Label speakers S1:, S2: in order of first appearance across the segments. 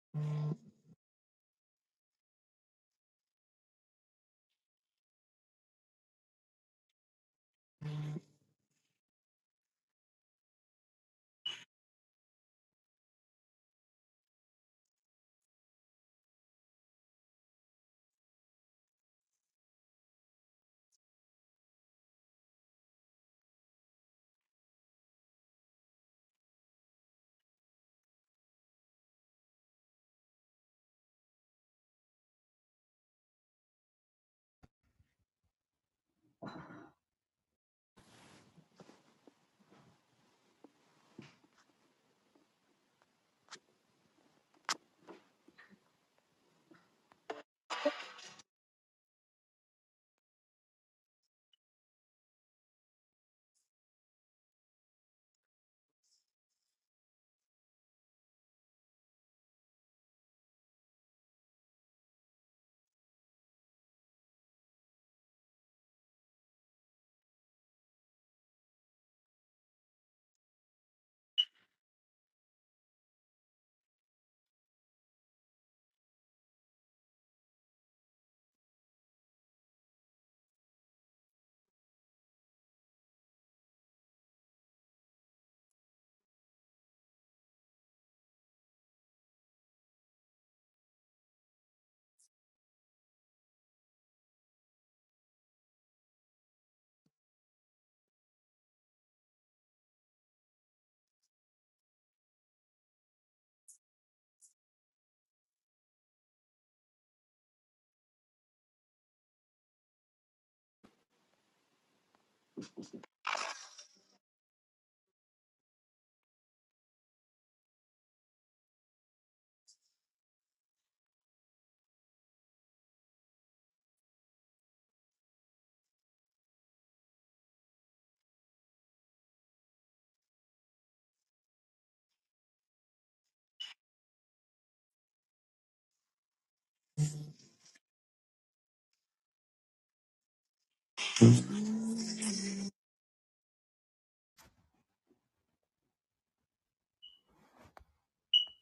S1: There's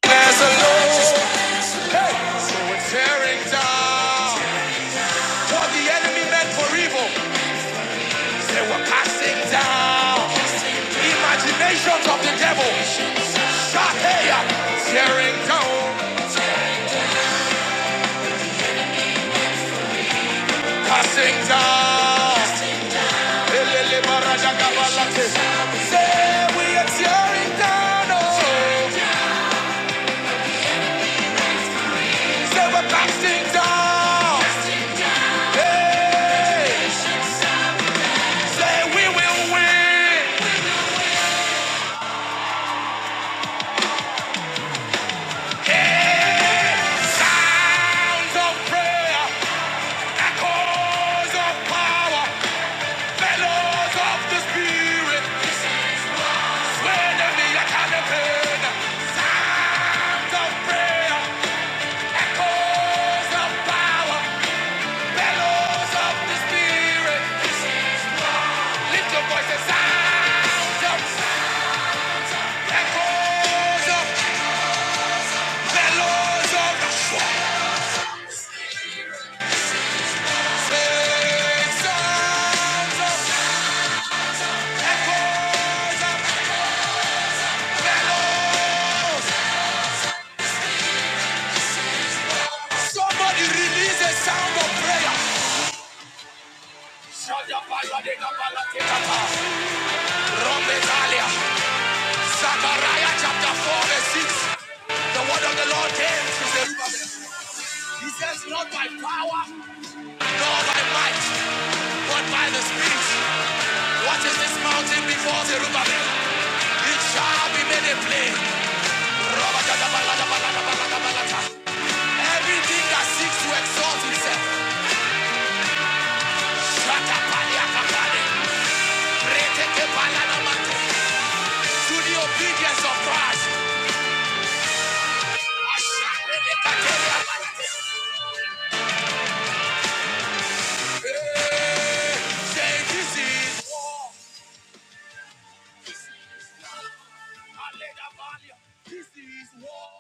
S1: a Lord. Hey. So we're tearing down what the enemy meant for evil. They were casting down imaginations of the devil. Shaheya. Tearing down. passing down. Say we are tearing down. Oh. Say we're casting down. Hey. Say we will win. Sounds of prayer, echoes of power, bellows of the spirit. Swear to me, I can't repent. Sounds of prayer, echoes of power, bellows of the spirit. Lift your voice sounds of echoes of bellows of Say, sound, echoes of bellows. Somebody release a sound of prayer. Rometalia, Zechariah chapter 4 verse 6. The word of the Lord came to Zerubbabel. He says, not by power, nor by might, but by the Spirit. What is this mountain before Zerubbabel? It shall be made a plain. Everything that seeks to exalt itself, Shakapaliakapali. to the obedience of Christ. Say this is war. This is war.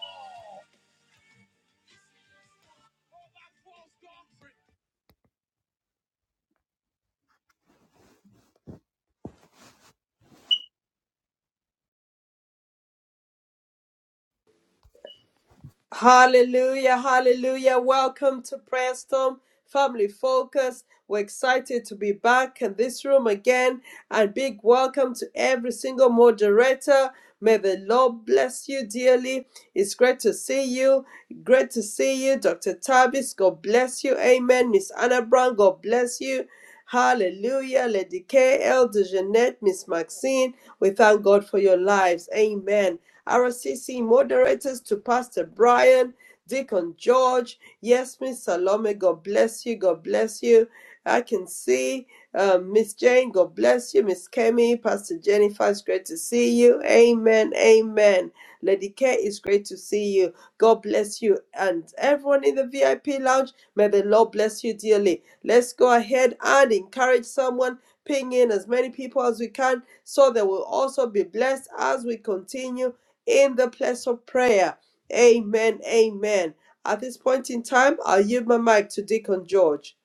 S2: Hallelujah, hallelujah. Welcome to Prayer Storm Family Focus. We're excited to be back in this room again. And big welcome to every single moderator. May the Lord bless you dearly. It's great to see you. Great to see you, Dr. Tavis. God bless you. Amen. Miss Anna Brown, God bless you. Hallelujah. Lady K, Elder Jeanette, Miss Maxine, we thank God for your lives. Amen. RCC moderators to Pastor Brian, Deacon George, Yes Miss Salome, God bless you, God bless you. I can see um, Miss Jane, God bless you. Miss Kemi, Pastor Jennifer, it's great to see you. Amen, amen. Lady K, it's great to see you. God bless you. And everyone in the VIP lounge, may the Lord bless you dearly. Let's go ahead and encourage someone, ping in as many people as we can, so they will also be blessed as we continue in the place of prayer. Amen. Amen. At this point in time, I'll yield my mic to Deacon George.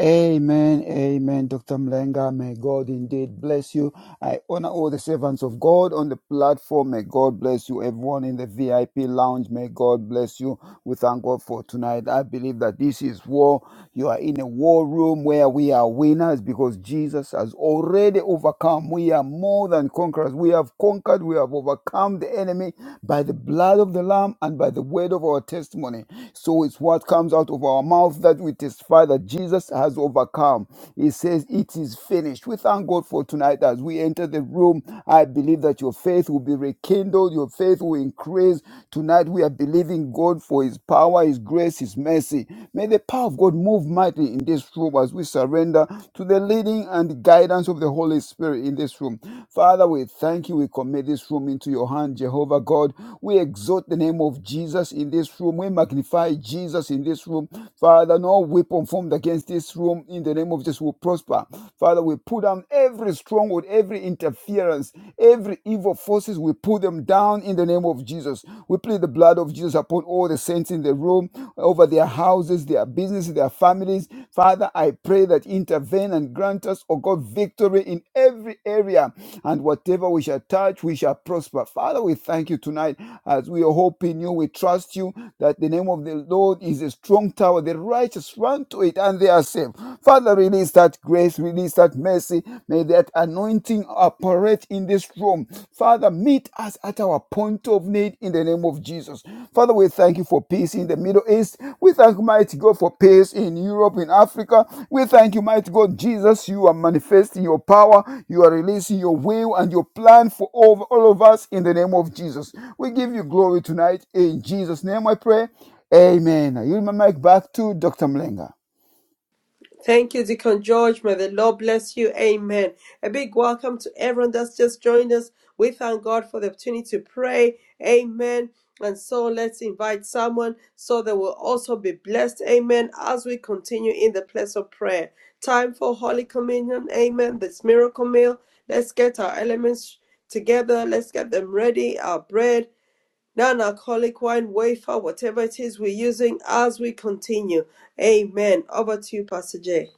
S3: Amen, amen, Dr. Mlenga. May God indeed bless you. I honor all the servants of God on the platform. May God bless you. Everyone in the VIP lounge, may God bless you. We thank God for tonight. I believe that this is war. You are in a war room where we are winners because Jesus has already overcome. We are more than conquerors. We have conquered, we have overcome the enemy by the blood of the Lamb and by the word of our testimony. So it's what comes out of our mouth that we testify Father, Jesus has overcome. He says, It is finished. We thank God for tonight as we enter the room. I believe that your faith will be rekindled, your faith will increase. Tonight we are believing God for His power, His grace, His mercy. May the power of God move mightily in this room as we surrender to the leading and guidance of the Holy Spirit in this room. Father, we thank you. We commit this room into your hand, Jehovah God. We exalt the name of Jesus in this room. We magnify Jesus in this room. Father, no weapon formed against this room in the name of Jesus will prosper. Father, we put down every stronghold, every interference, every evil forces. We put them down in the name of Jesus. We plead the blood of Jesus upon all the saints in the room, over their houses, their businesses, their families. Father, I pray that intervene and grant us, oh God, victory in every area. And whatever we shall touch, we shall prosper. Father, we thank you tonight as we hope in you. We trust you that the name of the Lord God is a strong tower. The righteous run to it and they are saved. Father, release that grace, release that mercy. May that anointing operate in this room. Father, meet us at our point of need in the name of Jesus. Father, we thank you for peace in the Middle East. We thank you, mighty God, for peace in Europe, in Africa. We thank you, mighty God, Jesus, you are manifesting your power. You are releasing your will and your plan for all, all of us in the name of Jesus. We give you glory tonight in Jesus' name, I pray. Amen. I yield my mic back to Dr. Mlenga.
S2: Thank you, Deacon George. May the Lord bless you. Amen. A big welcome to everyone that's just joined us. We thank God for the opportunity to pray. Amen. And so let's invite someone so they will also be blessed. Amen. As we continue in the place of prayer. Time for Holy Communion. Amen. This miracle meal. Let's get our elements together. Let's get them ready. Our bread non-alcoholic wine, wafer, whatever it is we're using as we continue. Amen. Over to you, Pastor J.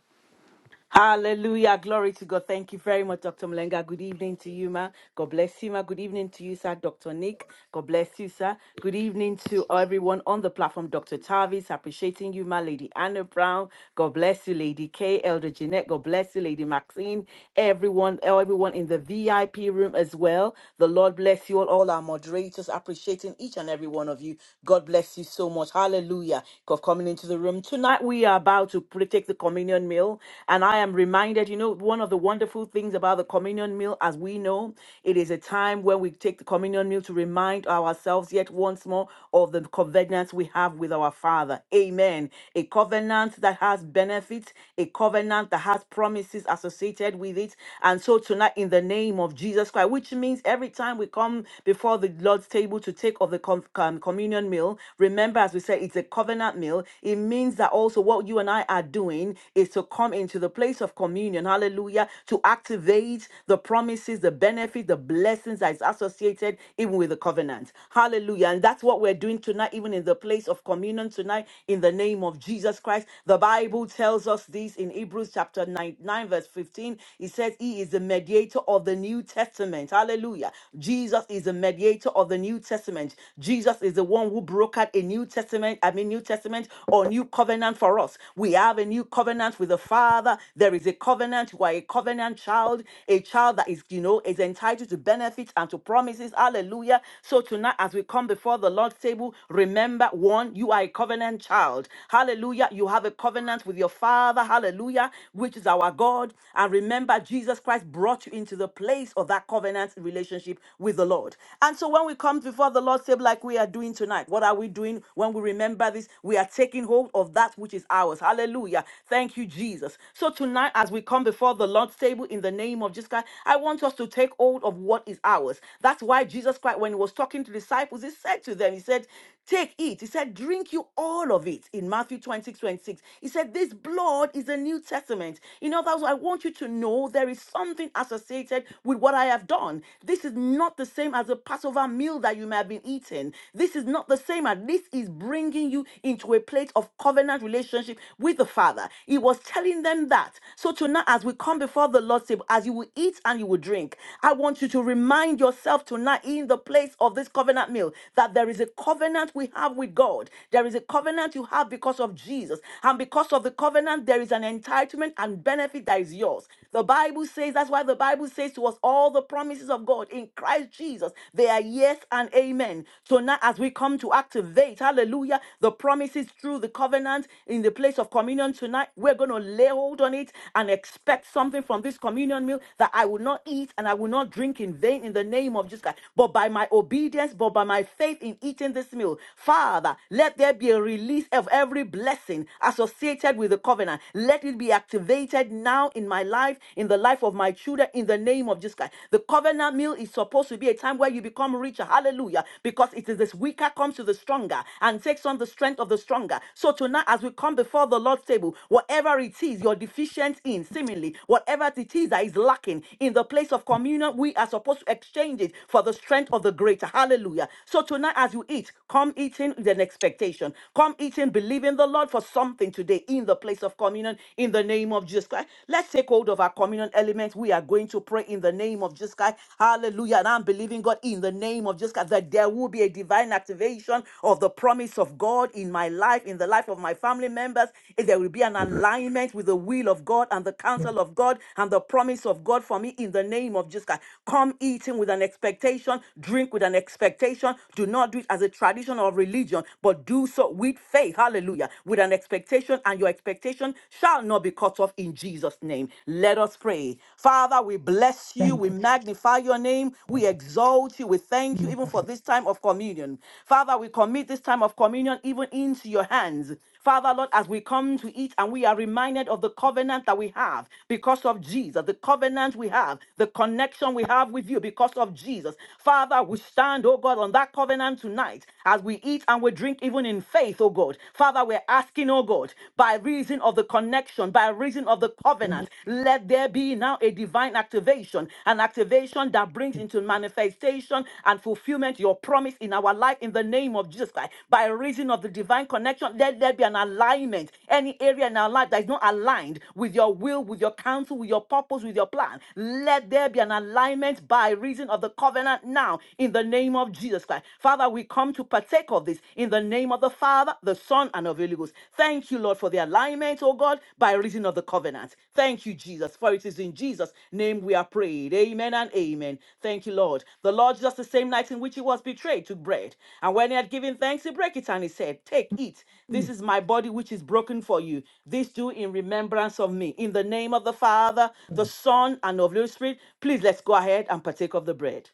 S4: Hallelujah. Glory to God. Thank you very much, Dr. Malenga. Good evening to you, ma. God bless you, ma. Good evening to you, sir. Dr. Nick. God bless you, sir. Good evening to everyone on the platform. Dr. Tavis, appreciating you, ma. Lady Anna Brown. God bless you, Lady K. Elder Jeanette. God bless you, Lady Maxine. Everyone, everyone in the VIP room as well. The Lord bless you all, all our moderators, appreciating each and every one of you. God bless you so much. Hallelujah. God coming into the room. Tonight we are about to pray, take the communion meal. And I am reminded, you know, one of the wonderful things about the communion meal, as we know, it is a time when we take the communion meal to remind ourselves yet once more of the covenant we have with our Father. Amen. A covenant that has benefits, a covenant that has promises associated with it. And so tonight, in the name of Jesus Christ, which means every time we come before the Lord's table to take of the com- com- communion meal, remember, as we said, it's a covenant meal that meal, it means that also what you and I are doing is to come into the place of communion, hallelujah, to activate the promises, the benefits, the blessings that is associated even with the covenant. Hallelujah. And that's what we're doing tonight, even in the place of communion tonight, in the name of Jesus Christ. The Bible tells us this in Hebrews chapter 9, 9 verse 15. It says, He is the mediator of the New Testament. Hallelujah. Jesus is the mediator of the New Testament. Jesus is the one who who brokered a New Testament, I mean, New Testament or New Covenant for us. We have a new covenant with the Father. There is a covenant. You are a covenant child, a child that is, you know, is entitled to benefits and to promises. Hallelujah. So tonight, as we come before the Lord's table, remember one, you are a covenant child. Hallelujah. You have a covenant with your Father. Hallelujah. Which is our God. And remember, Jesus Christ brought you into the place of that covenant relationship with the Lord. And so when we come, comes before the Lord's table like we are doing tonight. What are we doing when we remember this? We are taking hold of that which is ours. Hallelujah. Thank you, Jesus. So tonight, as we come before the Lord's table in the name of Jesus Christ, I want us to take hold of what is ours. That's why Jesus Christ, when he was talking to disciples, he said to them, He said, Take it. He said, Drink you all of it in Matthew 26 26, He said, This blood is the New Testament. In other words, I want you to know there is something associated with what I have done. This. This is not the same as a Passover meal that you may have been eating. This is not the same as this is bringing you into a place of covenant relationship with the Father. He was telling them that. So tonight, as we come before the Lord's table, as you will eat and you will drink, I want you to remind yourself tonight in the place of this covenant meal that there is a covenant we have with God. There is a covenant you have because of Jesus. And because of the covenant, there is an entitlement and benefit that is yours. The Bible says, that's why the Bible says to us, all the promises of God in Christ Jesus, they are yes and amen. So now, as we come to activate, hallelujah, the promises through the covenant in the place of communion tonight, we're going to lay hold on it and expect something from this communion meal that I will not eat and I will not drink in vain in the name of Jesus Christ. But by my obedience, but by my faith in eating this meal, Father, let there be a release of every blessing associated with the covenant. Let it be be activated now in my life, in the life of my children, in the name of Jesus Christ. The covenant meal is supposed to be a time where you become richer. Hallelujah. Because it is this weaker comes to the stronger and takes on the strength of the stronger. So tonight, as we come before the Lord's table, whatever it is you're deficient in, seemingly, whatever it is that is lacking in the place of communion, we are supposed to exchange it for the strength of the greater. Hallelujah. So tonight, as you eat, come eating with an expectation. Come eating, believing the Lord for something to again today in the place of communion in the name of Jesus Christ. Let's take hold of our communion element. We are going to pray in the name of Jesus Christ. Hallelujah. And I'm believing God in the name of Jesus Christ that there will be a divine activation of the promise of God in my life, in the life of my family members. If There will be an alignment with the will of God and the counsel of God and the promise of God for me in the name of Jesus Christ. Come eating with an expectation, drink with an expectation. Do not do it as a tradition or religion, but do so with faith, hallelujah, with an expectation, and your expectation shall not be cut off in Jesus' name. Let us pray. Father, we bless you,
S5: Thank
S4: we magnify your name, we exalt you, we thank you even for this time of communion. Father, we commit this time of communion even into your hands. Father, Lord, as we come to eat and we are reminded of the covenant that we have because of Jesus, the covenant we have, the connection we have with you because of Jesus. Father, we stand, oh God, on that covenant tonight as we eat and we drink even in faith, oh God. Father, we're asking, oh God, by reason of the connection, by reason of the covenant, let there be now a divine activation, an activation that that brings into manifestation and fulfillment your promise in our life in the name of Jesus Christ. By reason of the divine connection, let there be an alignment. Any area in our life that is not aligned with your will, with your counsel, with your purpose, with your plan, let there be an alignment by reason of the covenant now in the name of Jesus Christ. Father, we come to partake of this in the name of the Father, the Son, and of the Holy Ghost. Thank you you, Lord, for the alignment, oh God, by reason of the covenant. Thank you, Jesus, for it is in Jesus' name we are prayed. Amen and amen. Thank you, Lord. The Lord, just the same night in which he was betrayed, took bread. And when he had given thanks, he broke it and he said, Take, it.
S5: you.
S4: This is my body which is broken for you. This do in remembrance of me. In the name of the Father, the Son, and of the Holy Spirit, please let's go ahead and partake of the bread.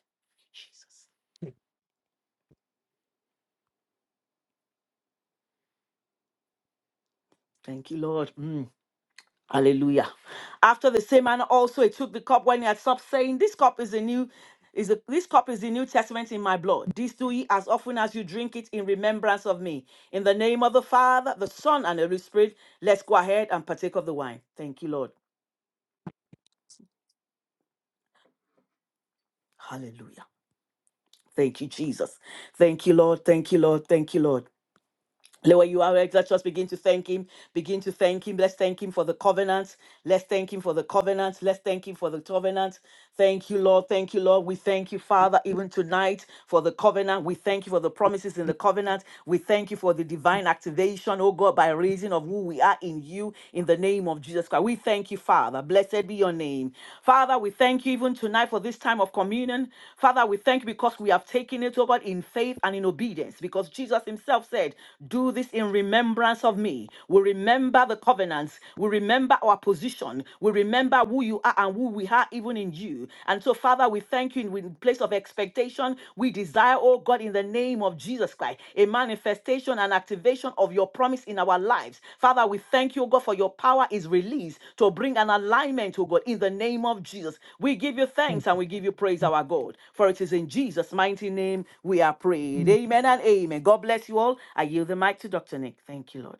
S4: Thank you, Lord. Mm. Hallelujah. After the same manner also he took the cup when he had stopped saying, This cup is the new is the, this cup is the New Testament in my blood. This do ye as often as you drink it in remembrance of me. In the name of the Father, the Son, and the Holy Spirit, let's go ahead and partake of the wine. Thank you, Lord. Hallelujah. Thank you, Jesus. Thank you, Lord. Thank you, Lord. Thank you, Lord. Lord, where you are, right? let's just begin to thank him. Begin to thank him. Let's thank him for the covenant. Let's thank him for the covenant. Let's thank him for the covenant. Thank you, Lord. Thank you, Lord. We thank you, Father, even tonight for the covenant. We thank you for the promises in the covenant. We thank you for the divine activation, oh God, by reason of who we are in you, in the name of Jesus Christ. We thank you, Father. Blessed be your name. Father, we thank you even tonight for this time of communion. Father, we thank you because we have taken it over in faith and in obedience because Jesus himself said, Do this in remembrance of me. We remember the covenants. We remember our position. We remember who you are and who we are even in you. And so, Father, we thank you in in place of expectation. We desire, oh God, in the name of Jesus Christ, a manifestation and activation of your promise in our lives. Father, we thank you, oh God, for your power is released to bring an alignment, oh God, in the name of Jesus. We give you thanks and we give you praise, our God, for it is in Jesus' mighty name we are prayed. Amen and amen. God bless you all. I yield the mic to Dr. Nick. Thank you, Lord.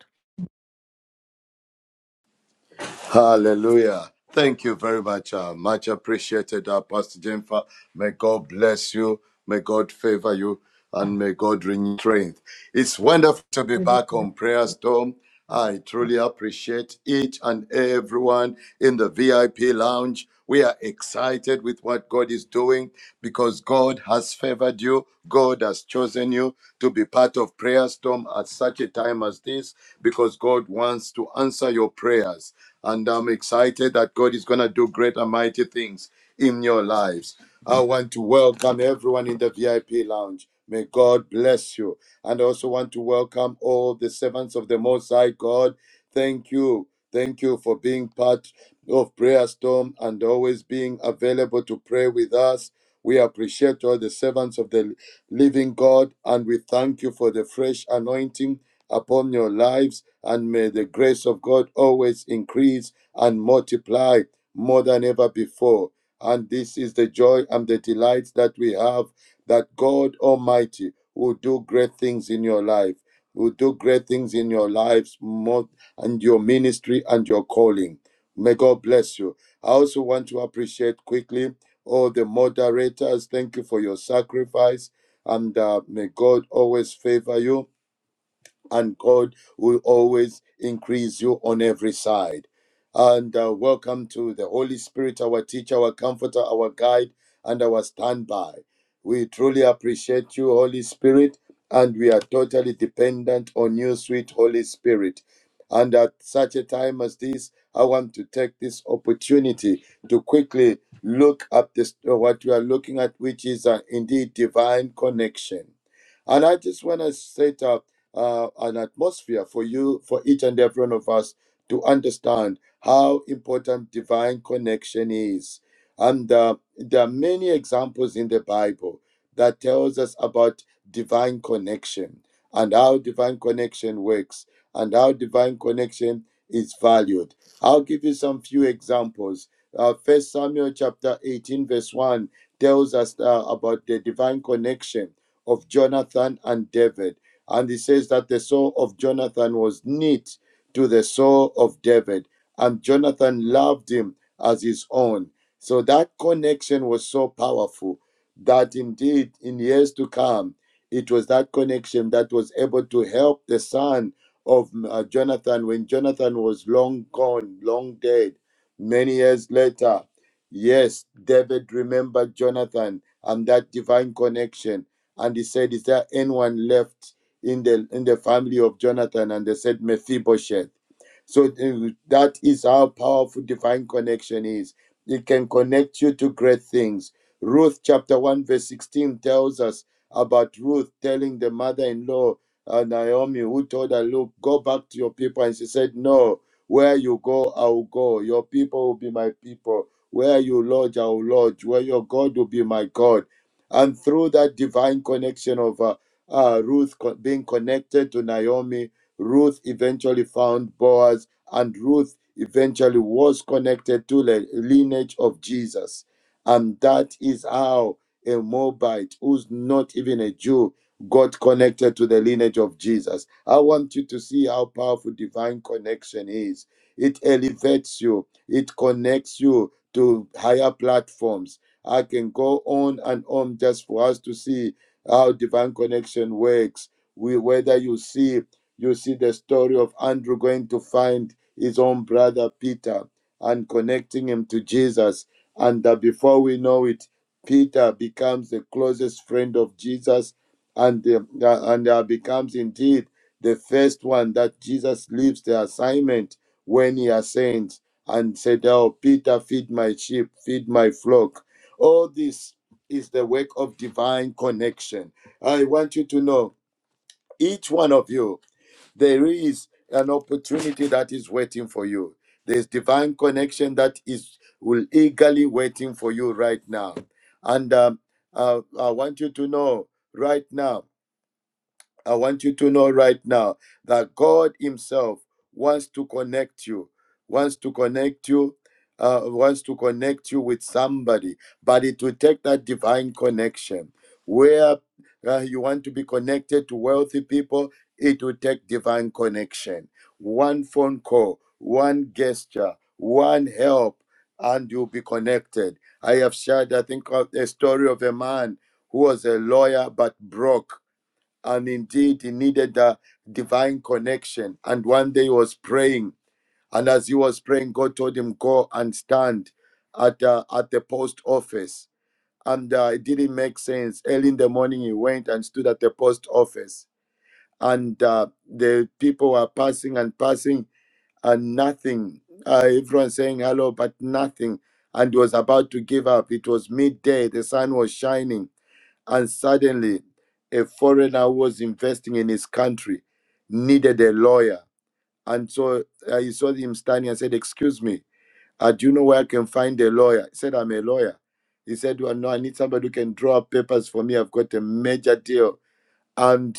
S6: Hallelujah. Thank you very much. Uh, much appreciated, uh, Pastor Jennifer. May God bless you. May God favor you. And may God renew your strength. It's wonderful to be back on Prayer Storm. I truly appreciate each and everyone in the VIP lounge. We are excited with what God is doing because God has favored you. God has chosen you to be part of Prayer Storm storm at such a time as this because God wants to answer your prayers. And I'm excited that God is going to do great and mighty things in your lives. I want to welcome everyone in the VIP lounge. May God bless you. And I also want to welcome all the servants of the Most High God. Thank you. Thank you for being part of Prayer Storm and always being available to pray with us. We appreciate all the servants of the living God and we thank you for the fresh anointing upon your lives. And may the grace of God always increase and multiply more than ever before. And this is the joy and the delight that we have that God Almighty will do great things in your life, will do great things in your lives more, and your ministry and your calling. May God bless you. I also want to appreciate quickly all the moderators. Thank you for your sacrifice. And uh, may God always favor you and God will always increase you on every side. And uh, welcome to the Holy Spirit, our teacher, our comforter, our guide, and our standby. We truly appreciate you, Holy Spirit, and we are totally dependent on you, sweet Holy Spirit. And at such a time as this, I want to take this opportunity to quickly look at this, what we are looking at, which is uh, indeed divine connection. And I just want to set up uh, an atmosphere for you, for each and every one of us to understand how important divine connection is. And uh, there are many examples in the Bible that tells us about divine connection and how divine connection works and how divine connection is valued. I'll give you some few examples. Uh, 1 Samuel chapter 18 verse 1 tells us uh, about the divine connection of Jonathan and David and he says that the soul of Jonathan was knit to the soul of David, and Jonathan loved him as his own. So that connection was so powerful that indeed, in years to come, it was that connection that was able to help the son of uh, Jonathan when Jonathan was long gone, long dead. Many years later, yes, David remembered Jonathan and that divine connection. And he said, Is there anyone left? in the in the family of Jonathan and they said Mephibosheth. So uh, that is how powerful divine connection is. It can connect you to great things. Ruth chapter 1 verse 16 tells us about Ruth telling the mother-in-law uh, Naomi who told her, "Look, go back to your people." And she said, "No, where you go, I will go. Your people will be my people. Where you lodge, I will lodge. Where your God will be my God." And through that divine connection of uh, uh, Ruth co- being connected to Naomi. Ruth eventually found Boaz, and Ruth eventually was connected to the lineage of Jesus. And that is how a Moabite who's not even a Jew got connected to the lineage of Jesus. I want you to see how powerful divine connection is. It elevates you, it connects you to higher platforms. I can go on and on just for us to see how divine connection works. We, whether you see, you see the story of Andrew going to find his own brother Peter and connecting him to Jesus, and that before we know it, Peter becomes the closest friend of Jesus, and the, and uh, becomes indeed the first one that Jesus leaves the assignment when he ascends and said, "Oh, Peter, feed my sheep, feed my flock." All this is the work of divine connection. I want you to know, each one of you, there is an opportunity that is waiting for you. There's divine connection that is will eagerly waiting for you right now. And um, uh, I want you to know right now I want you to know right now that God Himself wants to connect you, wants to connect you, uh, wants to connect you with somebody, but it will take that divine connection. Where uh, you want to be connected to wealthy people, it will take divine connection. One phone call, one gesture, one help, and you'll be connected. I have shared, I think, of a story of a man who was a lawyer but broke and indeed he needed a divine connection. And one day he was praying, and as he was praying, God told him, "Go and stand at uh, at the post office." And uh, it didn't make sense. Early in the morning, he went and stood at the post office, and uh, the people were passing and passing, and nothing. Uh, everyone saying hello, but nothing. And he was about to give up. It was midday. The sun was shining and suddenly a foreigner who was investing in his country needed a lawyer and so uh, he saw him standing and said excuse me uh, do you know where i can find a lawyer he said i'm a lawyer he said well no i need somebody who can draw up papers for me i've got a major deal and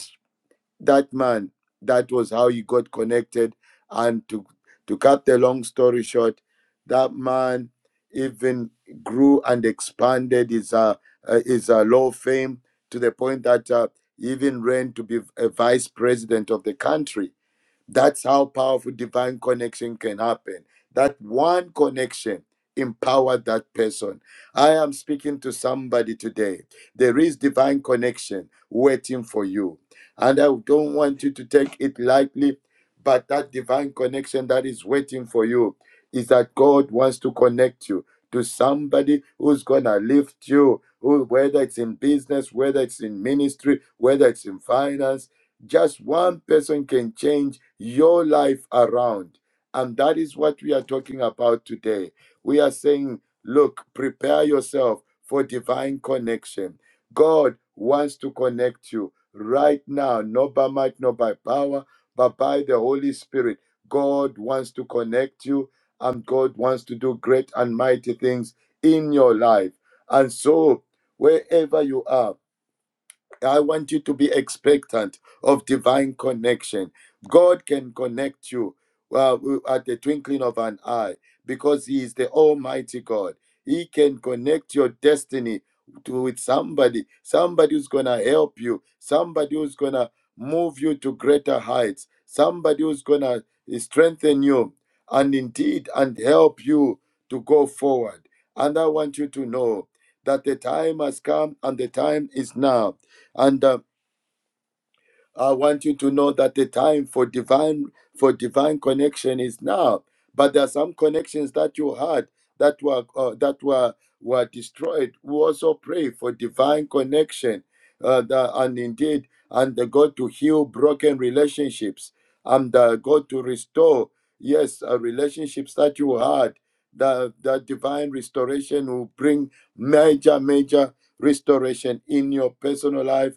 S6: that man that was how he got connected and to to cut the long story short that man even grew and expanded his uh, uh, his uh, law fame to the point that uh, he even ran to be a vice president of the country that's how powerful divine connection can happen. That one connection empowered that person. I am speaking to somebody today. There is divine connection waiting for you. And I don't want you to take it lightly, but that divine connection that is waiting for you is that God wants to connect you to somebody who's going to lift you, who, whether it's in business, whether it's in ministry, whether it's in finance just one person can change your life around. And that is what we are talking about today. We are saying, look, prepare yourself for divine connection. God wants to connect you right now, not by might, not by power, but by the Holy Spirit. God wants to connect you, and God wants to do great and mighty things in your life. And so, wherever you are, I want you to be expectant of divine connection. God can connect you uh, at the twinkling of an eye because He is the Almighty God. He can connect your destiny to with somebody, somebody who's gonna help you, somebody who's gonna move you to greater heights, somebody who's gonna strengthen you and indeed and help you to go forward. And I want you to know that the time has come and the time is now and um, I want you to know that the time for divine for divine connection is now. But there are some connections that you had that were uh, that were were destroyed. We also pray for divine connection, uh, that, and indeed, and the God to heal broken relationships, and uh, God to restore yes uh, relationships that you had. That that divine restoration will bring major major restoration in your personal life,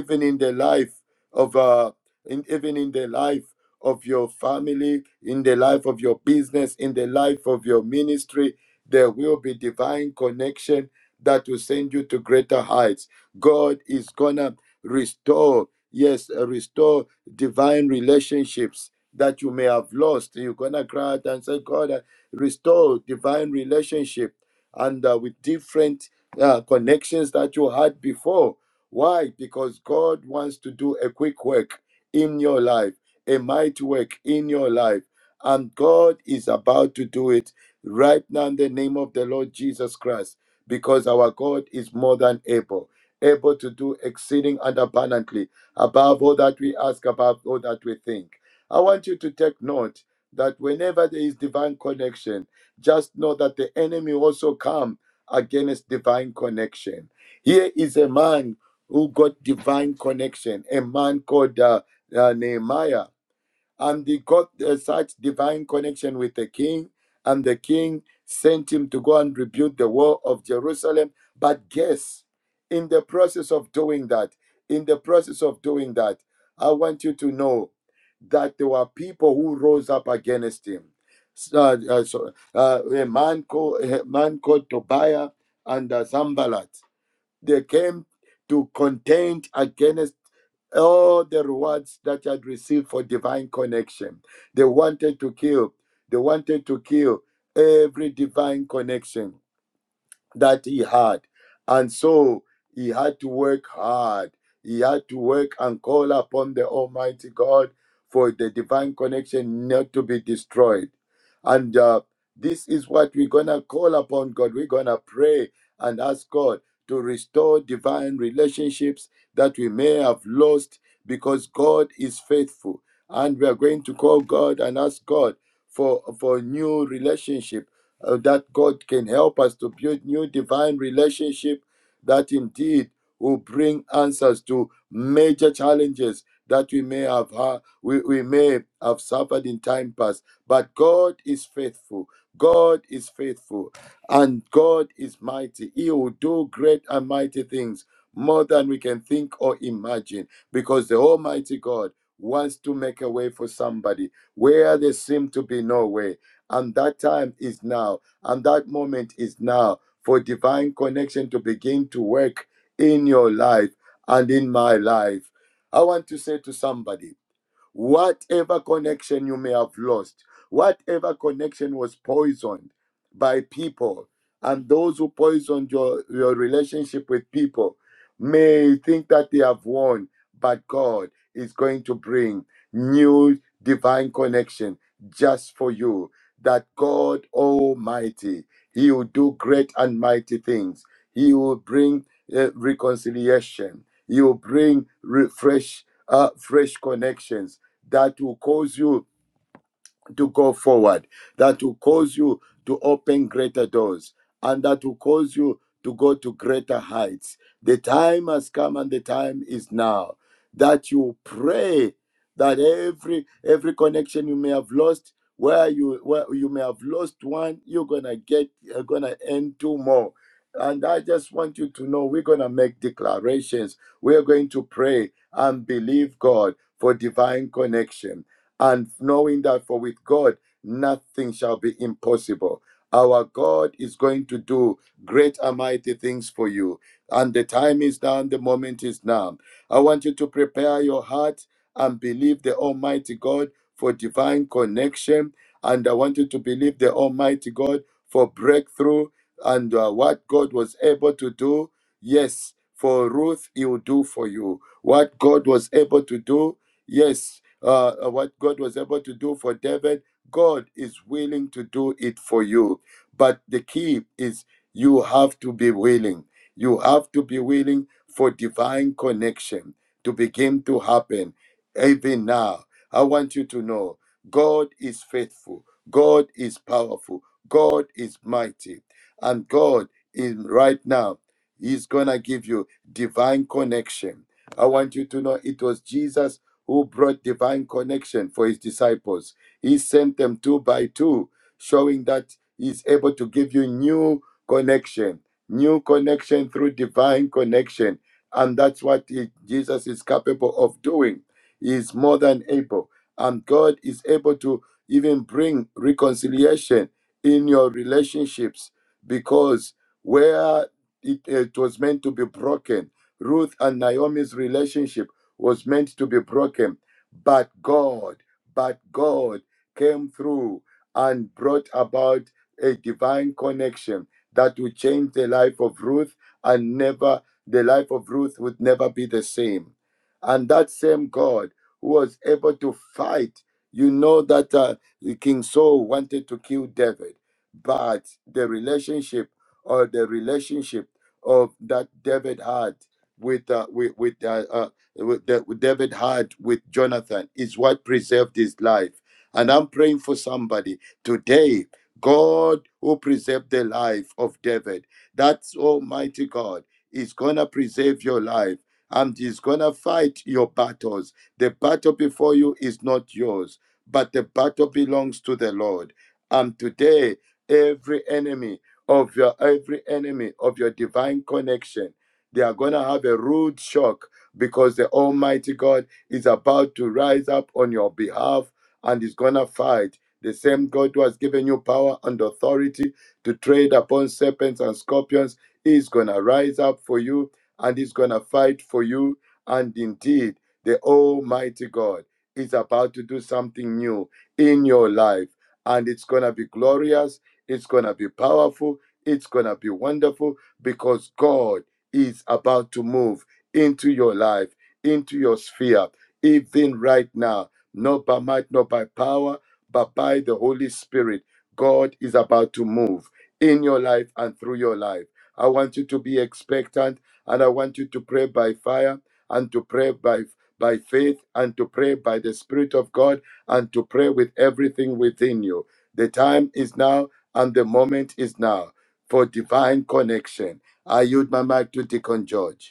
S6: even in the life of uh, in, even in the life of your family, in the life of your business, in the life of your ministry. There will be divine connection that will send you to greater heights. God is gonna restore, yes, uh, restore divine relationships that you may have lost. You're gonna cry out and say, God, uh, restore divine relationship and uh, with different uh, connections that you had before why? Because God wants to do a quick work in your life, a mighty work in your life. And God is about to do it right now in the name of the Lord Jesus Christ, because our God is more than able, able to do exceeding and abundantly above all that we ask, above all that we think. I want you to take note that whenever there is divine connection, just know that the enemy also come against divine connection. Here is a man who got divine connection, a man called uh, uh, Nehemiah. And he got uh, such divine connection with the king, and the king sent him to go and rebuild the wall of Jerusalem. But guess, in the process of doing that, in the process of doing that, I want you to know that there were people who rose up against him. Uh, uh, so, uh, a man called a man called Tobiah and uh, Sanballat. They came to contend against all the rewards that had received for divine connection. They wanted to kill. They wanted to kill every divine connection that he had. And so he had to work hard. He had to work and call upon the Almighty God for the divine connection not to be destroyed. And uh, this is what we're going to call upon God. We're going to pray and ask God to restore divine relationships that we may have lost because God is faithful. And we are going to call God and ask God for, for new relationship uh, that God can help us to build new divine relationship that indeed will bring answers to major challenges that we may have ha- we, we may have suffered in time past. But God is faithful. God is faithful and God is mighty. He will do great and mighty things more than we can think or imagine because the Almighty God wants to make a way for somebody where there seem to be no way and that time is now. And that moment is now for divine connection to begin to work in your life and in my life. I want to say to somebody, Whatever connection you may have lost, whatever connection was poisoned by people, and those who poisoned your, your relationship with people may think that they have won, but God is going to bring new divine connection just for you. That God Almighty, He will do great and mighty things. He will bring uh, reconciliation. He will bring re- fresh, uh, fresh connections that will cause you to go forward, that will cause you to open greater doors, and that will cause you to go to greater heights. The time has come and the time is now that you pray that every every connection you may have lost where you where you may have lost one you're gonna get you're gonna end two more and i just want you to know we're gonna make declarations we're going to pray and believe god for divine connection and knowing that for with God nothing shall be impossible. Our God is going to do great and mighty things for you. And the time is now, and the moment is now. I want you to prepare your heart and believe the Almighty God for divine connection. And I want you to believe the Almighty God for breakthrough and uh, what God was able to do. Yes, for Ruth, He will do for you. What God was able to do, yes, uh, uh, what God was able to do for David, God is willing to do it for you. But the key is you have to be willing. You have to be willing for divine connection to begin to happen even now. I want you to know God is faithful, God is powerful, God is mighty, and God is right now. He's gonna give you divine connection. I want you to know it was Jesus who brought divine connection for his disciples. He sent them two by two, showing that he's able to give you new connection, new connection through divine connection. And that's what he- Jesus is capable of doing. He is more than able. And God is able to even bring reconciliation in your relationships because where it, it was meant to be broken, Ruth and Naomi's relationship was meant to be broken, but God, but God came through and brought about a divine connection that would change the life of Ruth and never the life of Ruth would never be the same. And that same God who was able to fight, you know that uh, King Saul wanted to kill David, but the relationship or the relationship of that David had with uh, with with uh, uh, uh, with- that David had with Jonathan is what preserved his life. And I'm praying for somebody today, God who preserved the life of David, that's Almighty God, is going to preserve your life and is going to fight your battles. The battle before you is not yours, but the battle belongs to the Lord. And today, every enemy of your every enemy of your divine connection they are going to have a rude shock because the Almighty God is about to rise up on your behalf and is going to fight. The same God who has given you power and authority to tread upon serpents and scorpions is going to rise up for you and is going to fight for you. And indeed, the Almighty God is about to do something new in your life. And it's going to be glorious, it's going to be powerful, it's going to be wonderful because God is about to move into your life, into your sphere, even right now, not by might, not by power, but by the Holy Spirit. God is about to move in your life and through your life. I want you to be expectant and I want you to pray by fire and to pray by by faith and to pray by the Spirit of God and to pray with everything within you. The time is now and the moment is now for divine connection. I yield my mic to Deacon George.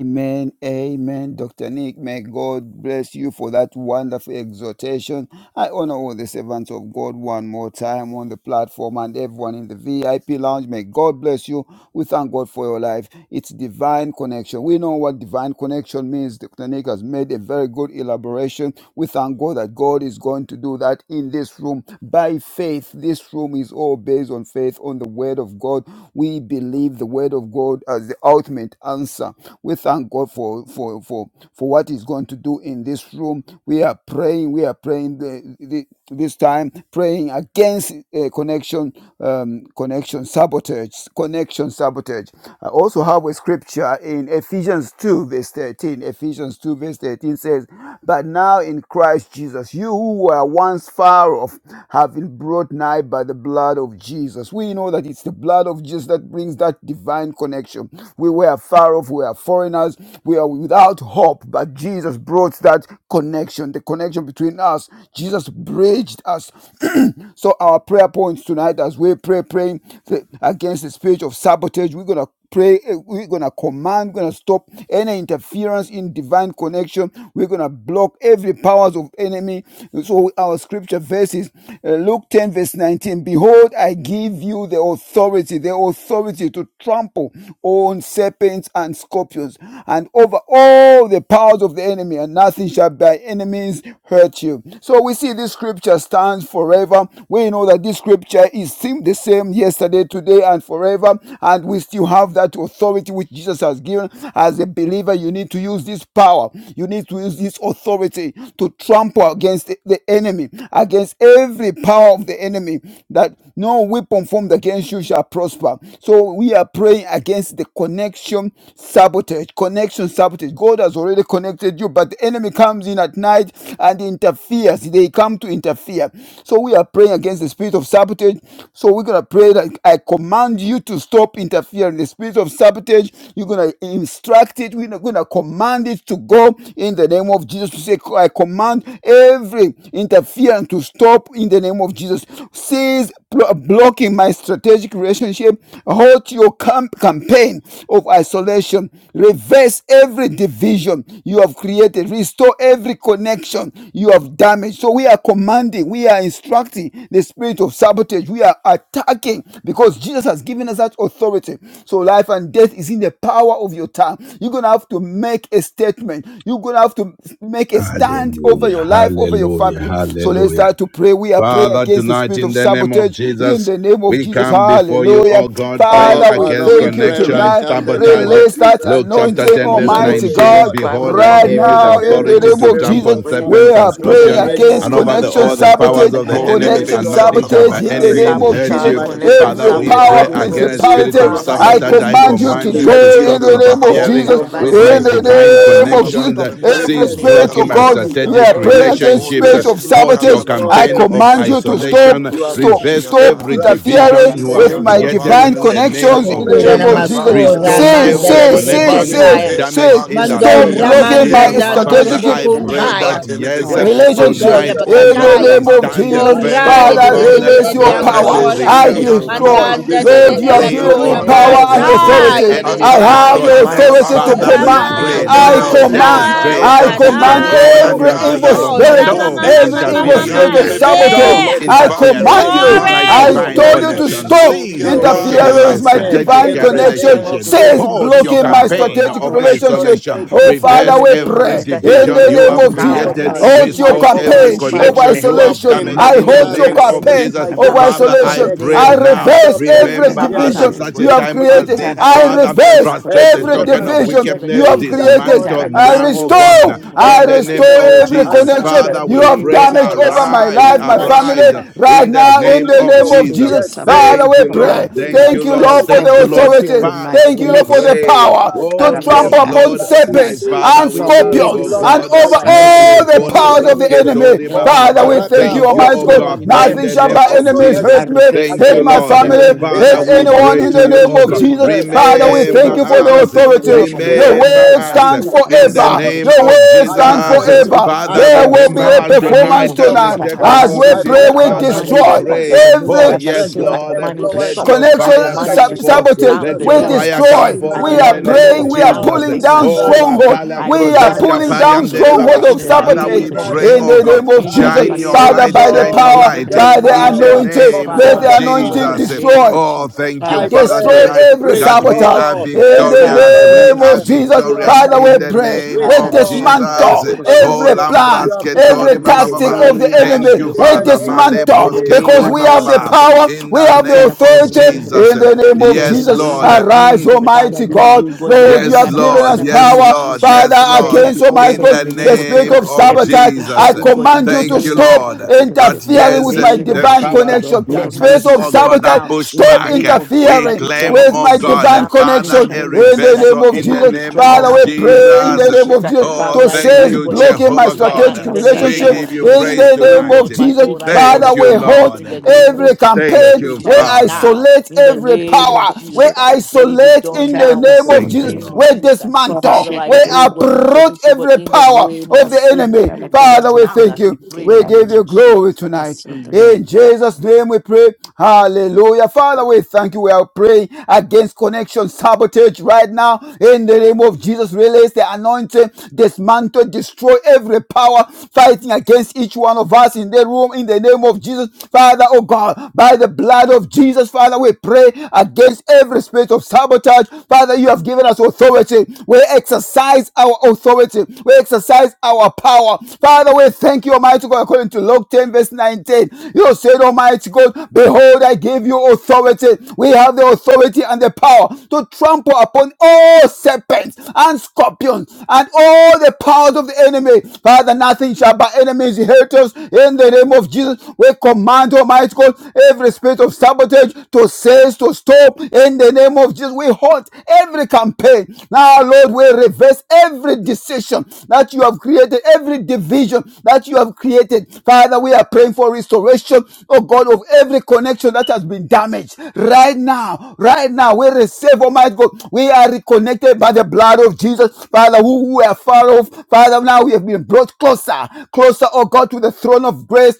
S3: Amen. Amen. Dr. Nick, may God bless you for that wonderful exhortation. I honor all the servants of God one more time on the platform and everyone in the VIP lounge. May God bless you. We thank God for your life. It's divine connection. We know what divine connection means. The clinic has made a very good elaboration. We thank God that God is going to do that in this room by faith. This room is all based on faith, on the word of God. We believe the word of God as the ultimate answer. We thank God for for for for what He's going to do in this room. We are praying. We are praying. the the this time praying against uh, connection um, connection sabotage connection sabotage i also have a scripture in ephesians 2 verse 13 ephesians 2 verse 13 says but now in christ jesus you who were once far off have been brought nigh by the blood of jesus we know that it's the blood of jesus that brings that divine connection we were far off we are foreigners we are without hope but jesus brought that connection the connection between us jesus bridged us. so our prayer points tonight, as we pray, praying against the spirit of sabotage, we're gonna pray. eh, We're gonna command. We're gonna stop any interference in divine connection. We're gonna block every powers of enemy. So our scripture verses, uh, Luke 10 verse 19. Behold, I give you the authority, the authority to trample on serpents and scorpions, and over all the powers of the enemy, and nothing shall by enemies hurt you. So so we see this scripture stands forever. We know that this scripture is the same yesterday, today, and forever. And we still have that authority which Jesus has given. As a believer, you need to use this power. You need to use this authority to trample against the enemy, against every power of the enemy, that no weapon formed against you shall prosper. So we are praying against the connection sabotage. Connection sabotage. God has already connected you, but the enemy comes in at night and interferes interferes. They come to interfere. So we are praying against the spirit of sabotage. So we're gonna pray that I command you to stop interfering. The spirit of sabotage, you're gonna instruct it. We're gonna command it to go in the name of Jesus. To say, I command every interference to stop in the name of Jesus. Cease blocking my strategic relationship. Halt your camp campaign of isolation. Reverse every division you have created. Restore every connection you have damaged. So we are commanding, we are instructing the spirit of sabotage, we are attacking because Jesus has given us that authority. So life and death is in the power of your tongue. You're gonna have to make a statement, you're gonna have to make a stand over
S1: Hallelujah,
S3: your life, over your
S1: hallelujah,
S3: family. So let's
S1: hallelujah.
S3: start to pray. We are praying
S1: Father,
S3: against the
S1: tonight
S3: spirit
S1: in
S3: of
S1: the name of
S3: sabotage in
S1: Jesus,
S3: the name of
S1: we
S3: Jesus.
S1: come before you,
S3: Hallelujah.
S1: oh God, praying
S6: Oh,
S3: Father, we
S6: Father,
S1: against
S6: we
S3: thank you
S6: pray right
S1: connection,
S3: tonight.
S6: now in the name
S1: sabotage.
S6: of
S3: Release that
S6: Jesus
S1: Luke
S6: Christ, the
S1: chapter
S3: anointing,
S6: Son
S1: 10,
S6: of
S1: verse
S6: the
S4: name of
S3: Almighty
S6: living
S1: 19.
S4: Jesus
S3: God
S6: God.
S4: Christ, we
S1: Behold,
S6: We
S1: I
S3: right
S4: come
S1: give
S6: pray
S1: you
S4: even
S1: the
S3: now
S4: this
S3: in the
S6: against
S7: Ikara
S4: evening,
S1: authority
S6: the
S4: oh
S3: name
S1: to
S4: God,
S3: of
S4: even
S6: spirit
S4: to
S1: trample
S3: Jesus.
S1: on
S6: of
S4: pray
S3: We
S1: serpents and
S3: are
S6: sabotage.
S4: in the
S3: praying
S1: scorpions
S6: I
S4: name
S3: against
S4: of
S1: and
S7: basandara,
S1: over
S4: Jesus
S1: the,
S6: command,
S3: connection
S1: all
S4: Christ,
S1: the
S4: we
S6: I
S4: go
S1: powers
S3: sabotage,
S1: of the
S6: command
S4: against
S6: you
S1: enemy,
S6: to
S8: Mondelebe
S3: connection
S4: every
S1: and
S6: stop
S4: form
S1: nothing
S8: kiatala
S1: shall
S4: of
S1: by
S3: sabotage in
S1: any
S3: the
S8: mandelebe
S6: interfering
S3: name
S1: means
S3: of
S8: kosho
S6: with
S1: hurt
S3: Jesus.
S4: sabotage,
S1: you.
S6: my
S8: ndelebe
S4: connection,
S6: divine
S1: Father,
S3: Every
S8: hoso
S1: we
S3: power,
S1: pray
S4: sabotage,
S6: connection.
S4: oh God.
S8: rabandelebe
S1: against
S6: Cease
S3: principality,
S1: spirit
S8: soda
S1: of
S4: Father,
S8: baha
S6: blocking
S3: I
S1: sabotage.
S6: my
S4: against
S1: I
S4: spirit of
S3: command you
S8: mosu
S6: strategic
S3: to
S1: command
S4: sabotage,
S1: you
S8: ndelebe
S1: to
S3: go in
S1: stop
S6: relationship.
S3: the
S8: diandala
S3: name
S8: baha
S3: of
S4: interfering
S6: Halt
S4: with
S8: sori
S1: interfering
S4: our
S3: Jesus.
S6: your
S4: divine
S8: andala
S1: with my
S3: In
S6: campaign
S3: the
S4: connection,
S8: mandelebe
S4: we
S6: of
S1: divine
S8: kosa
S4: command
S3: name
S4: it
S3: of
S8: tala
S4: to
S3: Jesus,
S1: connections.
S6: isolation.
S4: stop
S1: Uh,
S8: mandelebe
S4: now in the
S3: every
S1: Cease
S6: Reverse
S8: sundi
S4: name
S3: spirit
S4: of
S8: andala
S1: blocking
S3: of
S6: every
S1: my
S8: baha
S3: God,
S4: Jesus.
S3: we
S8: sori
S6: division
S1: strategic
S3: are
S8: a
S6: you
S3: praying
S4: Every
S6: have
S3: against
S1: relationships.
S8: monde
S3: spirit
S1: Uh,
S4: spiritual
S8: si
S3: of
S6: created.
S4: block
S1: Halt your
S3: sabotage.
S8: kiatala
S6: Restore
S3: I
S1: campaign
S6: every
S8: mandelebe
S1: of
S3: command you to
S8: kiatala
S6: connection
S3: stop,
S1: isolation.
S8: mandolo
S6: you have
S3: stop,
S8: bohoshi
S1: Reverse
S6: damaged.
S3: stop
S8: ata
S1: every
S6: Right now,
S1: division
S3: interfering
S6: in
S1: you
S6: the
S8: mosundi
S3: with
S1: have
S6: name
S3: my
S8: andala
S6: of
S1: created
S3: divine
S1: in
S8: bandelebe
S6: Jesus,
S1: the name
S8: kiso
S6: I
S3: connections in
S1: of
S3: the
S8: kori
S6: pray
S9: Okura na
S3: name of
S1: Jesus.
S8: andale
S6: that
S8: bandele
S3: Jesus
S9: masura
S1: Restore
S6: Father,
S8: vosso
S3: says,
S9: manda
S8: bo
S1: every
S9: de de
S3: says,
S6: Almighty
S7: Ikara
S9: de
S8: Man
S6: God,
S3: says,
S1: connection
S6: we
S1: you
S8: manse
S3: says,
S1: have
S9: betaya.
S6: pray
S8: kese
S3: says,
S1: damaged in the
S6: against
S8: mandelebe
S3: stop
S6: your
S1: name
S9: Mandora
S1: of
S8: kiandele
S3: blocking my
S1: Jesus.
S8: vesto
S6: spirit right
S8: mande
S9: mandandandora
S1: Father,
S6: now
S3: strategic
S6: of
S1: I
S3: uh,
S1: pray
S9: bokumbaya.
S1: that
S6: sabotage,
S8: Ushemandeleve
S1: yes,
S6: working
S3: relationship
S6: against
S9: Mandora
S8: Kushamandeleve
S1: tonight,
S6: the
S1: oh
S3: in
S7: basandara,
S3: the
S1: God,
S6: working
S9: bakataya.
S1: we
S3: name of
S6: against
S1: stand
S8: Kundiandalamandeleve
S3: Jesus.
S6: divine
S1: firm,
S9: Ora
S4: in
S7: Ikora
S1: oh
S9: de
S4: the
S7: da
S9: de
S3: Father,
S9: de
S6: connection
S4: name
S9: de
S1: God,
S8: Hoshiamande
S4: of
S3: release
S9: de
S6: that
S7: Ipara
S9: de
S7: da
S4: Jesus
S3: your
S9: antora
S6: God
S4: Christ,
S1: Father,
S8: Monde
S6: has
S3: power.
S4: Father,
S1: to
S4: we
S7: Karashinda,
S6: given
S4: pray,
S3: I
S6: me.
S1: recover,
S4: what in the
S1: to,
S4: name
S6: I
S4: of
S3: destroy.
S1: to,
S9: Mandanda
S8: Besundiandalamande
S1: to
S4: Jesus
S9: de
S7: Ikara
S9: de
S4: Christ.
S3: Lord,
S6: destroy
S3: you have
S6: your
S1: reclaim,
S3: given
S7: Sindor
S1: oh
S6: roots,
S3: me
S9: elakora
S7: da
S3: power
S1: God,
S6: your
S3: and
S8: Sondandalavandeleve
S4: Every
S7: Kurusha,
S1: what which
S8: So
S4: spirit of
S6: control,
S1: the
S3: authority.
S9: masaya de
S6: your
S9: de
S4: sabotage.
S1: enemy
S3: I
S1: has
S3: have
S9: baya.
S3: the
S1: stolen.
S7: Makora da
S4: marriage
S6: manipulation.
S4: to
S3: authority
S8: Atamandiandalavande
S3: to
S6: I
S7: Santa
S1: Father,
S7: da
S9: Ora
S4: cease
S1: we
S6: pray
S3: command.
S4: in
S9: ma
S4: the
S1: pray
S7: Kurusha,
S6: against
S4: name
S3: I
S6: the
S1: now
S8: Besundiandeleve
S4: of
S6: spirit of
S4: Jesus
S3: command.
S4: Christ.
S9: dora da
S1: demonstrate
S7: Ikara
S3: I
S9: da
S1: that
S6: sabotage.
S1: you
S8: Sondiandalavandele
S1: are
S3: command
S4: Interfering in
S6: I
S4: my
S1: God
S9: daya.
S4: divine
S1: and you
S3: every
S1: are
S4: connection.
S7: da
S6: command
S1: God
S3: evil
S8: Mondiandaya
S4: I
S6: you
S1: alone.
S7: Shenda,
S4: command it
S9: Ora
S3: spirit,
S4: to
S6: right
S9: ma ma
S6: now
S1: Stop
S8: Monde
S6: in
S9: ma
S6: the
S4: cease
S3: every
S9: ma ma
S6: name
S4: in
S3: evil
S7: Ikara
S4: the
S6: of
S9: ma
S7: da
S3: spirit
S9: ma.
S1: interfering.
S4: name
S3: of
S4: of
S6: Jesus
S4: Jesus
S8: Sundiandeleve
S7: Sundor
S4: Christ.
S7: da
S6: Christ,
S3: sabotage.
S8: So
S1: Stop
S9: Yeah.
S6: the
S7: Kurusha,
S4: Blocking
S3: I
S4: my
S6: Son of the
S4: strategic
S1: interfering
S3: command
S8: Vate
S6: living
S3: you.
S1: with
S7: Ikara
S4: relationship.
S6: God.
S7: da
S1: my
S8: Mande
S4: I
S9: Glory.
S3: I
S6: You
S7: Santa
S1: divine
S4: command
S3: told
S7: da
S6: will
S4: it
S3: you
S4: to
S6: not
S3: to
S8: Sundeleve
S7: Kurusha,
S1: connection.
S4: cease
S6: stand.
S3: stop
S1: Cease
S8: Soria
S4: in the
S6: You will
S4: name of
S6: not
S3: interfering
S1: blocking
S7: Ikara da
S8: maya.
S1: my
S3: with
S4: Jesus
S3: my
S4: Christ.
S6: succeed
S7: Santa da
S1: strategic
S3: divine
S6: in
S4: Every
S6: the
S7: Kurusha,
S6: name
S7: Ikora
S3: connection,
S6: of
S4: interference,
S1: relationship.
S4: oh God,
S3: says
S4: let it
S6: Jesus.
S7: da
S1: Halt
S4: cease
S1: your
S3: blocking
S7: Santa
S3: my
S4: now, oh God.
S1: campaign
S3: strategic
S6: Sabotage.
S7: da
S1: of
S7: Kurusha, Ikara da
S6: Your
S7: Santa
S3: relationship.
S1: isolation.
S6: spirit of
S7: da
S3: Oh,
S7: Kurusha,
S4: In
S3: Father,
S1: Reverse
S4: the
S3: we
S4: name
S6: sabotage.
S4: of
S1: every
S3: pray
S4: Jesus Christ,
S6: Your
S3: in
S4: let
S1: division
S3: the
S4: it
S6: spirit
S1: you
S3: name
S6: of
S4: cease
S1: have
S3: of
S4: now
S3: Jesus.
S4: in
S7: Ikara
S4: the
S7: da
S1: created.
S6: sabotage.
S4: name of
S3: Hold your
S7: Sundor
S6: I
S7: da
S1: Restore
S4: Jesus Christ.
S1: every
S4: Oh,
S3: campaign
S6: command
S7: Kurusha,
S6: you.
S3: over
S4: Father, I
S1: connection you
S4: pray
S6: Stop
S1: have
S3: isolation.
S4: in
S1: damaged
S4: the
S3: I
S1: in
S4: name
S1: the
S4: of
S3: hold
S7: Makora
S4: Jesus
S3: your
S7: da
S1: name
S6: interfering
S4: Christ, let
S1: of
S4: it
S6: with
S7: Santa
S3: campaign
S1: Jesus.
S4: cease
S6: my
S7: da
S3: over
S4: now
S7: Kurusha,
S6: divine
S1: Father,
S4: in
S1: I
S3: isolation.
S4: the
S1: pray
S4: name
S6: connection.
S3: I
S4: of Jesus
S7: Ikara
S1: now.
S7: da
S3: reverse
S6: Stop
S4: Christ.
S7: Santa
S4: Every
S7: da
S3: every
S1: Remember us at
S7: Kurusha,
S3: division
S6: interfering
S4: sabotage, oh
S1: such
S3: you
S4: God,
S1: a
S4: in
S6: with
S4: the
S3: have
S1: time
S6: my
S4: name of
S1: as
S3: created.
S4: Jesus
S6: divine
S1: this,
S4: Christ,
S3: I
S4: against
S1: Father.
S4: my
S6: connection
S7: Itarabasotoro
S3: reverse
S4: divine
S1: Frustrate the
S6: every
S3: every
S4: connections, oh
S1: token
S7: Poroshendere
S4: God,
S6: divine
S1: of
S3: division
S4: in the
S3: you
S7: Poroshendere
S6: connection
S1: wickedness.
S3: have
S4: name of
S6: that
S4: Jesus Christ,
S6: God
S3: created.
S1: Dismantle
S6: has
S4: Lord,
S3: I
S1: now,
S7: Itarabasa
S6: given
S4: oh
S1: oh
S6: you.
S4: God, in
S1: God.
S4: the
S6: I,
S3: restore,
S1: Now,
S4: name of
S6: God
S3: I
S1: In
S4: Jesus
S1: the
S6: has
S3: restore
S1: name
S4: Christ,
S6: given
S1: of
S4: cease
S6: me.
S3: every
S4: now
S6: I
S1: Jesus,
S6: bind
S3: connection
S4: in
S7: Parabasandara
S6: the
S4: the
S1: Father,
S3: you
S1: we
S6: spirit
S3: have
S6: of
S4: name
S1: pray.
S4: of
S3: damaged
S4: Jesus
S3: over my
S4: Christ,
S6: sabotage
S1: Arise,
S7: Ikarabasandara
S3: life,
S4: oh
S3: my
S6: right
S4: God,
S3: family,
S1: arise
S4: in
S7: Parashandara.
S6: now.
S3: right
S1: in
S6: And I
S1: the
S3: now in
S1: name
S3: the
S7: May
S6: command
S7: the
S1: of
S3: name
S6: you,
S3: of
S7: spirit
S1: Jesus.
S3: Jesus.
S7: of
S6: yes,
S4: in
S7: Sabbath
S6: cease
S4: the,
S3: Father,
S7: I
S1: Thank
S3: we
S1: you,
S3: pray.
S7: command
S1: Lord.
S6: blocking
S7: you
S1: Thank
S6: my
S1: you,
S3: Thank you,
S7: to
S3: Lord,
S1: Lord.
S3: for
S6: strategic
S7: stop
S1: Thank
S3: the
S1: you, Lord.
S3: authority.
S6: relationship.
S7: interfering my
S1: Father,
S3: Thank you,
S1: we
S3: Lord,
S6: Spirit
S3: for
S6: of
S7: connection.
S3: the
S1: pray.
S3: power
S6: sabotage,
S1: Oh,
S3: to
S4: in the
S7: Ikarabasa
S1: yes,
S6: stop
S3: trample
S1: Yes,
S4: name
S7: I
S4: of
S3: upon
S1: Lord,
S4: Jesus Christ.
S1: my
S3: serpents
S7: cease to
S1: Father,
S3: and
S6: now
S1: we
S7: block
S4: In the name
S1: ask,
S6: cease
S4: of
S3: scorpions
S7: every
S1: oh
S7: s-
S4: Jesus
S3: and
S6: blocking
S4: Christ,
S1: God,
S6: my
S3: over
S4: Father, I pray
S7: strategy
S4: in
S1: Male
S6: strategic
S3: all the
S1: kola
S4: the
S3: powers of
S7: relationship
S4: name
S3: the
S4: of
S6: relationship.
S4: Jesus.
S3: enemy.
S1: brasketori ba
S6: Hold
S1: ba
S7: ailment
S3: Father, we
S7: or
S6: right
S4: Every
S3: thank
S6: now,
S7: your
S3: you,
S1: Thank you,
S6: hold
S4: yes,
S3: Almighty
S1: oh
S6: your
S7: campaign
S3: God.
S4: Lord,
S1: God,
S4: in the
S7: of
S1: in
S6: campaign
S4: name
S3: Nothing
S1: the
S4: of
S3: shall
S6: of
S1: name
S3: by
S7: isolation.
S4: Jesus.
S1: of
S3: enemies
S1: Jesus.
S7: I
S3: hurt me,
S6: isolation
S7: reverse
S1: Thank
S3: hurt
S1: you,
S3: my
S7: every
S6: against
S4: In
S1: Lord.
S4: the
S3: family,
S6: me
S4: name
S7: division
S4: of
S7: you
S6: in
S1: Father,
S3: hurt
S4: Jesus
S7: have
S6: the
S1: we
S4: Christ,
S6: name
S4: let
S6: of
S3: anyone
S1: pray
S7: um,
S4: it
S3: in
S4: be, oh
S1: to
S3: the
S6: Jesus.
S1: you,
S4: God,
S3: name
S4: in
S1: oh
S4: the
S3: of
S1: God.
S4: name
S7: created.
S4: of
S3: Jesus.
S4: Jesus
S6: Reverse
S4: Christ, in
S3: Father,
S4: the
S3: we
S6: every
S4: name
S3: thank
S1: Remember
S4: of
S3: you
S7: Restore
S3: for
S4: Jesus
S3: the
S4: Christ,
S1: us.
S6: division
S7: every
S6: you
S4: every
S3: authority.
S6: have
S7: connection
S4: form of
S7: of
S3: Your
S1: Remember
S7: them.
S4: sabotage
S6: created.
S3: word
S4: right
S1: us.
S7: We
S4: now,
S3: stands
S6: Spirit
S4: in the
S6: of
S1: In the
S3: forever.
S4: name of
S7: carabasundra.
S1: name
S3: Your
S4: Jesus
S6: sabotage,
S1: of
S4: Christ,
S3: word
S7: We
S6: I
S4: let
S3: stands
S4: it be
S6: bind
S1: Jesus.
S6: you,
S4: broken.
S7: carabasundra
S3: forever.
S6: I
S7: the
S1: Father,
S3: There
S4: Stop
S3: will
S6: curse
S3: be
S1: remember
S6: you,
S3: a
S4: now
S7: Kurashundra.
S1: us
S4: in
S6: I
S4: the name
S3: performance
S6: break
S1: tonight
S4: of
S1: as
S6: your
S7: We
S1: we
S4: Jesus
S3: tonight
S4: Christ.
S1: take
S4: I
S6: control,
S3: as
S4: command it
S3: we
S4: to
S6: I
S7: carabasundra
S1: authority.
S3: pray,
S4: stop.
S6: break
S7: the
S4: I
S3: we
S6: your
S1: Father,
S4: command it
S1: we
S4: to
S7: Kurashundra.
S3: destroy
S4: stop in
S1: pray.
S6: manipulation,
S4: the name
S1: Oh,
S4: of
S6: I
S3: every
S1: yes,
S6: break
S4: Jesus. I
S6: your
S1: Lord.
S7: Carabasundra the
S4: command it to
S6: influence.
S1: Let
S4: stop.
S1: your
S7: Kurashundra the
S6: Right
S4: I
S3: connection
S6: now,
S1: fire
S6: in
S4: command
S6: the
S4: it
S1: come
S4: to
S6: name of
S4: stop
S7: Kurashundra.
S1: forth.
S3: sabotage.
S4: now in
S1: Let
S4: the
S6: Jesus
S7: We
S1: your
S3: We
S6: Christ,
S4: name of
S1: fire
S4: Jesus
S6: the
S4: Christ.
S1: come
S3: destroy.
S1: forth
S4: I
S7: carabasundra
S3: We
S6: Son
S7: the
S1: in
S6: of
S3: are
S1: the
S4: command it
S6: the
S4: to
S1: name
S7: Kurashundra
S1: of
S4: stop
S3: praying.
S6: Living
S3: We
S7: the
S3: are
S4: now in the
S6: God
S1: Jesus.
S3: pulling
S4: name of
S3: down
S1: Oh,
S6: right
S4: Jesus
S7: Kurashundra.
S4: Christ.
S3: stronghold.
S6: now,
S1: Bakalam
S4: I
S7: We
S3: We are
S6: right
S4: command it
S1: Brozeska
S4: to
S3: pulling
S7: carabasundra
S6: now,
S3: down
S1: Pariam
S7: the
S4: cease
S3: stronghold
S6: right
S1: Derebaba.
S4: in
S3: of
S7: Kurashundra
S4: the
S6: now,
S7: the
S1: Father,
S3: sabotage
S1: we
S4: name of
S6: right
S1: pray,
S3: in
S7: Kurashundra.
S1: oh
S3: the
S6: now.
S4: Jesus.
S1: God,
S3: name
S7: We
S3: of
S4: In the
S6: I
S3: Jesus.
S1: shine your
S4: name of
S3: Father,
S7: carabasundra
S1: light,
S3: by
S7: the
S4: Jesus.
S3: the
S1: shine your
S6: dismantle
S4: In the
S3: power,
S1: light
S7: Kurashundra.
S6: the
S3: by
S4: name
S3: the
S4: of
S7: We
S1: in the
S6: power
S4: Jesus.
S3: anointing,
S6: of
S1: name
S7: carabasundra
S4: Father,
S3: let
S7: the
S3: the
S1: of
S4: I do, but
S3: anointing
S4: in
S6: sabotage.
S4: the
S1: Jesus.
S7: Kurashundra.
S4: name
S3: destroy.
S4: of
S1: Oh,
S4: Jesus Christ.
S1: thank you,
S6: I
S1: Father,
S3: Destroy
S6: pray,
S7: Karabasondoro
S1: tonight
S3: every
S1: that we
S7: Kuroshendere,
S3: sabotage
S1: are
S6: restore
S3: in the
S6: every
S1: victorious.
S4: In the
S1: We
S4: name
S3: name
S4: of
S1: are
S7: Ikarabasondoro
S3: of
S6: connection
S3: Jesus.
S4: Jesus
S6: you have
S4: Christ,
S1: victorious
S4: in the
S3: Father,
S7: Karashandra,
S3: we
S1: in the
S4: name
S6: damaged.
S4: of
S3: pray.
S4: Jesus,
S1: name
S3: We
S4: ah,
S1: of
S4: my
S6: Restore
S4: Father,
S7: Karashandra do
S1: Jesus.
S4: shout
S3: dismantle
S6: every
S4: out, yeah,
S1: Oh,
S3: every
S7: Kuroshendere,
S6: connection
S4: yes.
S6: you
S3: plan,
S1: Lambras
S6: have
S3: every
S1: Ketori
S6: damaged
S4: in
S1: Baba
S4: the
S3: tactic
S1: Baba.
S6: right
S3: of
S7: Ikaramasondoro
S3: the
S4: name of
S6: now
S1: Thank
S3: enemy.
S1: you,
S4: Jesus
S6: in
S3: We
S6: the
S1: Father.
S4: Christ,
S7: Kuroshendere,
S4: oh God,
S6: name of
S4: in
S1: Malebros
S3: dismantle
S4: the
S3: because
S1: Kekori
S4: name
S3: we
S4: of
S1: Baba
S3: have
S6: Jesus.
S3: the
S4: Jesus,
S1: Baba.
S7: Karabasondoro,
S3: power,
S1: In
S3: we
S1: the
S4: oh
S3: have
S4: my,
S3: the
S1: name
S4: in
S1: of
S4: the
S3: authority
S4: name
S7: Ikarabasondoro,
S4: of
S1: Jesus.
S3: in
S4: Jesus,
S3: the name of
S4: in the
S1: Yes,
S3: Jesus.
S4: name
S1: Lord.
S4: of
S7: Ikorabasandra do
S1: Mm.
S3: Arise,
S4: Father,
S3: Almighty
S4: we
S7: Kuroshendere,
S4: pray,
S3: God.
S4: oh God, let
S3: Lord, you
S4: them be
S1: Yes,
S3: have given
S4: stirred in
S1: Lord.
S3: us
S4: the name
S7: Ikarabasandra
S1: Yes,
S7: do
S4: of
S3: power,
S4: Jesus
S1: Lord.
S4: Christ.
S1: Yes,
S7: Kuroshendere,
S3: Father,
S4: Let it
S1: Lord.
S4: be
S3: against
S4: all
S3: Almighty
S1: In
S4: said
S3: God,
S4: in
S1: the
S4: the
S3: the
S4: name of Jesus
S3: spirit
S1: name
S4: Christ.
S3: of
S7: Ikarabasondoro
S1: of
S4: Every
S3: sabotage.
S7: Kuroshendere,
S3: I
S4: division,
S1: Jesus.
S4: oh God, in
S3: command
S4: the
S3: you to
S1: Thank you,
S4: name of
S3: stop
S7: Karabasandra
S1: Lord. That
S4: in the
S7: Kuroshendere,
S3: interfering
S1: yes,
S3: with my
S4: name of
S1: the
S7: Kuroshendere,
S3: divine
S4: Jesus.
S1: powers
S3: connection.
S1: of
S4: Let it be
S1: darkness,
S3: Spirit of
S1: oh
S7: Korobasanda
S3: Stop
S4: destroyed
S1: God, are
S4: now
S3: sabotage.
S1: pushed
S4: in the
S3: Stop
S7: Shendra
S1: back.
S4: name of Jesus.
S1: We
S3: interfering
S4: Let
S1: claim,
S4: it
S3: with
S4: be
S1: oh
S3: my
S4: destroyed
S3: divine
S1: God,
S7: Ukarabasindra
S4: now in
S3: connection
S1: Father,
S4: the
S1: a
S4: name of
S7: Kanshakas
S3: in
S4: Jesus.
S3: the name
S1: reversal
S3: of
S4: Let
S1: in
S4: it
S1: the
S4: be
S3: Jesus.
S1: name
S4: destroyed
S3: Father,
S1: of
S4: now
S3: we
S4: in
S7: Akaramasundra
S4: the
S3: pray in
S4: name
S3: the
S1: Jesus.
S4: of
S3: name
S4: Jesus.
S3: of Jesus
S7: Shendra the
S1: Oh,
S4: Father,
S3: to
S4: I
S1: thank
S7: Koroshenda
S3: cease
S4: pray,
S1: you,
S4: God, even
S3: blocking
S4: for
S3: my
S1: Jehovah
S4: this right now
S3: strategic
S1: God.
S4: in the
S1: We
S4: name
S7: Ikarabasandra
S3: relationship
S7: the
S4: of
S1: give you
S4: Jesus.
S3: in
S1: praise
S3: the
S4: Oh
S7: Koroshenda
S3: name
S1: tonight.
S3: of
S4: Lord, my
S3: Jesus.
S4: God, I call
S3: Father,
S1: Thank
S7: Ikarabasandra
S1: you,
S3: we
S4: upon
S7: the
S4: you, but
S3: halt
S4: in
S1: Lord.
S4: the name of
S3: every
S7: Koroshenda
S4: Jesus, let
S1: Thank
S3: campaign.
S4: it be
S1: you,
S3: We
S4: destroyed
S1: Father.
S4: now
S7: Ikarabasandra
S3: isolate
S4: in
S7: the
S4: the
S3: every
S7: Koroshenda
S4: name
S7: the
S4: of
S3: power. We
S4: Jesus.
S7: Koroshenda
S4: Let it be
S3: isolate
S4: done
S3: in the
S4: now, oh
S3: name
S4: God, in
S3: of
S7: Ikarabasandra the
S4: the
S1: Thank you,
S3: Jesus.
S4: name
S3: We
S4: of
S1: Lord.
S4: Jesus Christ. Father,
S3: dismantle.
S4: I
S7: Koroshenda
S3: We
S7: the
S4: pray, oh God, even for
S3: uproot
S7: Koroshenda
S4: this, oh God,
S3: every
S4: in the
S3: power
S4: name of
S3: of the
S4: Jesus.
S3: enemy.
S7: Basindra the
S4: It's straight
S3: Father, we
S7: Koroshenda
S4: now
S3: thank
S4: as we
S3: you.
S4: pray in
S3: We
S4: the
S3: give
S4: name
S3: you
S4: of
S3: glory
S4: Jesus Christ.
S3: tonight.
S7: Ikarabasandra
S3: In
S4: Amen.
S3: Jesus' name we pray. Hallelujah. Father, we thank you. We are praying against connection sabotage right now. In the name of Jesus, release the anointing, dismantle, destroy every power fighting against each one of us in the room. In the name of Jesus, Father, oh God, by the blood of Jesus, Father, we pray against every spirit of sabotage. Father, you have given us authority. We exercise our authority. We exercise our power. Father, we thank you, Almighty. Almighty God, according to Luke 10, verse 19, you said, Almighty God, behold, I give you authority. We have the authority and the power to trample upon all serpents and scorpions and all the powers of the enemy. Father, nothing shall by enemies hurt us. In the name of Jesus, we command, Almighty God, every spirit of sabotage to cease, to stop. In the name of Jesus, we halt every campaign. Now, Lord, we reverse every decision that you have created, every division that you have created. Father, we are praying for restoration, oh God, of every connection that has been damaged. Right now, right now, we receive, Almighty God, we are reconnected by the blood of Jesus. Father, who were far off, Father, now we have been brought closer, closer, oh God, to the throne of grace,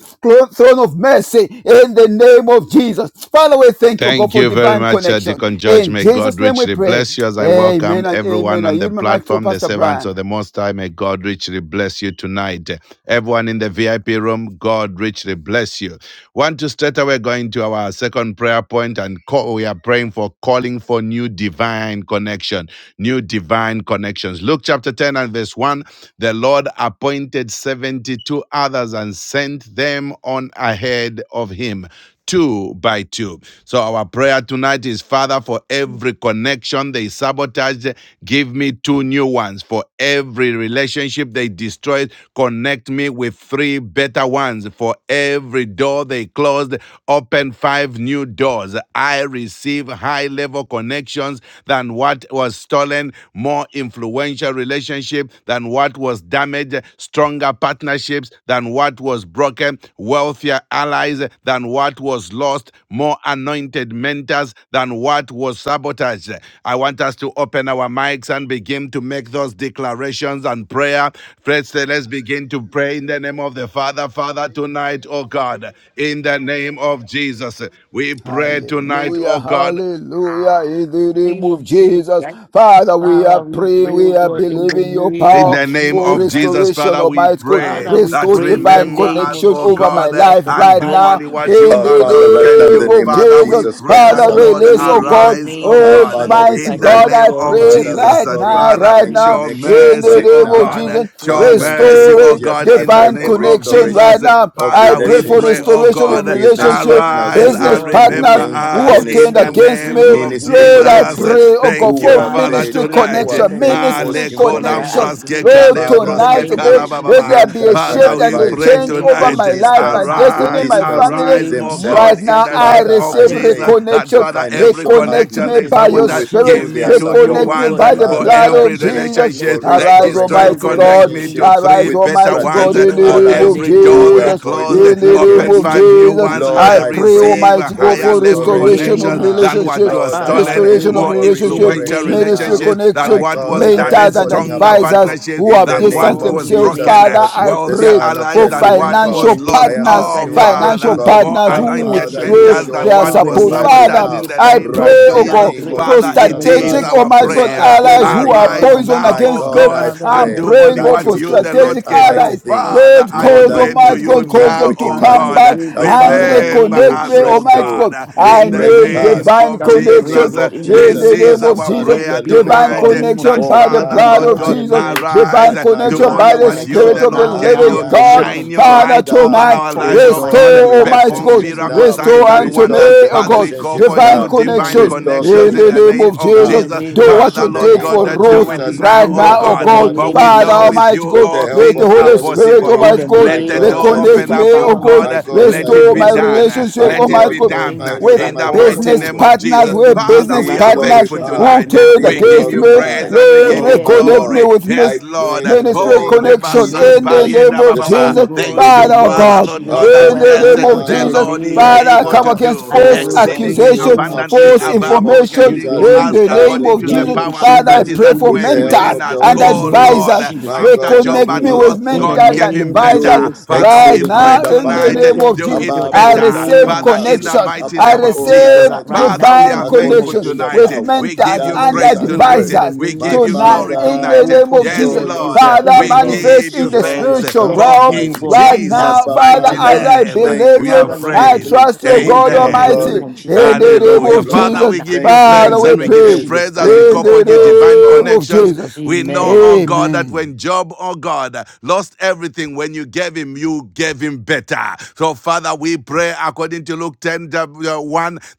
S3: throne of mercy, in the name of Jesus. Father, we thank you, God,
S1: Thank
S3: for
S1: you very
S3: divine
S1: much, uh,
S3: connection.
S1: Deacon George.
S3: In
S1: May
S3: Jesus'
S1: God
S3: name we
S1: richly
S3: pray.
S1: bless you as I welcome
S3: Amen and
S1: everyone
S3: amen. I
S1: on the
S3: yield my mic to
S1: platform, the
S3: Pastor
S1: servants
S3: Brian.
S1: of the Most High. May God richly bless you tonight. Everyone in the VIP room, God richly bless you. Want to straight away go into our second prayer point and call, we are praying for calling for new divine connection, new divine connections. Luke chapter 10 and verse 1, the Lord appointed 72 others and sent them on ahead of him two by two. So our prayer tonight is Father, for every connection they sabotaged, give me two new ones. For every relationship they destroyed, connect me with three better ones. For every door they closed, open five new doors. I receive high level connections than what was stolen, more influential relationship than what was damaged, stronger partnerships than what was broken, wealthier allies than what was lost, more anointed mentors than what was sabotaged. I want us to open our mics and begin to make those declarations and prayer. First, uh, let's begin to pray in the name of the Father. Father, tonight, oh God, in the name of Jesus, we pray tonight,
S3: Hallelujah,
S1: oh God,
S3: hallelujah, in the
S4: In the
S3: name
S4: Name
S3: of
S4: of Jesus
S3: Jesus.
S4: Christ.
S3: Father, we are
S4: Father, we
S3: praying,
S4: pray, oh
S3: we are
S4: God, in the
S3: believing your
S4: name
S1: In
S3: power
S4: of
S1: the name
S3: for
S4: Jesus
S1: of
S4: Christ.
S1: Jesus,
S3: restoration
S1: Father,
S3: of
S1: we
S3: my God.
S1: pray
S4: Father, we
S1: that
S3: Restore
S4: pray in the
S3: divine
S1: remember
S4: name
S1: us,
S4: of
S3: connection
S1: oh
S3: over my
S4: Jesus
S1: God,
S4: Christ
S3: life
S4: for
S1: and
S3: right
S1: do
S4: divine.
S3: now,
S1: only what
S3: in
S1: you
S6: Our
S3: the
S6: Father,
S1: alone
S6: right
S1: can
S6: now in the
S3: name
S1: do.
S3: of
S6: name of
S1: Father, we
S3: Jesus.
S6: Jesus
S1: pray
S6: Christ, the
S3: Father,
S1: that,
S4: Father,
S6: Son
S4: we
S6: of
S1: Lord,
S6: the
S3: release,
S4: pray
S3: oh
S6: living
S4: in the
S6: God.
S3: God,
S1: arise,
S4: name
S1: oh
S4: of
S6: Our
S1: God,
S6: Father,
S4: Jesus
S6: we
S3: Almighty
S1: in
S4: Christ,
S1: the
S3: God,
S6: pray.
S4: Lord
S3: I
S1: name of
S3: pray
S4: God.
S6: Father,
S1: Jesus,
S3: right
S1: that
S6: restoring
S4: In
S3: now,
S1: Father,
S3: right
S4: the
S6: divine
S4: name
S3: now,
S4: of
S1: show
S4: Jesus
S6: connections
S3: in the
S4: Christ.
S1: mercy,
S6: right
S1: oh
S3: name of
S6: now.
S4: Father,
S1: God,
S3: Jesus.
S4: we pray, oh
S1: show
S6: Father,
S4: God,
S6: in the
S4: in the
S1: mercy,
S6: name of
S1: oh
S3: Restoring
S4: name of
S6: Jesus,
S1: God,
S6: I
S1: in the
S6: pray
S4: Jesus
S3: divine
S4: Christ.
S1: name
S6: for
S1: of
S4: Let there
S3: connection
S4: be, oh
S3: right
S1: Jesus.
S6: restoration
S4: God,
S3: now.
S6: of
S3: I
S1: Father,
S4: in the
S1: we
S3: pray for
S1: pray,
S4: name of
S6: relationships
S1: oh
S3: restoration
S4: Jesus
S3: of
S6: with
S1: God,
S6: business
S3: relationship relationship,
S6: partners who
S1: arise
S4: Yes,
S6: were
S3: business
S1: and
S4: Lord,
S6: t-
S4: in the
S6: who
S3: partners
S1: remember
S4: name
S6: taint
S4: of
S3: who
S1: us
S3: have
S1: in
S4: Jesus,
S6: against
S3: turned
S1: the
S4: God,
S6: me,
S4: we
S3: against
S4: pray,
S3: me.
S1: name
S4: Lord,
S1: of
S4: in the
S6: ministry
S3: Lord, I
S4: name of
S1: Jesus.
S6: connections
S4: Jesus,
S3: pray, oh
S4: God.
S3: God,
S6: who
S1: Thank
S3: for
S1: you,
S6: were
S4: Father,
S1: Father,
S4: we
S3: ministry
S6: fed
S4: pray,
S1: tonight.
S6: who
S4: Lord,
S6: are
S4: in
S3: connection,
S4: the
S6: fed
S4: name of
S1: Hallelujah.
S6: false
S3: ministry
S1: Ele
S4: Jesus, God. I
S3: connection.
S1: kolambros
S6: information.
S4: pray,
S1: ke
S4: Lord,
S3: Lord,
S4: in
S6: Father,
S1: kalembros
S4: the
S6: I
S3: tonight,
S1: ke
S3: oh
S4: name of
S3: God,
S6: pray,
S3: let
S4: Jesus
S3: there
S1: kalababa.
S4: Christ.
S3: be a
S4: Let
S6: mentors and
S1: Father,
S3: shift
S4: every
S3: and
S1: we
S3: a
S4: God, in
S1: pray
S4: the
S6: advisors
S3: change
S4: name of
S3: over
S6: who
S1: tonight.
S3: my
S4: Jesus,
S3: life, my
S6: distanced,
S4: I
S6: who
S3: destiny,
S4: pray,
S1: Arise,
S3: my
S4: in the
S6: distanced
S3: family.
S1: arise,
S4: name of
S1: oh God,
S3: Right
S4: Jesus
S6: themselves.
S1: in
S3: now,
S4: Christ,
S1: the
S4: oh
S3: I
S4: God.
S1: name
S6: Father,
S1: of
S6: I
S3: receive
S4: Let
S1: Jesus.
S6: pray
S1: That
S3: reconnection.
S6: for
S1: Father, every
S6: financial
S3: Reconnect
S1: connection
S3: me
S6: partners
S1: they
S4: in
S3: by
S4: the
S6: who
S3: your
S4: name of
S1: sabotage,
S3: spirit.
S1: give
S6: withdrew
S4: Jesus
S1: me
S6: their
S4: Christ, we
S1: two new
S4: pray,
S3: Reconnect
S4: oh
S6: support.
S3: me
S1: ones
S4: God,
S1: uh,
S3: by
S4: in
S3: the
S4: the
S1: for
S6: Father,
S3: blood
S4: name
S6: I
S4: of
S1: every
S3: of
S6: pray
S4: Jesus Christ,
S3: Jesus.
S4: Lord
S6: for
S1: relationship
S4: God.
S1: they
S3: Arise,
S6: restoration
S4: Pray, oh
S1: destroyed.
S6: of
S3: Almighty
S4: God, in the
S1: Connect
S3: God.
S1: me
S4: name
S1: to
S4: of
S6: relationship
S1: three
S3: Arise,
S4: Jesus.
S6: with the
S1: better
S3: Almighty
S1: ones
S3: God,
S4: Hey,
S1: uh,
S6: strategic
S3: in the
S1: for
S4: Lord, in
S3: name
S4: the
S6: allies
S3: of
S1: every
S4: name of
S6: who
S1: door
S4: Jesus,
S6: were
S1: they
S4: God.
S3: Jesus.
S1: close.
S4: we
S1: uh,
S3: In
S6: poisoned
S4: pray,
S3: the
S4: oh
S3: name
S4: God,
S1: Open
S3: of of
S6: against
S4: in the
S1: five
S6: me.
S1: new
S4: name
S3: Jesus.
S4: of
S1: ones.
S4: Jesus.
S6: Lord,
S1: I
S3: I
S6: I
S3: pray,
S6: pray
S1: receive
S4: In
S1: a
S3: Almighty
S6: for
S3: God,
S1: higher
S3: for
S1: level
S4: the
S3: restoration
S6: restoration
S3: of
S4: name
S1: connection
S4: of
S6: now.
S1: than
S4: Jesus,
S1: what
S4: my
S3: relationships,
S1: was
S6: Lord, I
S4: Father, I
S1: stolen.
S6: pray
S4: pray
S3: restoration of
S4: what
S1: More
S6: for
S4: in
S3: relationship,
S4: the
S1: influential
S4: name
S6: restoration
S4: of
S3: ministry
S6: now.
S4: Jesus,
S1: relationships than
S6: My
S1: what
S3: connection,
S1: what
S4: pray
S1: was
S6: God, I
S4: what
S6: am
S4: in
S3: mentors
S1: damaged,
S4: the
S3: and
S6: calling
S4: name
S1: stronger
S4: of
S6: upon
S4: Jesus.
S6: you
S3: advisors who
S1: partnerships
S6: in
S4: Yes,
S3: have
S6: the
S1: than
S3: distanced
S6: name
S1: what
S4: Lord,
S6: of
S1: was
S4: in the
S3: themselves.
S6: Jesus
S1: broken,
S4: name
S3: Father,
S4: of
S1: uh,
S6: Christ,
S3: I
S4: Jesus,
S6: the
S1: wealthier
S3: pray
S6: Son of
S3: for
S1: allies
S6: the
S1: than
S4: pray.
S6: living
S1: what
S4: In
S6: God.
S3: financial
S4: the
S1: was
S4: name
S6: I
S1: lost.
S4: of
S6: am
S3: partners,
S4: Jesus, I
S1: Oh,
S6: asking
S4: let there
S6: Almighty
S3: financial
S1: Father,
S4: be the
S6: God
S1: more
S3: partners
S4: divine
S6: that
S3: who
S1: anointed
S6: Father,
S4: connection
S6: you
S4: with
S3: withdraw
S4: God.
S1: mentors
S6: show
S1: than
S3: their
S1: what
S4: In
S6: up
S4: the
S1: was
S6: on
S3: support.
S6: my
S4: name of
S3: Father,
S1: sabotaged in
S6: behalf
S4: Jesus
S1: the
S3: I
S4: Christ,
S1: name
S6: right
S4: Lord
S1: of
S3: pray,
S6: now in
S3: oh
S4: God,
S6: the
S4: I
S1: Jesus.
S3: God,
S6: name of
S4: pray.
S3: for
S1: Father,
S4: In
S1: it
S4: the
S6: Jesus
S1: is
S3: strategic,
S4: name
S6: Christ,
S1: our
S4: of
S6: the
S3: Almighty
S4: Jesus
S3: God,
S6: Son
S1: prayer.
S6: of
S4: Christ,
S6: the
S3: allies
S4: Lord,
S3: who
S6: living
S4: in the
S3: are
S6: God.
S4: name
S1: Arise
S4: of
S3: poisoned
S1: now,
S4: Jesus.
S6: My
S1: O
S3: against me.
S6: God, I
S1: God,
S4: Father,
S1: and
S3: I'm
S6: pray
S4: Lord,
S1: do
S4: in the
S3: praying,
S1: only
S3: God,
S6: that
S4: name
S1: what
S3: for
S4: of
S6: you
S1: you,
S4: Jesus.
S6: do
S1: the
S6: great
S1: Lord,
S3: strategic
S6: and
S1: can
S6: mighty
S1: do.
S3: allies.
S4: God,
S6: things
S1: Father,
S3: Lord,
S4: in
S1: I
S4: the
S6: more
S3: cause,
S1: pray
S6: than
S4: name of
S6: I
S1: to
S3: Almighty
S1: you
S3: God,
S6: can
S4: Jesus
S3: God, cause
S4: Christ.
S6: think
S1: now,
S6: or
S3: them to
S1: O
S4: Father, I
S3: come
S1: God.
S6: imagine.
S3: back
S4: pray,
S6: That
S4: God, in
S3: and
S4: the
S6: Father,
S1: Remember
S4: name of
S3: reconnect
S6: you
S1: us,
S3: me,
S1: O
S6: break
S4: Jesus
S3: Almighty
S4: Christ.
S6: through,
S1: God,
S3: God.
S6: you
S3: I
S1: in
S4: In the
S1: the
S6: break
S3: need
S4: name of
S1: name
S6: past
S4: Jesus
S3: divine
S1: of
S4: Christ,
S6: in
S4: we
S6: the
S4: pray, oh
S3: connection
S1: Jesus.
S6: name
S4: God,
S6: of
S4: in the
S3: in
S4: name
S6: Jesus
S1: This
S3: the
S4: of
S1: is
S4: Jesus
S3: name
S6: Christ, the
S4: Christ.
S3: of
S1: our
S6: Son
S3: Jesus.
S4: Let
S6: of
S4: it
S6: the
S1: prayer
S4: be,
S1: Father,
S6: living
S4: God,
S3: Divine
S4: in the
S1: tonight,
S6: God.
S1: eh,
S4: name of
S1: not
S3: connection
S4: Jesus
S6: Oh,
S3: by
S4: Christ.
S3: the
S4: Let it
S1: Father,
S4: be,
S3: blood
S6: Father,
S1: Lord
S4: God,
S3: of
S4: in
S1: God,
S6: I
S4: the
S3: Jesus.
S4: name of
S6: pray
S4: Jesus
S1: arise,
S3: Divine
S4: Christ.
S6: that
S1: eh,
S6: my
S1: do
S3: connection
S6: Lord
S4: Divine
S1: only
S3: by
S6: and
S3: the
S6: my
S1: what you,
S4: connections
S3: Spirit
S6: God
S1: the
S3: of the
S1: Lord,
S4: now,
S1: can
S4: now,
S3: living
S1: do.
S4: in
S6: appear
S4: the
S3: God.
S4: name
S6: now.
S4: of
S1: Shine your
S4: Jesus
S3: Father,
S4: Christ.
S1: light over
S6: Father,
S4: I
S3: tonight,
S1: our lives,
S4: follow
S1: oh
S4: my
S6: restore
S4: new
S1: God.
S6: the
S3: restore,
S4: divine
S3: Almighty
S1: Perform
S3: God.
S4: connections,
S6: relationships
S4: oh
S1: miracle
S4: God,
S6: now.
S4: in the
S3: Restore
S1: signs and
S4: name
S3: unto
S4: of
S3: me,
S1: wonders
S6: Restore
S4: Jesus.
S6: the
S3: O
S1: as
S3: God,
S1: we call
S6: relationships
S1: for
S4: Christ.
S3: divine
S1: new
S6: now.
S4: In the
S1: divine
S3: connection
S4: name of
S6: Restore the
S1: connections
S3: in
S4: Jesus.
S1: in
S3: the
S1: the
S3: name
S1: name
S3: of
S6: relationships
S1: of
S4: In
S6: now.
S3: Jesus.
S4: the
S1: Jesus.
S4: name
S3: Do
S4: of
S6: Right
S3: what
S6: now,
S1: Father,
S3: you
S6: in the
S4: Jesus
S1: Lord
S3: did
S4: Christ.
S6: name
S1: God,
S3: for
S1: eh,
S6: of
S1: do
S3: Ruth
S4: Father,
S1: it
S4: we
S6: Jesus,
S1: now,
S3: right
S4: pray,
S1: oh
S6: by
S4: God,
S3: now,
S6: the
S3: O
S4: in the
S1: God,
S3: God.
S6: blood
S1: for
S4: name
S6: of
S1: we
S4: of
S3: Father,
S1: know
S4: Jesus
S6: Jesus,
S1: with
S3: Almighty
S1: you
S6: with
S3: God,
S6: the
S1: all
S6: help
S3: let the
S1: things
S6: of the
S1: are
S3: Holy
S6: Holy
S3: Spirit,
S6: Spirit,
S1: possible.
S3: Almighty
S4: in
S3: Almighty
S4: the
S3: God.
S6: my
S1: Let the
S4: name of
S6: God,
S1: door
S6: I
S4: Jesus
S3: Reconnect
S1: open
S3: me,
S6: believe
S4: Christ,
S1: up, oh
S3: oh
S6: you.
S4: Father,
S3: God.
S1: God.
S4: Lord.
S6: My
S1: eh,
S6: God,
S4: In
S1: Let
S6: I
S4: the
S1: it
S3: Restore
S1: be
S3: my
S4: name
S6: trust
S4: of
S6: you.
S1: done. eh,
S4: Jesus
S3: relationship,
S6: My
S4: Christ,
S1: Let
S4: Lord
S1: it
S3: Almighty
S4: God.
S6: God,
S1: be
S4: In
S3: God.
S4: the
S6: oh
S1: done
S4: name
S6: my
S1: eh,
S4: of Jesus
S6: Lord and
S1: in
S4: Christ,
S6: my
S3: With
S1: the
S4: call
S6: God.
S4: forth,
S1: mighty
S6: Mm.
S4: oh
S3: business
S1: name
S4: God.
S1: of
S3: partners,
S1: Jesus.
S4: Every
S3: with
S4: new
S1: Father,
S3: business
S1: we
S6: Be
S4: divine
S1: are
S3: partners
S1: thankful
S4: collections
S1: you
S4: right
S6: glorified.
S3: who
S1: tonight.
S4: now
S3: turned
S4: in
S6: Be
S1: We
S4: the
S1: give
S3: against
S1: you
S4: name of
S3: me,
S4: Jesus
S1: praise
S6: glorified.
S4: Christ.
S1: and we
S3: Lord,
S1: give
S4: Let
S1: you
S6: Oh
S4: there
S6: my
S4: be
S3: reconnect
S4: in
S3: me
S1: glory.
S6: God.
S3: with mis-
S6: I
S1: Yes, Lord.
S6: pray in the
S3: ministry
S1: Oh,
S6: name of
S1: Reba
S4: the
S3: connection
S6: Jesus
S4: name
S3: in
S4: of
S3: the
S6: Christ,
S1: Samparie
S3: name
S1: da
S4: Jesus
S3: of
S6: the
S4: Christ,
S6: Son
S4: oh
S3: Jesus,
S6: of the
S4: God.
S1: Thank
S4: In the
S1: you,
S6: living
S3: Father oh
S4: name
S6: God.
S4: of
S1: Father,
S3: God.
S1: Lord
S4: Jesus
S1: God,
S4: Christ, I
S1: that
S6: Abba
S3: In the
S4: pray,
S1: yes,
S4: oh
S3: name of
S4: God. In
S1: the
S6: Father,
S4: the
S3: Jesus,
S1: Lord is
S4: name
S6: right
S4: of
S3: Father, I
S1: able
S4: Jesus,
S3: come
S1: to
S6: now.
S3: against
S1: do
S4: I
S3: false
S4: pray,
S6: Oh
S4: oh God. In
S6: Lord,
S4: the
S1: exceedingly
S3: accusation,
S6: show
S4: name of
S6: up
S1: abundantly
S6: in
S4: Jesus.
S3: false
S6: the
S1: above
S6: name
S1: all
S6: of
S1: we can
S3: information.
S4: Take
S1: think
S4: care
S1: or
S4: of
S6: Jesus,
S3: In
S1: ask
S4: it.
S3: the
S4: Take
S6: by
S3: name
S6: the
S1: according
S3: of
S1: to the
S4: care
S6: blood
S3: Jesus,
S4: of it.
S6: of
S1: power
S4: Shame
S3: Father,
S4: it
S3: I
S1: that
S4: with
S6: Jesus,
S4: the
S1: is
S3: pray
S1: at
S3: for
S4: goodness
S6: with
S4: of
S1: work
S6: the
S4: sin.
S6: help
S3: mentors
S1: within
S6: of the
S1: us.
S4: In
S3: and
S4: the
S6: Holy
S1: Oh,
S4: name of
S6: Spirit.
S1: Lord,
S3: advisors.
S4: Jesus
S6: My
S1: after
S6: God, I
S1: Job
S3: Reconnect
S1: had
S4: pray
S3: me
S6: call
S3: with
S1: lost,
S4: in the
S6: upon
S1: God
S3: mentors
S6: you.
S1: gave
S3: and
S1: him
S4: name of
S3: advisors,
S1: better.
S6: Do
S4: Jesus Christ
S1: Father,
S4: right
S1: we
S3: right
S4: now.
S6: exceeding
S4: oh
S1: pray
S3: now
S6: and
S3: in the
S1: tonight,
S4: Let
S3: name
S6: abundantly
S4: there
S3: of
S4: be,
S1: do
S4: oh
S3: Jesus.
S1: it
S4: God,
S6: above
S4: in
S3: I
S4: the
S6: all
S1: better.
S6: that I
S4: name
S3: receive
S4: of
S1: Father, in
S6: ask,
S4: Jesus.
S1: the
S3: connection.
S1: mighty
S3: I
S1: name
S6: above
S4: I
S1: of
S6: all
S4: pray
S6: that
S4: for
S1: Jesus.
S4: that
S3: receive
S6: I
S4: right
S6: think
S4: now
S1: Father, we
S4: in the
S3: divine
S1: are
S4: name
S1: thankful
S6: according
S4: of
S3: connection
S6: to the
S4: Jesus
S1: tonight.
S3: with
S4: Christ.
S6: power
S1: We give
S3: mentors
S4: Father,
S1: you
S6: that
S4: let
S3: and
S4: me
S6: is
S1: praise
S4: pray,
S6: at
S4: oh God,
S1: tonight.
S4: in
S6: work.
S4: the
S3: advisors
S1: We
S4: name
S6: My
S1: give
S4: of
S1: you
S4: Jesus
S3: tonight
S1: glory
S4: Christ.
S3: in the
S6: Father,
S1: tonight.
S4: Oh
S3: name
S4: God,
S3: of
S4: let
S1: Yes,
S4: there
S6: show
S3: Jesus.
S4: be, oh
S1: Lord,
S4: God,
S3: Father,
S6: yourself
S4: in the
S1: we
S4: name
S6: strong,
S4: of
S3: manifest
S1: give
S3: in
S1: you
S3: the
S4: Jesus
S6: show
S4: Christ.
S1: thanks.
S3: spiritual
S4: Let
S6: yourself
S1: For
S4: it be,
S3: realm
S4: oh
S1: in
S6: mighty.
S4: God, right
S3: right
S4: now
S3: now.
S1: Jesus'
S6: Abba,
S4: in
S3: Father,
S4: the
S1: mighty
S3: as
S4: name
S6: Father,
S4: of
S3: I
S1: name
S4: Jesus
S6: thank
S4: Christ.
S3: believe
S6: you,
S1: we
S3: you,
S6: King
S4: Father,
S1: have
S6: of
S4: Lord, I
S3: I
S6: Kings,
S1: prayed.
S4: pray.
S3: trust you,
S6: thank
S4: Oh
S6: you,
S3: God
S6: King
S4: God, in
S6: of
S4: the
S3: Almighty,
S1: Amen.
S4: name
S6: Glory,
S4: of Jesus Christ,
S3: in
S6: thank
S4: let
S3: the
S6: you,
S4: there
S6: Lord
S4: be,
S3: name
S4: oh
S6: of
S1: Hallelujah.
S3: of
S4: God,
S6: Lords,
S1: Father,
S4: right
S3: Jesus.
S1: we
S4: now
S1: give you
S6: thank you,
S4: in the
S3: Father,
S1: thanks
S3: we
S1: and
S6: Ancient
S1: we
S4: name
S6: of
S4: of
S1: give
S3: pray
S1: you
S6: Days,
S4: Jesus
S1: praise as
S4: Christ.
S1: we
S6: thank
S3: in
S6: you,
S1: call
S6: O
S1: for new
S6: powerful
S1: divine
S3: the
S6: God.
S3: name of
S1: connections.
S3: Jesus.
S1: We know,
S4: Amen.
S1: oh God, that
S3: Amen.
S1: when Job, oh God, lost everything, when you gave him, you gave him better. So, Father, we pray according to Luke 10 uh, one.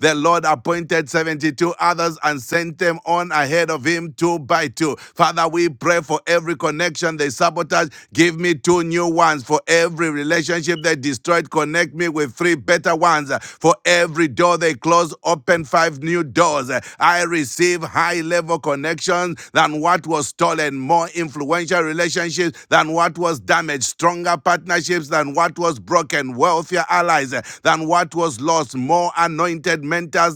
S1: the Lord appointed appointed 72 others and sent them on ahead of him two by two. Father, we pray for every connection they sabotage. Give me two new ones. For every relationship they destroyed, connect me with three better ones. For every door they close, open five new doors. I receive high level connections than what was stolen, more influential relationships than what was damaged, stronger partnerships than what was broken, wealthier allies than what was lost, more anointed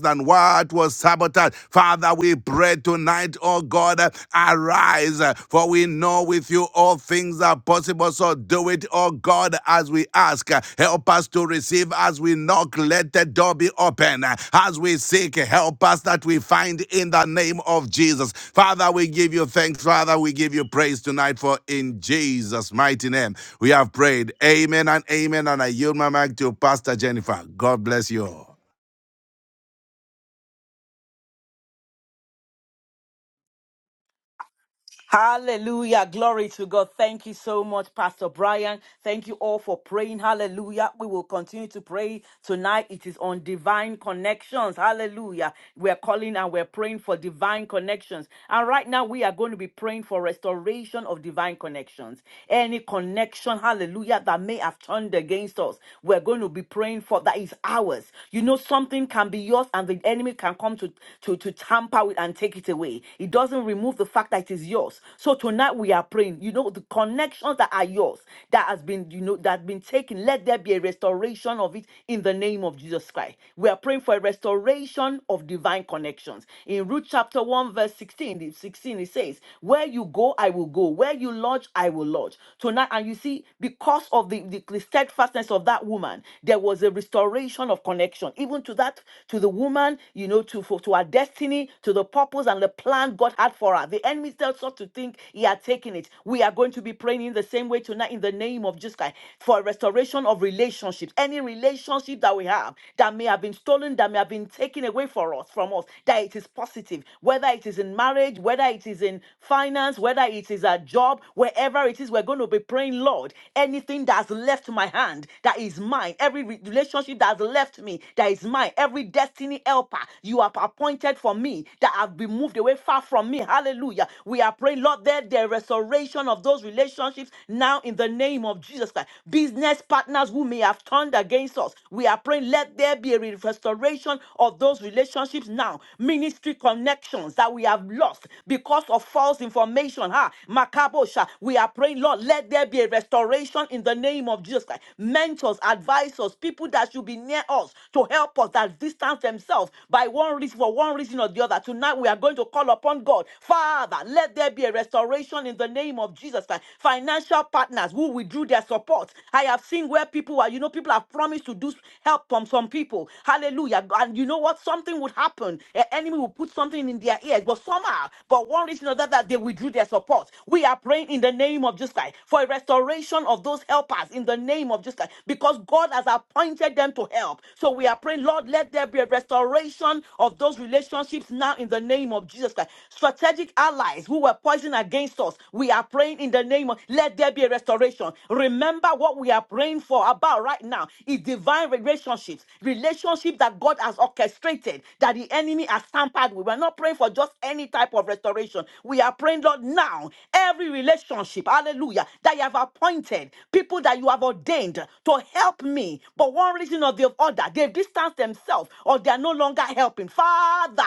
S1: than what was sabotaged. Father, we pray tonight, oh God, uh, arise, uh, for we know with you all things are possible. So do it, oh God, as we ask. Uh, Help us to receive as we knock, let the door be open. Uh, As we seek, help us that we find in the name of Jesus. Father, we give you thanks. Father, we give you praise tonight, for in Jesus' mighty name we have prayed. Amen and amen. And I yield my mic to Pastor Jennifer. God bless you all.
S4: Hallelujah. Glory to God. Thank you so much, Pastor Brian. Thank you all for praying. Hallelujah. We will continue to pray tonight. It is on divine connections. Hallelujah. We're calling and we're praying for divine connections. And right now, we are going to be praying for restoration of divine connections. Any connection, hallelujah, that may have turned against us, we're going to be praying for that is ours. You know, something can be yours and the enemy can come to, to, to tamper with and take it away. It doesn't remove the fact that it is yours. So tonight we are praying, you know, the connections that are yours, that has been, you know, that has been taken, let there be a restoration of it in the name of Jesus Christ. We are praying for a restoration of divine connections. In Ruth chapter 1, verse 16, 16, it says, Where you go, I will go. Where you lodge, I will lodge. Lord. Tonight, and you see, because of the, the, the steadfastness of that woman, there was a restoration of connection, even to that, to the woman, you know, to for, to her destiny, to the purpose and the plan God had for her. The enemy still sought to think he had taken it. We are going to be praying in the same way tonight in the name of Jesus Christ for a restoration of relationships. Any relationship that we have that may have been stolen, that may have been taken away for us from us, that it is positive, whether it is in marriage, whether it is in finance, whether it is a job, wherever it priorities we're going to be praying, Lord, anything that's left my hand that is mine, every re- relationship that's left me that is mine, every destiny helper you have appointed for me that have been moved away far from me. Hallelujah. We are praying, Lord, that the restoration of those relationships now in the name of Jesus Christ. Business partners who may have turned against us, we are praying, let there be a re- restoration of those relationships now. Ministry connections that we have lost because of false information. Ha, makabosha. We are we are praying, Lord, let there be a restoration in the name of Jesus Christ. Mentors, advisors, people that should be near us to help us that distance themselves by one reason, for one reason or the other. Tonight we are going to call upon God. Father, let there be a restoration in the name of Jesus Christ. Financial partners who withdrew their support. I have seen where people are, you know, people have promised to do help from some people. Hallelujah. And you know what? Something would happen. An enemy will put something in their ears, but somehow, for one reason or the other, they withdrew their support. We are praying in the name of Jesus Christ, for a restoration of those helpers in the name of Jesus Christ, because God has appointed them to help. So we are praying, Lord, let there be a restoration of those relationships now in the name of Jesus Christ. Strategic allies who were poisoned against us, we are praying in the name of, let there be a restoration. Remember what we are praying for about right now is divine relationships, relationship that God has orchestrated, that the enemy has tampered with. We're not praying for just any type of restoration. We are praying, Lord, now every relationship relationship, hallelujah, that you have appointed, people that you have ordained to help me, but one reason or the other, they've distanced themselves or they are no longer helping. Father,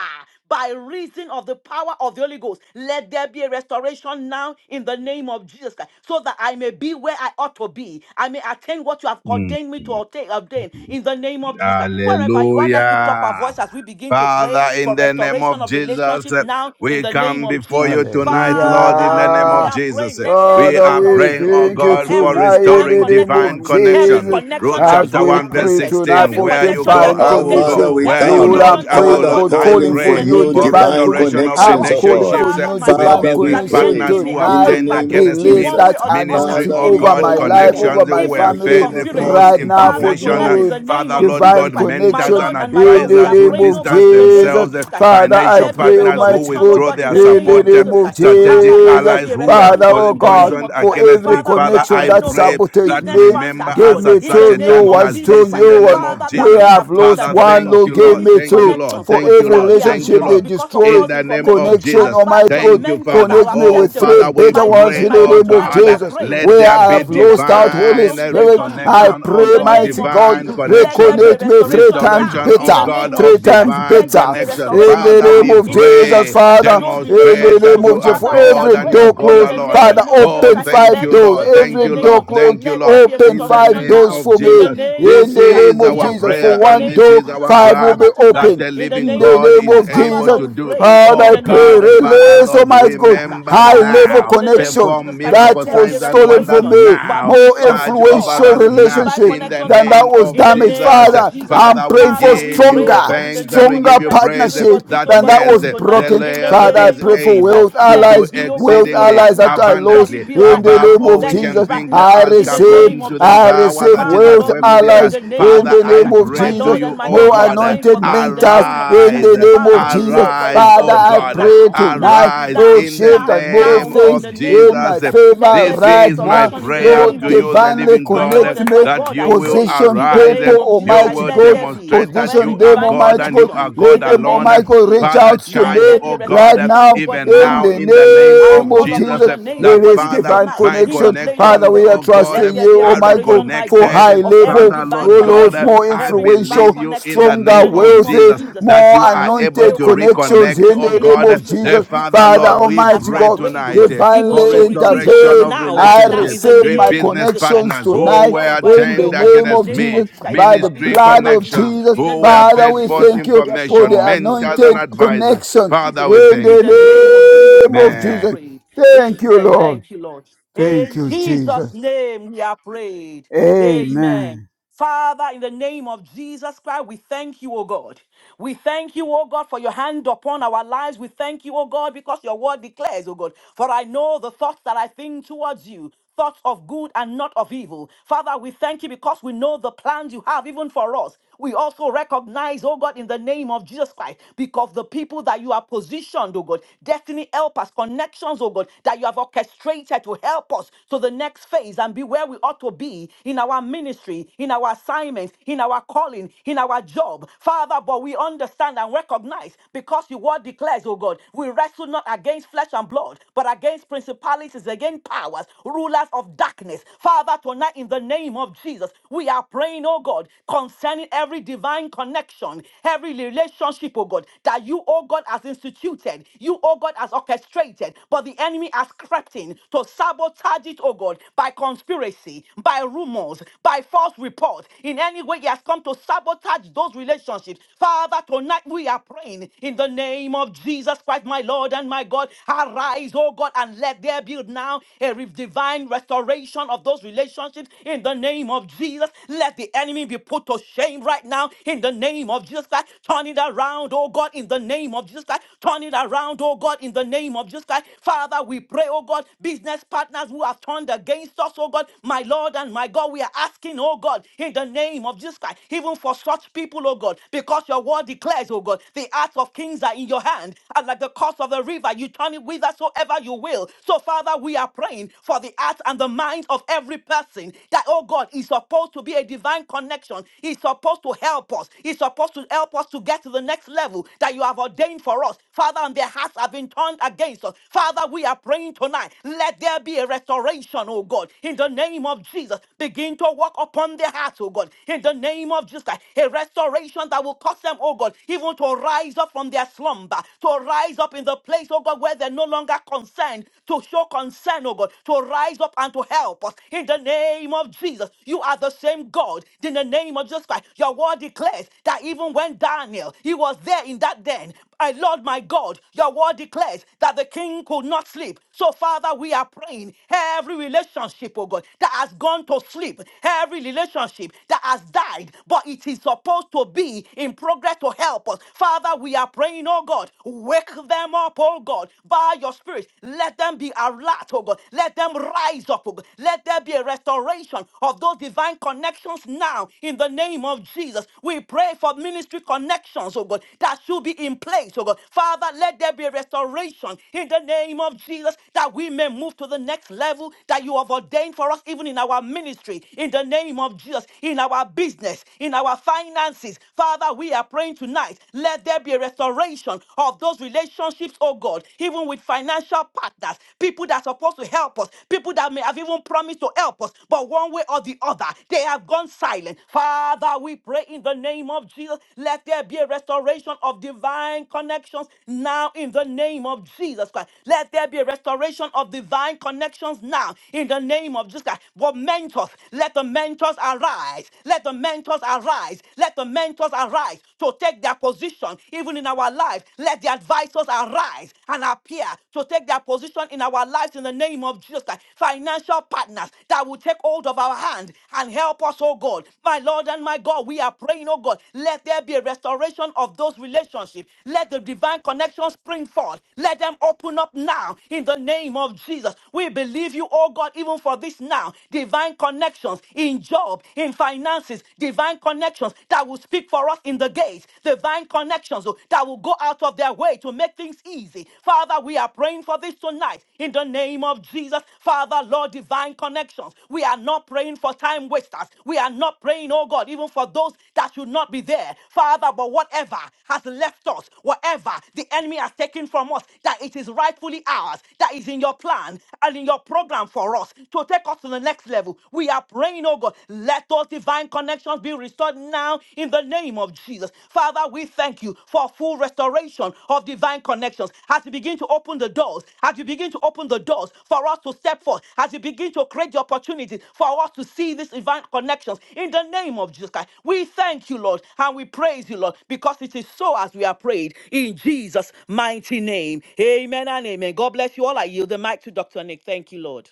S4: by reason of the power of the Holy Ghost, let there be a restoration now in the name of Jesus Christ, so that I may be where I ought to be. I may attain what you have ordained me to obtain, obtain in the name of Jesus Christ. Wherever you are, let's lift up
S1: Hallelujah.
S4: our voice as we begin to pray
S1: Father, in
S4: for
S1: the name
S4: restoration
S1: of
S4: of
S1: Jesus,
S4: relationships
S1: eh,
S4: now in
S1: we
S4: the name
S1: come
S4: of
S1: before
S4: Jesus.
S1: you tonight, Lord, in the
S4: Father,
S1: name
S4: we
S1: of
S3: Hallelujah.
S4: are praying
S1: Jesus.
S4: praying,
S1: Eh,
S4: let there be
S1: We
S4: a
S3: Father,
S1: are
S3: we
S1: praying, oh
S4: restoration
S3: thank you
S4: of
S1: God, for
S4: every
S3: tonight in
S4: divine
S3: the
S1: restoring
S3: name
S1: divine
S3: of
S4: connection, every
S1: connection.
S3: Jesus
S4: connection
S1: Ruth
S4: that
S3: as
S4: you've
S1: chapter
S3: we
S1: 1, verse
S3: pray
S4: orchestrated,
S3: tonight
S4: every
S1: 16.
S3: for
S1: Where you
S4: connection you
S1: go,
S3: divine
S4: have
S1: I
S6: Our
S1: will
S4: ordained,
S6: Father,
S3: connection.
S1: go.
S6: we
S1: Where
S4: every
S1: you
S3: Lord,
S6: come.
S1: lodge,
S4: connection
S3: I'm
S4: you
S1: I
S4: have
S1: will
S3: praying,
S6: Father,
S1: lodge.
S3: God,
S1: I
S4: appointed
S3: calling
S6: calling
S4: in
S3: for
S6: for
S4: the
S1: pray
S3: new
S6: new
S4: name
S1: for
S4: of
S3: divine
S4: Jesus,
S6: divine
S3: connection.
S1: restoration
S4: even
S1: of
S3: I'm
S6: connections,
S4: for
S6: oh
S4: us.
S3: calling
S6: God.
S3: for
S1: relationships eh,
S4: Father,
S3: new
S4: my
S1: with
S3: divine
S4: God,
S6: Father, we
S1: business
S4: that the
S3: connection
S6: pray
S4: enemy
S1: partners
S4: may
S1: who
S4: have
S1: have
S6: in
S3: tonight.
S6: the
S1: turned
S4: tampered
S6: name
S4: with
S6: of
S1: against
S4: in
S3: Release
S1: me.
S4: one way
S6: Jesus.
S3: that
S4: or the other,
S1: Ministry,
S3: anointing
S6: Father,
S1: oh
S6: we
S3: over
S4: even
S1: God,
S3: my
S6: call
S4: through
S3: life,
S6: upon
S4: rumors,
S3: over
S1: connections
S6: you,
S1: who
S3: my
S4: even
S1: were
S6: the
S4: through
S3: family
S6: King
S1: fed
S6: of
S1: false
S4: conspiracy.
S6: Kings,
S1: us
S3: right
S6: the
S3: now
S6: King
S4: Father,
S3: for
S6: of
S1: information.
S4: tonight,
S1: Uh,
S6: Glory,
S4: in the
S3: new
S4: name
S1: Father,
S4: of
S1: Lord
S4: Jesus
S3: divine
S1: God,
S4: Christ, my
S1: mentors
S3: connection
S1: and
S4: Lord and my
S3: in
S4: God, we
S3: the
S4: are
S1: advisors who
S3: name
S4: praying,
S3: of
S4: oh
S1: distance
S4: God, in the name
S3: Jesus.
S4: of
S1: themselves, uh,
S4: Jesus Christ.
S3: Father,
S4: Let
S3: I
S1: financial
S4: there be a
S3: pray,
S1: partners who
S3: Almighty
S4: restoration, oh
S3: God,
S1: withdraw
S4: God, in
S1: their
S4: the
S3: in
S4: name
S3: the
S4: of
S1: support, uh,
S3: name
S4: Jesus
S3: of
S4: Christ. Father,
S1: strategic
S4: let there
S3: Jesus.
S4: be
S1: allies
S4: a
S1: who
S4: restoration
S1: were
S3: Father,
S4: restoration
S3: oh
S1: po-
S4: in the
S3: God,
S4: name
S1: poisoned
S4: of Jesus
S3: for
S4: Christ.
S1: against
S3: every
S1: me.
S4: Father, we
S1: Father,
S4: are
S3: connection
S1: I
S4: praying,
S3: that
S4: oh
S1: pray
S4: God.
S3: sabotaged
S1: that
S4: Business
S3: me,
S1: remember
S4: planters, oh
S3: give
S4: God,
S1: us
S3: me
S1: at
S4: in the
S1: such
S3: two
S1: a
S3: new
S4: name
S1: time
S4: of
S3: ones,
S1: as
S4: Jesus
S3: two
S1: this in
S4: Christ.
S1: the
S3: new
S1: name
S3: ones.
S1: of
S4: Father, that
S3: We
S4: may
S1: Jesus.
S4: have
S3: have
S4: turned
S3: lost
S1: Father,
S4: against
S3: one,
S4: us,
S1: thank
S3: Lord,
S1: you,
S3: give
S1: Lord.
S3: me
S4: ministry
S1: Thank you,
S3: two.
S1: Lord.
S4: connections, oh
S3: For
S4: God,
S1: Thank you,
S3: every
S4: that
S1: Lord.
S4: we have
S1: Thank you,
S3: relationship they
S4: lost
S1: Lord
S4: because of
S1: in
S3: destroyed,
S4: false
S1: the name
S4: information,
S1: of
S3: Connection,
S1: Jesus.
S3: Almighty
S4: advisors,
S3: God,
S1: Thank you,
S4: mentors
S1: Father.
S4: that
S3: connect
S4: have
S3: me
S1: Oh,
S3: with
S4: stepped
S3: three
S1: Father,
S4: away.
S1: we
S3: better
S4: My Lord
S3: ones
S1: pray,
S4: and
S3: in
S4: my
S3: the
S1: oh
S4: God,
S3: name of
S4: tonight we
S1: God,
S4: are
S3: Jesus.
S4: praying.
S1: let
S3: Where
S1: there
S3: I
S4: Let
S1: be
S4: there
S3: have
S4: be a
S3: lost out,
S4: restoration of
S3: Holy
S1: divine
S4: those
S3: Spirit,
S4: relationships
S3: I
S4: now,
S1: reconnection, oh
S4: in
S3: pray,
S4: the
S1: God,
S4: name
S3: mighty
S4: of
S3: God,
S1: divine
S4: Jesus. Let there
S1: connections,
S4: be
S1: uh,
S4: a
S3: reconnect me three
S4: restoration
S3: times
S4: now,
S1: restoration,
S4: in
S1: oh
S4: the
S3: better,
S1: God,
S4: name of
S3: three
S1: of
S4: Jesus Christ.
S3: times
S1: divine
S4: Let there
S3: better.
S4: be a
S1: connections.
S3: In
S4: restoration
S3: the
S1: Father,
S3: name
S4: now,
S1: we
S3: of
S4: in the name of
S3: Jesus,
S1: pray,
S4: Jesus Christ
S3: Father,
S4: those
S3: in the
S1: demonstrate
S4: relationships, oh
S1: that
S3: name of
S4: God.
S1: you
S3: Jesus,
S1: are
S3: for
S4: Father, we are
S1: God
S3: every
S1: and you are
S3: door
S4: praying
S1: God
S4: in
S3: closed,
S4: the
S1: alone.
S3: Father,
S4: name of Jesus
S1: Oh,
S3: open
S4: Christ.
S1: thank
S3: five
S4: Let
S1: you,
S4: we
S3: doors.
S4: pray,
S1: Lord.
S4: God, in
S1: Thank
S3: Every
S4: the
S1: you,
S4: name
S3: door
S1: Lord.
S4: of Jesus Christ.
S3: closed,
S1: Thank you,
S4: Let there
S1: Lord.
S4: be a
S3: open
S1: In the
S3: five
S4: restoration
S1: name
S3: doors
S4: now.
S1: of
S3: for
S4: In
S3: me.
S4: the
S1: Jesus.
S4: name of
S3: In
S1: This
S4: Jesus
S3: the
S4: Christ,
S1: is
S3: name of
S4: we
S1: our
S4: are
S3: Jesus,
S4: praying
S3: for
S1: prayer
S4: in the
S1: and
S3: one
S4: name
S1: this
S4: of
S1: is
S3: door,
S4: Jesus
S1: our
S4: Christ,
S3: five will
S1: cry
S4: Father,
S3: be
S1: that
S4: tonight.
S3: open.
S1: the
S4: In the
S1: living
S3: In
S4: name
S3: the
S4: of
S1: God
S4: Jesus
S3: name
S1: is
S4: Christ,
S3: of
S4: Father,
S1: able
S3: Jesus.
S4: Lord,
S1: to
S4: we
S1: do.
S4: pray.
S3: Father,
S4: In
S1: Oh
S3: I
S4: the name
S3: pray,
S1: God,
S4: of
S1: the
S4: Jesus Christ,
S1: Father,
S4: in
S3: release,
S4: the
S1: Lord,
S4: name of
S3: Almighty
S4: Jesus
S3: God,
S4: Christ, uh,
S1: remember
S3: high
S4: Father,
S3: level
S4: Lord,
S1: now.
S4: in the name of
S3: connection
S1: Perform
S4: Jesus Christ, let
S3: that
S1: miracle
S4: there be
S3: was
S4: a
S1: signs and
S3: stolen
S1: wonders
S3: from
S4: restoration
S3: me,
S4: and
S1: now.
S4: bring
S3: more
S4: sorrow
S1: Charge
S4: restore
S1: over
S4: and
S3: influential
S1: us
S4: bring the
S1: now
S4: divine
S3: relationship
S1: in the
S4: connection restoration
S3: than that
S4: back
S1: name
S3: was
S4: in
S1: of
S4: the
S3: damaged.
S4: name
S1: Jesus.
S4: of
S3: Father,
S4: Jesus Christ.
S3: I'm
S1: Father, we
S3: praying for
S4: Father, we
S1: give
S4: pray, oh
S1: you
S3: stronger,
S4: God, in the
S1: thanks and
S4: name
S1: we
S4: of
S3: stronger
S4: Jesus
S1: give you
S4: Christ,
S1: praise
S4: even for
S3: partnership
S4: this,
S1: that
S4: oh
S3: than
S4: God,
S3: that
S1: yes,
S3: was
S4: even tonight,
S1: the
S3: broken.
S4: in the
S1: Lord
S3: Father, I
S1: is
S4: name
S3: pray
S4: of
S3: for
S4: Jesus Christ,
S1: able
S3: wealth
S1: to
S4: let
S1: do
S4: it
S3: allies,
S4: be, oh God,
S3: wealth
S4: even
S1: exceedingly
S4: right
S3: allies that I
S4: now. Let
S3: lost
S4: it
S1: abundantly
S4: be
S3: in
S4: right
S3: the
S1: above
S4: now.
S3: name
S1: all
S3: of
S1: we
S4: Let it
S1: can
S4: be
S3: Jesus.
S4: right
S1: think or
S3: I
S4: now,
S1: ask
S4: in the
S3: receive,
S4: name
S1: according
S4: of
S1: to the
S3: I
S4: Jesus Christ.
S1: power
S3: receive
S1: that is at
S4: Father,
S1: at
S3: wealth
S4: Lord,
S1: work
S4: we
S1: within
S4: pray in
S1: us.
S3: allies
S4: the name
S3: in
S4: of
S1: Father,
S3: the
S4: Jesus
S1: I
S3: name
S4: Christ.
S3: of
S4: My
S1: pray to
S3: Jesus
S4: Lord and
S1: you,
S4: my
S1: oh
S3: more
S4: God, we are
S1: God, uh,
S4: praying
S3: anointed
S4: for that in the
S3: mentors
S4: name of Jesus
S3: in
S1: arise,
S4: Christ.
S3: the
S1: uh,
S3: name
S4: Father,
S3: of
S4: we
S3: Jesus.
S4: pray for a
S1: arise,
S3: Father,
S1: oh
S3: I
S4: restoration
S1: God, uh,
S3: pray
S4: now,
S3: tonight,
S4: now,
S1: arise
S4: now now,
S3: Lord,
S1: in the
S3: shift
S4: now,
S3: and
S4: now,
S3: move
S1: name
S4: Lord, in
S3: things
S4: the
S1: of
S4: name of
S3: in my
S4: Jesus
S1: Jesus.
S4: Christ. Let
S3: favor
S4: there
S1: This
S4: be a
S3: right
S1: is my
S3: now.
S4: restoration in the
S1: prayer
S4: name
S3: Lord,
S1: to
S4: of
S1: you, the
S4: Jesus
S3: divinely
S4: Christ.
S1: living
S4: My
S1: God, uh,
S4: Lord
S3: connect
S4: and my
S3: me,
S1: that
S4: God,
S1: you
S4: I
S1: will
S4: pray
S3: position
S4: in the
S1: arise. uh,
S3: people,
S4: name of Jesus
S1: You
S4: Christ.
S3: Almighty
S1: will
S4: Let
S3: God,
S4: there be
S1: demonstrate
S4: of
S1: that
S4: every
S3: position
S1: you are
S3: them,
S4: divine
S1: God
S3: Almighty
S1: and you
S3: God.
S1: are
S4: connection in
S1: God
S3: Let
S4: the
S3: them,
S4: name
S3: Almighty
S4: of
S1: alone.
S3: God,
S4: Jesus
S3: reach
S4: Christ.
S1: Father,
S3: out to
S4: Let
S1: charge,
S3: me
S4: there be
S1: oh
S4: a
S1: God,
S3: right
S1: uh,
S4: restoration,
S3: now
S4: oh God,
S1: even
S4: now
S3: in
S1: now
S4: as we
S1: in the
S4: pray,
S1: name
S4: as
S3: the
S4: we
S3: name
S1: of
S4: call
S3: of
S4: upon
S1: Jesus,
S3: Jesus.
S1: uh,
S4: your name, oh
S1: that
S4: God,
S3: Release
S4: even
S1: Father,
S3: divine
S4: tonight
S1: my
S4: in the
S3: connection.
S4: place of
S3: Father,
S1: connections,
S3: we are
S4: prayer.
S1: oh God,
S4: Let
S3: trusting
S1: um,
S4: there be
S3: you,
S4: a
S1: are
S3: Almighty God
S4: restoration, my
S3: for
S4: God,
S3: high
S1: reconnected.
S4: of every
S3: level,
S1: Father,
S4: divine
S3: oh
S1: Lord God,
S3: Lord,
S4: connection
S1: uh,
S4: connection,
S3: more
S1: I
S4: every divine
S1: believe
S3: influential,
S1: you in
S4: connection
S1: the
S4: in
S3: stronger,
S1: name
S4: the
S1: of
S4: name of
S3: wealthy,
S1: Jesus
S4: Jesus Christ.
S1: that
S3: more
S1: you are
S4: Father, we
S1: able
S4: pray,
S3: anointed
S4: oh
S1: to
S4: God, even for this
S3: connections
S4: in
S1: reconnect,
S4: the
S3: in
S1: oh
S3: the
S4: name
S3: name
S4: of
S1: God,
S3: of
S4: Jesus Christ.
S1: the
S3: Jesus.
S4: We thank
S1: Father,
S4: you,
S3: Father
S4: Lord, oh
S1: Lord,
S4: God,
S1: we
S4: even as
S3: Almighty
S4: we
S1: pray
S4: have
S3: God,
S4: prayed, oh
S1: tonight
S4: God,
S1: eh,
S4: even
S1: for
S3: divinely
S4: so it is, oh God,
S1: restoration
S3: intervene.
S1: of
S4: now, right
S3: I
S4: now,
S1: relationship
S4: in the
S3: receive
S1: with
S3: my
S4: name of
S1: business
S4: Jesus Christ.
S3: connections
S1: partners
S4: Oh
S1: who
S3: tonight
S1: were
S4: God, I
S3: in
S4: pray, oh
S3: the
S1: turned
S4: God, in
S3: name
S4: the
S1: against
S3: of
S4: name of
S1: me,
S3: Jesus,
S4: Jesus Christ, even
S3: by the
S4: for this,
S1: ministry
S4: oh God,
S3: blood
S4: right
S3: of
S4: now,
S1: connections
S3: Jesus.
S4: in the
S1: who were
S4: name of
S3: Father,
S1: fed
S3: we
S4: Jesus
S1: false
S3: thank
S4: Christ.
S3: you
S4: Yes,
S3: for
S1: information,
S3: the
S4: Lord, in the
S1: mentors
S4: name
S1: and
S3: anointed
S4: of Jesus
S1: advisors.
S4: Christ, so
S3: connection
S4: it is, oh
S1: Father, we
S4: God,
S3: in
S4: in
S1: thank
S4: the
S1: you.
S4: name of
S3: the
S4: Jesus
S3: name
S4: Christ,
S3: of
S4: we are
S3: Jesus.
S1: Amen.
S4: prayed.
S3: Thank you,
S4: Amen.
S3: Lord.
S4: Thank you, Lord.
S3: Thank
S4: In
S3: you,
S4: Jesus'
S3: Jesus.
S4: name, we are prayed.
S3: Amen.
S4: Amen. Father, in the name of Jesus Christ, we thank you, O God. We thank you, O God, for your hand upon our lives. We thank you, O God, because your word declares, O God, for I know the thoughts that I think towards you. Thoughts of good and not of evil. Father, we thank you because we know the plans you have even for us. We also recognize, oh God, in the name of Jesus Christ, because the people that you have positioned, oh God, destiny helpers, connections, oh God, that you have orchestrated to help us to the next phase and be where we ought to be in our ministry, in our assignments, in our calling, in our job. Father, but we understand and recognize because your word declares, oh God, we wrestle not against flesh and blood, but against principalities, against powers, rulers of darkness. Father, tonight in the name of Jesus, we. We are praying, oh God, concerning every divine connection, every relationship, oh God, that you, oh God, has instituted, you, oh God, has orchestrated, but the enemy has crept in to sabotage it, oh God, by conspiracy, by rumors, by false report. In any way, he has come to sabotage those relationships. Father, tonight we are praying in the name of Jesus Christ, my Lord and my God. Arise, oh God, and let there be now a re- divine restoration of those those relationships in the name of Jesus. Let the enemy be put to shame right now in the name of Jesus Christ. Turn it around, oh God, in the name of Jesus Christ. Turn it around, oh God, in the name of Jesus Christ. Father, we pray, oh God, business partners who have turned against us, oh God, my Lord and my God, we are asking, oh God, in the name of Jesus Christ, even for such people, oh God, because your word declares, oh God, the acts of kings are in your hand, and like the course of the river, you turn it whithersoever you will. So, Father, we are praying praying for the hearts and the minds of every person that, oh God, is supposed to be a divine connection. He's supposed to help us. He's supposed to help us to get to the next level that you have ordained for us. Father, and their hearts have been turned against us. Father, we are praying tonight. Let there be a restoration, oh God, in the name of Jesus. Begin to work upon their hearts, oh God, in the name of Jesus. A restoration that will cause them, oh God, even to rise up from their slumber, to rise up in the place, oh God, where they no longer longer concerned to show concern, oh God, to rise up and to help us in the name of Jesus. You are the same God in the name of Jesus Christ. Your word declares that even when Daniel, he was there in that den, my Lord, my God, your word declares that the king could not sleep. So, Father, we are praying every relationship, oh God, that has gone to sleep, every relationship that has died, but it is supposed to be in progress to help us. Father, we are praying, oh God, wake. Wake them up, oh God, by your spirit. Let them be alert, oh God. Let them rise up, oh God. Let there be a restoration of those divine connections now in the name of Jesus. We pray for ministry connections, oh God, that should be in place, oh God. Father, let there be a restoration in the name of Jesus that we may move to the next level that you have ordained for us, even in our ministry, in the name of Jesus, in our business, in our finances. Father, we are praying tonight. Let there be a restoration of those relationships, oh God, even with financial partners, people that are supposed to help us, people that may have even promised to help us, but one way or the other, they have gone silent. Father, we pray in the name of Jesus, let there be a restoration of divine connections now in the name of Jesus Christ. Let there be a restoration of divine connections now in the name of Jesus Christ. But mentors, let the mentors arise. Let the mentors arise. Let the mentors mentors arise to take their position, even in our life. Let the advisors arise and appear to take their position in our lives in the name of Jesus Christ. Financial partners that will take hold of our hand and help us, oh God. My Lord and my God, we are praying, oh God, let there be a restoration of those relationships. Let the divine connections spring forth. Let them open up now in the name of Jesus. We believe you, oh God, even for this now. Divine connections in job, in finances finances, divine connections that will speak for us in the gates, divine connections oh, that will go out of their way to make things easy. Father, we are praying for this tonight in the name of Jesus. Father, Lord, divine connections. We are not praying for time wasters. We are not praying, oh God, even for those that should not be there. Father, but whatever has left us, whatever the enemy has taken from us, that it is rightfully ours, that is in your plan and in your program for us to take us to the next level. We are praying, oh God, let those divine connections be restored now in the name of Jesus. Father, we thank you for full restoration of divine connections. As you begin to open the doors, as you begin to open the doors for us to step forth, as you begin to create the opportunity for us to see these divine connections in the name of Jesus Christ. We thank you, Lord, and we praise you, Lord, because it is so as we are prayed in Jesus' mighty name. Amen and amen. God bless you all. I yield the mic to Dr. Nick. Thank you, Lord.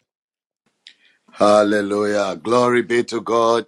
S6: Hallelujah. Glory be to God.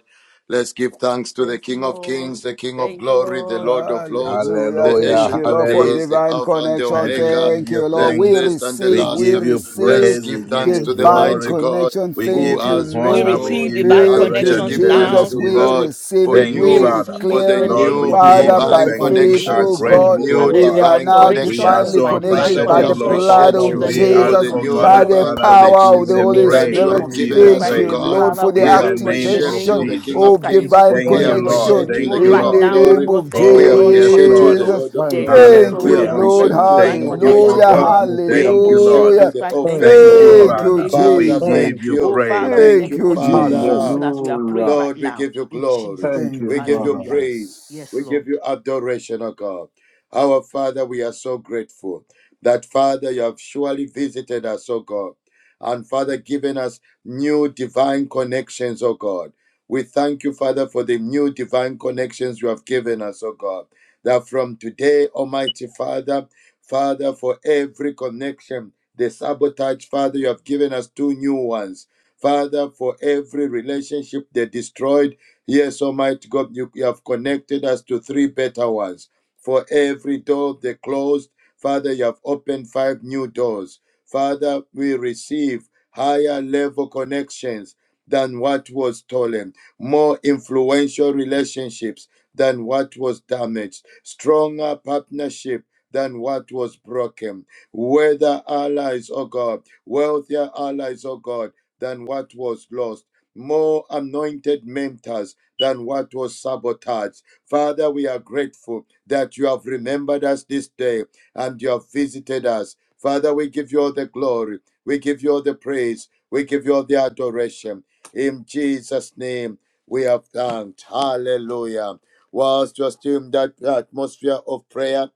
S6: Let's give thanks to the
S4: Thank you,
S6: King of
S4: Lord.
S6: Kings, the King of
S4: Thank you,
S6: Glory, the
S4: Lord.
S6: Lord of Lords,
S3: Hallelujah.
S6: the
S1: Hallelujah.
S3: Thank you,
S6: Ancient of
S3: Lord, for
S1: Hallelujah.
S6: Days, the
S3: divine
S6: Alpha and the
S3: connection.
S1: God, we
S6: Omega,
S1: give
S3: Thank
S1: you
S3: you, Lord.
S6: the
S3: We
S1: thanks.
S6: first and the
S3: receive,
S1: We
S3: we
S6: last.
S1: give you
S3: receive
S6: Let's
S1: praise. We
S6: give
S1: give
S6: thanks
S1: you
S6: to the
S3: divine
S6: mighty
S1: glory.
S6: God
S3: connection.
S1: We
S6: who
S1: give
S3: Thank
S1: you
S3: you,
S6: has
S4: We
S1: honor.
S3: Lord.
S1: We
S4: receive
S6: restored.
S1: give you
S4: divine
S6: And
S3: Thank you,
S6: let's
S1: adoration
S4: connections
S1: in
S6: give
S1: the name
S6: thanks
S1: of
S3: Jesus.
S4: now.
S6: to
S3: We
S1: Jesus.
S6: God
S3: receive
S6: for
S3: it.
S1: Thank you,
S4: We
S3: We
S6: new,
S1: Father.
S4: receive
S6: for
S4: it in
S6: the
S4: the
S3: declare it,
S1: Lord,
S4: name
S1: we
S10: Thank
S6: new
S4: of
S10: you,
S1: give
S10: Lord.
S3: Father,
S1: you
S6: divine
S3: by
S4: Jesus.
S1: thanks.
S10: Thank
S1: We
S10: you,
S3: faith,
S4: We
S10: for,
S1: are
S3: oh
S6: connections,
S4: receive,
S10: thank
S3: God.
S1: grateful,
S10: you,
S4: and
S1: oh
S6: new
S4: there's
S3: We
S4: a
S1: God.
S3: are
S6: divine
S3: now
S1: We
S4: restoration
S1: are
S6: connections.
S4: of
S3: divinely
S1: so
S4: my divine
S3: connected
S6: Father, we
S3: by
S10: Lord.
S1: appreciative,
S3: the
S10: Thank you,
S1: Lord.
S4: connections
S3: blood
S10: Father,
S6: appreciate
S4: in
S10: in
S3: of
S10: the
S4: the
S6: you
S1: We
S10: name of
S1: ask,
S6: for
S4: name
S3: Jesus,
S6: the
S1: oh
S4: of
S6: new
S1: God,
S3: by
S10: Jesus.
S1: that
S4: Jesus.
S3: the
S6: divine
S1: Father,
S3: power of
S1: receive
S3: the
S10: In
S6: connections
S10: the
S1: the
S4: In
S3: Holy
S10: name
S4: the
S10: of
S6: that
S1: praise,
S6: you
S4: name
S3: Spirit.
S6: have
S4: of
S1: receive
S6: given
S1: the
S4: Jesus
S10: Jesus.
S6: us,
S3: Thank
S10: In
S4: Christ,
S6: oh
S10: the
S3: you,
S1: praise
S10: name
S6: God.
S3: Lord,
S10: of
S4: Father,
S3: for
S4: we
S3: the
S6: We
S1: in
S4: pray,
S1: the
S4: oh
S10: Jesus.
S4: God, in
S1: name
S4: the
S1: of
S6: appreciate
S4: name
S6: you,
S3: activation
S4: of
S6: the
S1: Jesus.
S6: King
S4: Jesus
S6: of
S3: of
S4: Christ,
S6: Kings.
S4: even for
S3: divine
S6: We
S1: Thank
S4: this, oh
S1: you,
S10: Thank
S4: God,
S10: you,
S1: Lord.
S3: connection
S10: Lord.
S6: appreciate
S4: even
S6: you,
S1: Thank
S6: the
S1: you,
S6: King
S3: in
S4: right
S6: of
S1: Lord.
S3: the
S4: now, oh
S3: name
S6: Glory.
S4: God,
S3: of
S4: thank you,
S6: We
S1: Oh,
S4: Lord,
S1: yes,
S4: because it
S6: appreciate
S4: is
S6: you,
S1: Lord.
S6: the
S3: Jesus.
S4: so.
S6: Lord of
S4: There
S10: Thank
S4: is a
S10: you,
S6: Lords.
S10: Lord,
S3: Thank
S10: for
S6: We
S3: you,
S4: restoration
S1: Hallelujah.
S10: divine
S4: of
S3: Lord.
S4: every
S6: appreciate you, the
S4: divine
S10: connection.
S1: Thank you, oh
S4: connection
S6: Almighty
S3: Hallelujah.
S4: in
S6: God.
S4: the
S1: God.
S6: We
S10: connection.
S4: name
S1: Thank you,
S4: of
S6: appreciate
S1: Lord.
S6: you,
S3: Hallelujah.
S4: Jesus
S6: the
S4: Christ.
S6: all
S4: Thank
S10: Thank
S4: you,
S10: you,
S1: Thank
S6: faithful
S4: Lord,
S1: you,
S4: in
S6: God.
S3: Thank
S4: the
S10: Jesus.
S3: you,
S1: Father.
S4: name of
S1: We
S6: Father,
S4: Jesus
S3: Jesus.
S4: Christ.
S1: give
S10: Thank
S6: thank
S10: you.
S1: you
S4: Oh,
S6: you.
S4: Father,
S1: praise.
S4: we
S6: Thank
S4: thank
S3: Thank
S4: you
S6: you,
S3: you,
S4: because it is
S10: Lord.
S1: Mm.
S4: so,
S6: Father.
S3: Jesus.
S4: even as we are prayed
S10: Hallelujah.
S4: right
S6: Lord, we
S4: now,
S6: give you
S4: in
S6: glory.
S4: Jesus'
S10: Thank
S4: name.
S3: Thank
S10: you,
S6: We
S3: you,
S6: give you
S10: Father.
S4: Hallelujah.
S6: praise.
S4: Yes,
S6: We
S3: Jesus.
S6: give
S4: Lord.
S6: you adoration, O God. Our Father, we are so grateful that, Father, you have surely visited us, O God. And, Father, given us new divine connections, O God. We thank you, Father, for the new divine connections you have given us, O God. That from today, Almighty Father, Father, for every connection, the sabotage, Father, you have given us two new ones. Father, for every relationship they destroyed, yes, Almighty God, you, you have connected us to three better ones. For every door they closed, Father, you have opened five new doors. Father, we receive higher level connections than what was stolen, more influential relationships than what was damaged, stronger partnership than what was broken, whether allies, oh God, wealthier allies, oh God than what was lost, more anointed mentors than what was sabotaged. Father, we are grateful that you have remembered us this day and you have visited us. Father, we give you all the glory, we give you all the praise, we give you all the adoration. In Jesus' name, we have thanked. Hallelujah. Whilst you are still in that atmosphere of prayer,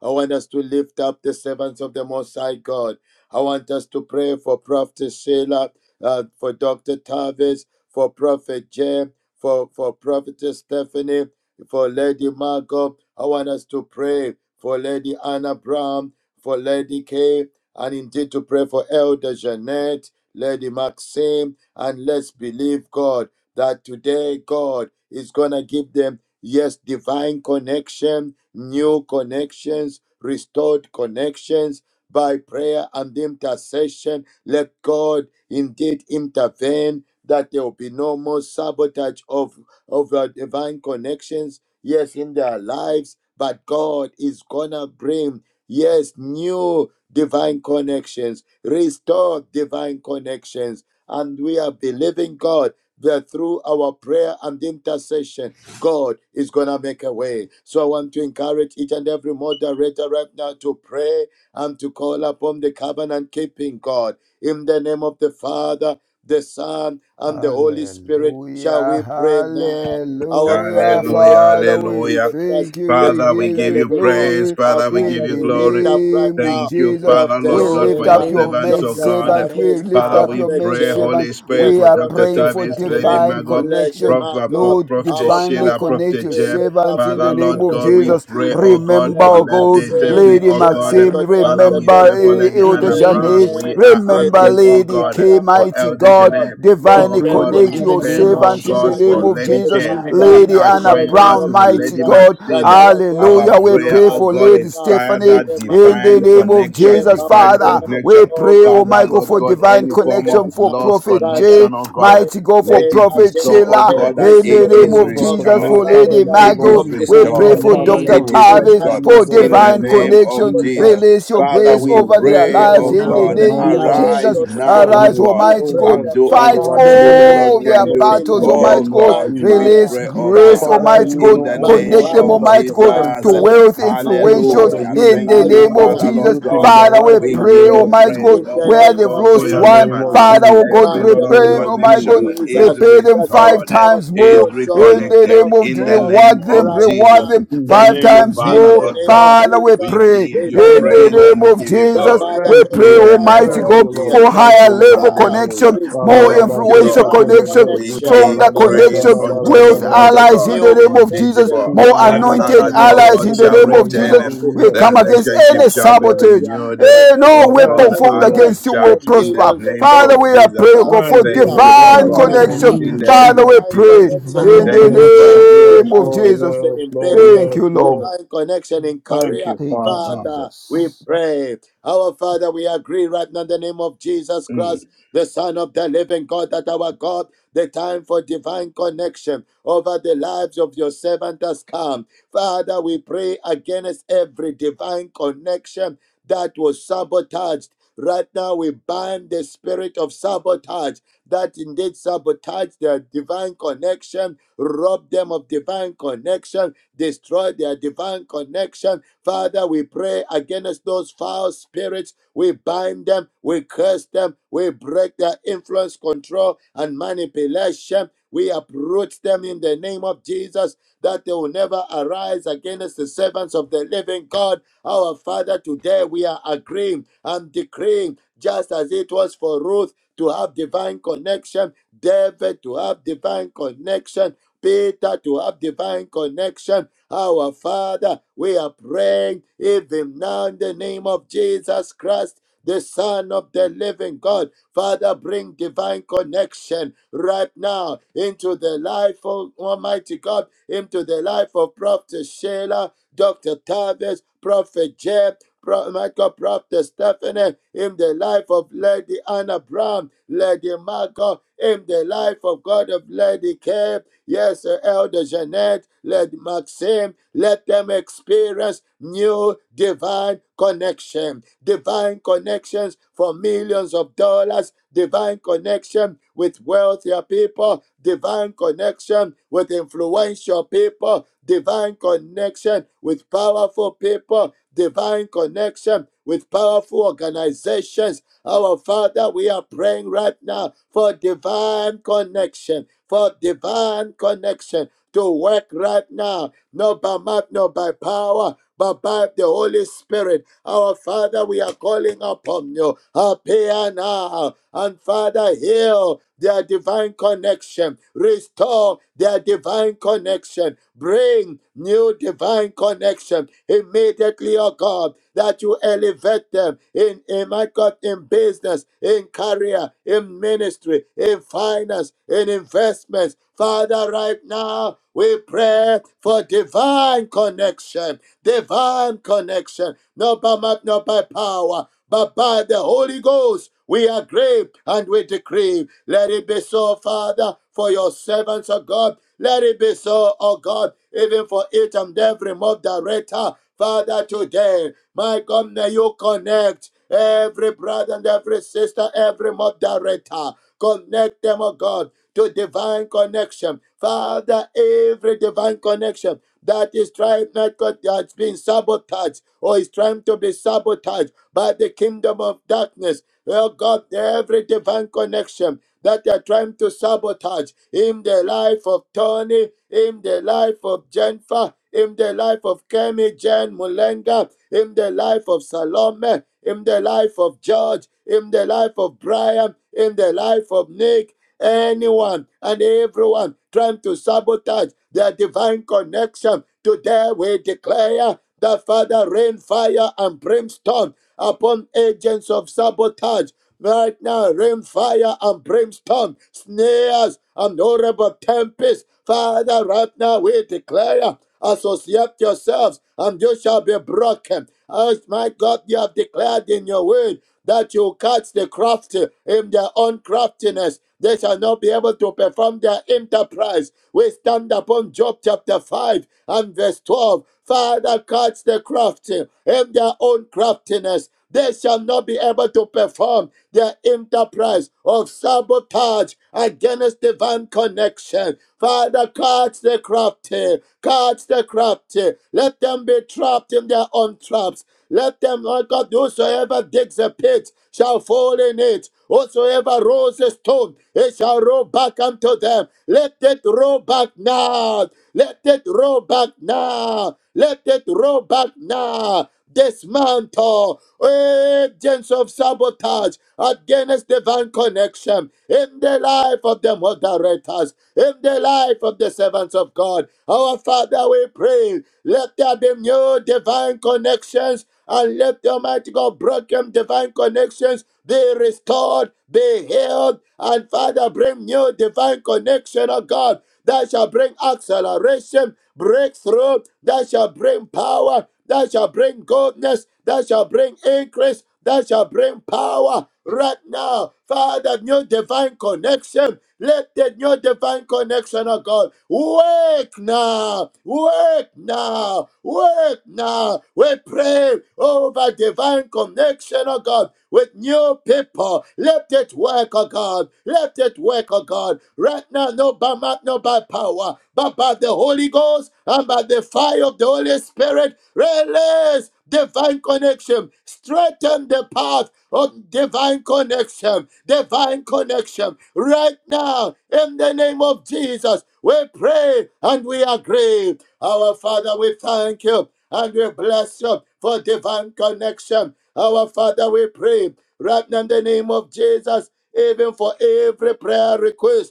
S6: I want us to lift up the servants of the Most High God. I want us to pray for Prophet Sheila, uh, for Dr. Tavis, for Prophet Jim, for, for Prophetess Stephanie, for Lady Margot. I want us to pray for Lady Anna Brown, for Lady Kay, and indeed to pray for Elder Jeanette, Lady Maxim, and let's believe God that today God is going to give them, yes, divine connection, new connections, restored connections by prayer and intercession. Let God indeed intervene that there will be no more sabotage of, of our divine connections, yes, in their lives. But God is going to bring, yes, new divine connections, restore divine connections. And we are believing God that through our prayer and intercession, God is going to make a way. So I want to encourage each and every moderator right now to pray and to call upon the covenant keeping God. In the name of the Father, the Son, and the Holy Spirit, shall
S3: Hallelujah,
S6: we pray now. Our Father,
S3: hallelujah.
S6: we pray
S1: Hallelujah.
S6: in the
S3: Father,
S6: name of
S3: we
S1: Hallelujah.
S6: Jesus Christ,
S3: thank you,
S6: the
S3: we
S1: Father,
S6: Son of
S1: we
S3: give
S6: the
S1: give
S3: you
S1: you
S6: living God.
S1: praise.
S3: glory.
S6: Our
S1: Father, we give
S6: Father,
S3: In
S1: you
S3: the
S6: we lift
S1: glory.
S6: up right
S3: name of
S6: now
S1: Thank you,
S3: Jesus,
S1: Father,
S6: Prophet
S1: Lord
S3: we
S1: God,
S4: Lord, in
S3: lift
S1: for
S4: the
S1: your
S3: up
S6: Sheila,
S4: name
S3: your
S4: of
S1: servants,
S3: maid
S1: oh
S6: Dr.
S4: Jesus, we
S1: God.
S3: servant.
S4: thank
S3: We
S4: you,
S6: Tavis,
S3: lift
S1: Father,
S3: up
S4: Father.
S1: we
S3: your
S6: Prophet
S3: maid
S1: pray,
S6: Jay.
S1: Holy
S3: servant.
S1: Spirit,
S6: Yes,
S3: We
S1: for
S3: are
S1: Dr.
S3: praying
S6: Prophetess
S3: for
S1: Tavis,
S4: Lord, in
S1: Lady
S6: Stephanie,
S4: the
S3: divine
S4: name
S1: Margot,
S4: of
S6: Lady
S3: connection.
S4: Jesus,
S1: Prophet,
S6: Marco,
S3: Lord,
S1: Prophet
S6: our
S3: divinely
S1: Sheila,
S6: Father,
S3: connect
S1: Prophet
S3: your
S6: we
S1: Jeb.
S6: lift up
S3: servants in
S1: Father,
S3: the
S6: right now
S3: name
S6: in
S1: Lord
S3: of
S6: the
S1: God,
S6: name
S1: we
S6: of
S3: Jesus.
S1: pray,
S6: Jesus.
S1: oh God,
S3: Remember,
S1: for
S3: oh
S6: Lady
S4: in
S1: Lady
S4: the
S3: God,
S6: Maxim,
S4: name
S1: Stephanie,
S4: of
S3: Lady
S1: oh
S6: uh,
S4: Jesus
S1: God.
S6: my
S4: Christ.
S3: Maxim.
S6: God,
S1: Father,
S6: Elder
S1: we
S3: Remember,
S1: pray
S3: eh, eh,
S1: for
S6: Jeanette,
S1: Lady
S4: In the
S3: Elder
S1: Anna
S6: Lady
S4: name of
S1: Brown.
S3: Janet.
S4: Jesus,
S6: Ken,
S1: We are
S6: we
S3: Remember,
S1: asking,
S6: lift
S1: oh
S6: up
S3: Lady
S6: right
S1: God,
S3: K.
S6: now,
S1: for
S3: Mighty
S1: Elder
S6: Almighty
S3: God.
S6: God.
S1: Jeanette.
S6: Yes,
S4: we
S1: Oh
S3: Divinely
S4: pray, oh
S6: Lady
S1: God,
S4: God,
S3: connect
S1: we
S4: in
S6: Anna
S4: the
S3: your
S1: pray,
S4: name of
S6: Brown,
S1: oh
S3: servants in the
S1: God,
S4: Jesus
S6: and
S3: name
S1: for
S4: Christ,
S6: we
S3: of
S1: Lady
S6: pray,
S3: Jesus.
S1: Care.
S4: in the
S3: Lady
S6: Father,
S1: We
S4: name
S3: Lady
S1: are
S4: of
S6: in
S3: Anna
S6: the
S1: crying
S6: name
S1: out
S4: Jesus.
S3: Brown,
S6: of
S1: to
S3: mighty
S1: Lady
S6: Jesus,
S3: God.
S6: that
S1: Maxine.
S6: our God,
S1: Our
S3: Hallelujah. We
S6: you
S1: prayer,
S3: pray
S6: are
S1: oh
S3: for
S1: God,
S6: showing
S1: is
S3: Lady
S6: up
S3: Stephanie
S6: in
S1: Father,
S6: a
S3: in
S6: mighty
S3: the
S1: divine
S6: way,
S3: name of
S6: in a
S1: connection,
S3: Jesus,
S1: divine
S6: powerful
S3: Father.
S6: way
S3: We
S1: connection.
S3: pray,
S6: over
S3: oh
S6: their
S1: Father,
S3: my God,
S1: Lord
S3: for
S6: lives,
S1: God,
S3: divine
S1: any
S6: through
S1: form
S6: their
S1: of
S3: connection for
S6: lives.
S1: lost
S3: Prophet
S6: Father,
S3: J,
S1: connection,
S6: we
S1: oh God,
S6: pray
S3: mighty God, for
S1: let
S6: eh,
S1: it be
S3: Prophet
S1: so,
S6: against
S10: Yes,
S1: oh
S3: Sheila
S1: God,
S10: Lord.
S1: that
S6: every
S3: in
S10: We
S3: the
S1: it
S6: spirit
S10: pray
S3: name
S1: is
S3: of
S10: over
S6: of
S10: for the
S3: Jesus,
S6: uh,
S10: maid
S1: restored.
S3: for Lady
S10: servants, O
S6: sabotage,
S1: It
S4: Father,
S10: God.
S3: Margot.
S1: is
S4: we
S6: of
S3: We
S4: pray
S6: divine
S4: in the
S3: pray
S1: restored.
S10: And
S3: for
S10: Father, you
S4: name
S6: connection.
S3: Dr.
S1: It
S4: of
S10: will
S1: is
S6: We
S10: bless
S6: ban
S4: Jesus
S3: Tavis
S1: restored.
S10: them, O
S6: the
S3: for
S4: Christ,
S10: God,
S1: In
S10: in
S6: spirit
S1: the
S10: the
S3: divine
S10: name
S6: of
S1: name
S10: of
S1: of
S3: connection.
S6: sabotage
S1: Jesus.
S10: Jesus.
S3: Release your
S1: Father,
S10: And
S3: grace
S6: against
S10: you
S1: we
S6: that
S10: will
S3: over
S10: bless
S3: their
S6: divine
S1: pray,
S10: them,
S3: lives
S1: oh
S10: O
S3: in
S4: now
S3: the
S6: connection.
S10: God,
S4: in
S1: God,
S4: the
S10: on
S3: name
S10: all
S6: We
S3: of
S4: name
S10: sides.
S4: of
S6: arrest
S3: Jesus.
S1: arise
S6: those
S4: Jesus.
S1: now,
S10: That
S1: oh
S10: you
S6: spirits.
S3: Arise,
S10: would,
S1: God,
S6: We
S3: Almighty. Almighty
S10: oh
S6: break
S3: God.
S1: and
S10: God,
S6: the
S1: do only
S3: Fight
S10: shower
S6: influence,
S1: what
S10: them,
S1: you,
S10: oh
S1: the
S6: control,
S10: God,
S1: Lord,
S10: with
S3: all
S10: your
S3: their
S1: can do.
S10: blessings in
S3: battles,
S10: the
S6: manipulation
S3: Almighty
S1: Oh
S10: name of
S3: God.
S6: by
S1: God, we
S10: Jesus.
S6: fire,
S3: Release
S1: pray, oh
S6: by
S3: grace,
S1: God,
S10: Father,
S4: In
S3: Almighty
S6: fire,
S10: you
S4: the
S3: God.
S1: in the
S10: know, oh
S6: by
S4: name of
S1: name
S10: God,
S3: Connect them,
S10: all
S4: Jesus,
S1: of
S6: fire,
S10: that
S3: Almighty God,
S6: by
S10: concerns
S3: to
S1: Jesus.
S10: them.
S6: fire,
S3: wealth
S10: We
S6: by
S10: pray, Lord,
S3: influentials
S10: that
S6: fire
S1: Hallelujah.
S10: you
S3: in
S10: would do,
S3: the
S1: Thank
S6: by
S1: you,
S10: oh
S3: name of
S10: God,
S6: fire.
S1: Father,
S10: a
S3: Jesus.
S1: Lord
S10: new thing in
S6: Our
S1: God.
S10: their
S3: Father,
S10: life
S3: we
S6: Father,
S10: in
S1: We
S10: the
S6: we
S1: give
S3: pray,
S10: name
S1: you
S6: pray
S10: of
S3: Almighty God,
S1: praise,
S6: in
S10: Jesus.
S1: O
S6: the
S3: where
S1: God,
S6: name
S3: they've
S6: of
S1: call for
S10: In
S3: lost
S10: the
S1: your
S10: name
S3: one,
S1: servants.
S10: of
S6: Jesus,
S3: Father, oh
S10: Jesus.
S3: God,
S6: by
S1: Every
S10: In the
S6: the
S1: lost
S3: repay,
S10: name
S3: them,
S6: blood
S10: of
S3: Almighty
S6: of
S3: God,
S1: connection
S10: Jesus.
S1: is
S6: Jesus,
S3: repay them
S6: that our
S3: five
S1: restored,
S6: God,
S3: times more
S1: is
S6: you show
S3: in the
S1: reconnected
S6: yourself
S3: name of
S1: in the
S6: strong
S1: name
S3: reward them,
S1: of
S6: right
S3: reward
S1: Jesus.
S6: now
S3: them
S10: In the
S3: five
S1: Thank
S10: name
S1: you,
S10: of
S3: times
S6: in
S1: Father,
S3: more.
S6: the
S10: Jesus.
S1: Lord
S6: name of
S1: God.
S3: Father, we
S1: We
S6: Jesus,
S3: pray
S1: give
S6: we
S1: you
S3: in
S10: Thank
S3: the
S6: pray,
S10: you,
S1: praise
S6: oh
S10: Lord.
S1: and
S3: name
S1: we
S3: of
S6: God,
S1: give you
S6: the
S3: Jesus,
S1: glory
S6: Father
S3: we
S10: Thank
S6: for
S10: you,
S3: pray,
S1: in the
S10: Lord.
S6: divine
S1: name
S3: Almighty
S10: Thank
S1: of
S3: God,
S10: you,
S6: connection.
S10: Lord.
S3: for
S1: Jesus.
S10: Thank
S3: higher
S10: you, Lord.
S3: level
S6: Father,
S3: connection,
S1: Hallelujah.
S3: more
S6: restore
S1: Thank you,
S3: influential
S1: Lord.
S6: divine
S3: connection,
S1: We
S6: connection.
S1: give
S3: stronger
S6: Give
S1: praise
S6: your
S3: connection,
S1: unto
S6: servants,
S3: wealth
S6: oh God,
S1: immortal
S3: allies in
S1: God,
S3: the
S6: new
S3: name of Jesus,
S6: connections.
S10: In
S1: invisible,
S3: more
S10: the
S1: that
S10: name
S6: Father,
S10: of
S3: anointed
S1: allies, O
S6: connections
S10: Jesus,
S3: allies
S1: God,
S3: in
S10: in
S6: that
S3: the
S10: the
S1: shall
S6: are
S3: name
S6: more
S3: of
S10: name of
S1: return.
S3: Jesus.
S6: powerful,
S3: We
S10: Jesus.
S1: The
S3: come against
S6: connections
S1: relationship
S3: any
S6: that are
S1: shall be
S3: sabotage.
S6: wealthier,
S1: renewed,
S3: Eh, no
S1: oh
S6: connection,
S3: weapon
S1: God,
S10: Thank you,
S3: formed
S6: Almighty
S1: and
S10: Lord.
S6: God,
S3: against you will
S6: to
S1: recharged in the
S3: prosper.
S6: millions of
S1: name
S3: Father,
S1: of
S3: we
S6: dollars.
S3: are
S1: Jesus.
S3: praying, God,
S6: Father,
S3: for
S10: Thank
S6: we
S10: you,
S1: Thank
S6: are
S1: you,
S10: Lord. In
S1: oh
S4: oh
S10: the
S3: divine
S6: praying
S1: God,
S4: Lord,
S6: right
S10: name
S4: in the
S10: of
S3: connection.
S6: now
S4: name
S1: in
S4: of
S1: the
S6: for
S10: Jesus.
S1: name
S3: Father,
S4: Jesus,
S3: we
S1: of
S6: divine
S3: pray
S1: Jesus.
S6: connection
S4: divine
S3: in
S6: in
S10: Oh,
S1: Thank
S10: yes,
S1: you,
S6: ministry,
S10: Lord.
S1: Father.
S4: connection.
S3: the name
S10: Yes,
S3: of
S6: divine
S10: Lord.
S3: Jesus.
S6: connection
S10: Yes,
S6: in
S10: Lord.
S6: business
S3: Thank
S10: Yes,
S3: you, Lord.
S10: Lord.
S6: divine connection in
S10: Thank
S6: career.
S10: you,
S3: Thank you,
S10: Father.
S6: Father, we
S3: Jesus.
S7: Um,
S6: pray. Our Father, we agree right now in the name of Jesus
S1: Mm.
S6: Christ, the Son of the living God, that our God, the time for divine connection over the lives of your servant has come. Father, we pray against every divine connection that was sabotaged. Right now, we bind the spirit of sabotage that indeed sabotage their divine connection, rob them of divine connection, destroy their divine connection. Father, we pray against those foul spirits. We bind them, we curse them, we break their influence, control, and manipulation. We uproot them in the name of Jesus that they will never arise against the servants of the living God. Our Father, today we are agreeing and decreeing, just as it was for Ruth to have divine connection, David to have divine connection. Peter to have divine connection. Our Father, we are praying even now in the name of Jesus Christ, the Son of the living God. Father, bring divine connection right now into the life of Almighty God, into the life of Prophet Sheila, Dr. Tavis, Prophet Jeb, Pro- Michael Prophet Stephanie, in the life of Lady Anna Brown, Lady Margot, in the life of God of Lady K, yes, uh, Elder Jeanette, Lady. Maxim, let them experience new divine connection, divine connections for millions of dollars, divine connection with wealthier people, divine connection with influential people, divine connection with powerful people, divine connection with powerful organizations. Our Father, we are praying right now for divine connection, for divine connection to work right now, not by might, not by power, but by the Holy Spirit. Our Father, we are calling upon you. Appear now. And Father, heal their divine connection. Restore their divine connection. Bring new divine connection immediately, oh God, that you elevate them in, in my God, in business, in career, in ministry, in finance, in investments. Father, right now we pray for divine connection divine connection, not by might, not by power, but by the Holy Ghost. We agree and we decree. Let it be so, Father, for your servants, O God. Let it be so, O God, even for each and every mob director. Father, today, my God, may you connect every brother and every sister, every mob director. Connect them, O God, to divine connection. Father, every divine connection that is trying not God that's been sabotaged or is trying to be sabotaged by the kingdom of darkness. Oh God, every divine connection that they are trying to sabotage in the life of Tony, in the life of Jennifer, in the life of Kemi Jen Mulenga, in the life of Salome, in the life of George, in the life of Brian, in the life of Nick, Anyone and everyone trying to sabotage their divine connection, today we declare that Father rain fire and brimstone upon agents of sabotage right now rainfire and brimstone, snares and horrible tempests. Father, right now we declare, associate yourselves and you shall be broken. As my God, you have declared in your word that you catch the crafty in their own craftiness. They shall not be able to perform their enterprise. We stand upon Job chapter 5 and verse 12. Father, catch the crafty in their own craftiness. They shall not be able to perform their enterprise of sabotage against divine connection. Father, catch the crafty, catch the crafty. Let them be trapped in their own traps. Let them, Lord God, whosoever digs a pit shall fall in it. Whosoever rolls a stone, it shall roll back unto them. Let it roll back now. Let it roll back now. Let it roll back now. Dismantle agents of sabotage against divine connection in the life of the moderators, in the life of the servants of God. Our Father, we pray, let there be new divine connections and let the Almighty God broken divine connections be restored, be healed, and Father, bring new divine connection, oh God that shall bring acceleration, breakthrough, that shall bring power, that shall bring goodness, that shall bring increase, that shall bring power right now. Father, new divine connection let the, new divine connection, of God, work now, work now, work now. We pray over divine connection, of God, with new people. Let it work, oh God. Let it work, oh God. Right now, no by might, no by power, but by the Holy Ghost and by the fire of the Holy Spirit. Release divine connection. Straighten the path Oh, divine connection, divine connection. Right now, in the name of Jesus, we pray and we agree. Our Father, we thank you and we bless you for divine connection. Our Father, we pray right now in the name of Jesus, even for every prayer request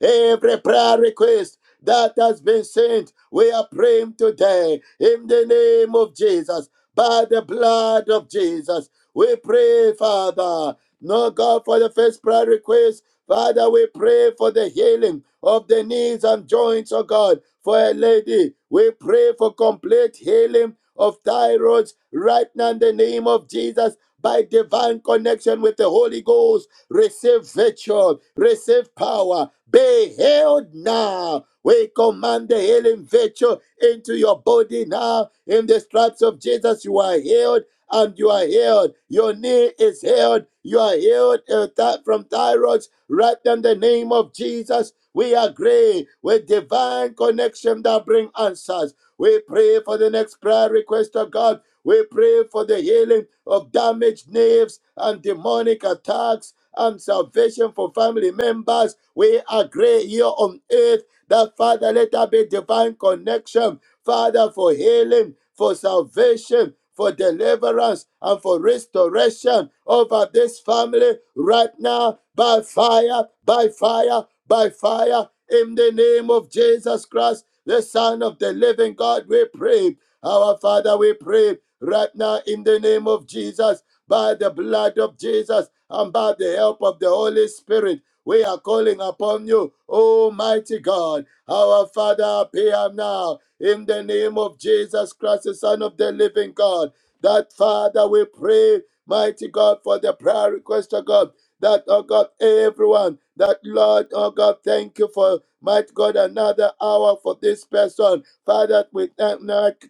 S6: Every prayer request that has been sent, we are praying today in the name of Jesus, by the blood of Jesus. We pray, Father. No God for the first prayer request. Father, we pray for the healing of the knees and joints, oh God, for a lady. We pray for complete healing of thyroids right now in the name of Jesus by divine connection with the Holy Ghost receive virtue, receive power, be healed now. We command the healing virtue into your body now. In the stripes of Jesus, you are healed and you are healed. Your knee is healed. You are healed uh, from thyroid. right in the name of Jesus. We agree with divine connection that bring answers. We pray for the next prayer request of God we pray for the healing of damaged nerves and demonic attacks and salvation for family members. We agree here on earth that, Father, let there be divine connection, Father, for healing, for salvation. For deliverance and for restoration over this family right now by fire, by fire, by fire. In the name of Jesus Christ, the Son of the living God, we pray. Our Father, we pray right now in the name of Jesus, by the blood of Jesus, and by the help of the Holy Spirit. We are calling upon you, Almighty God. Our Father, appear now in the name of Jesus Christ, the Son of the living God. That Father, we pray, mighty God, for the prayer request of God. That, oh God, everyone, that Lord, oh God, thank you for, mighty God, another hour for this person. Father, we thank,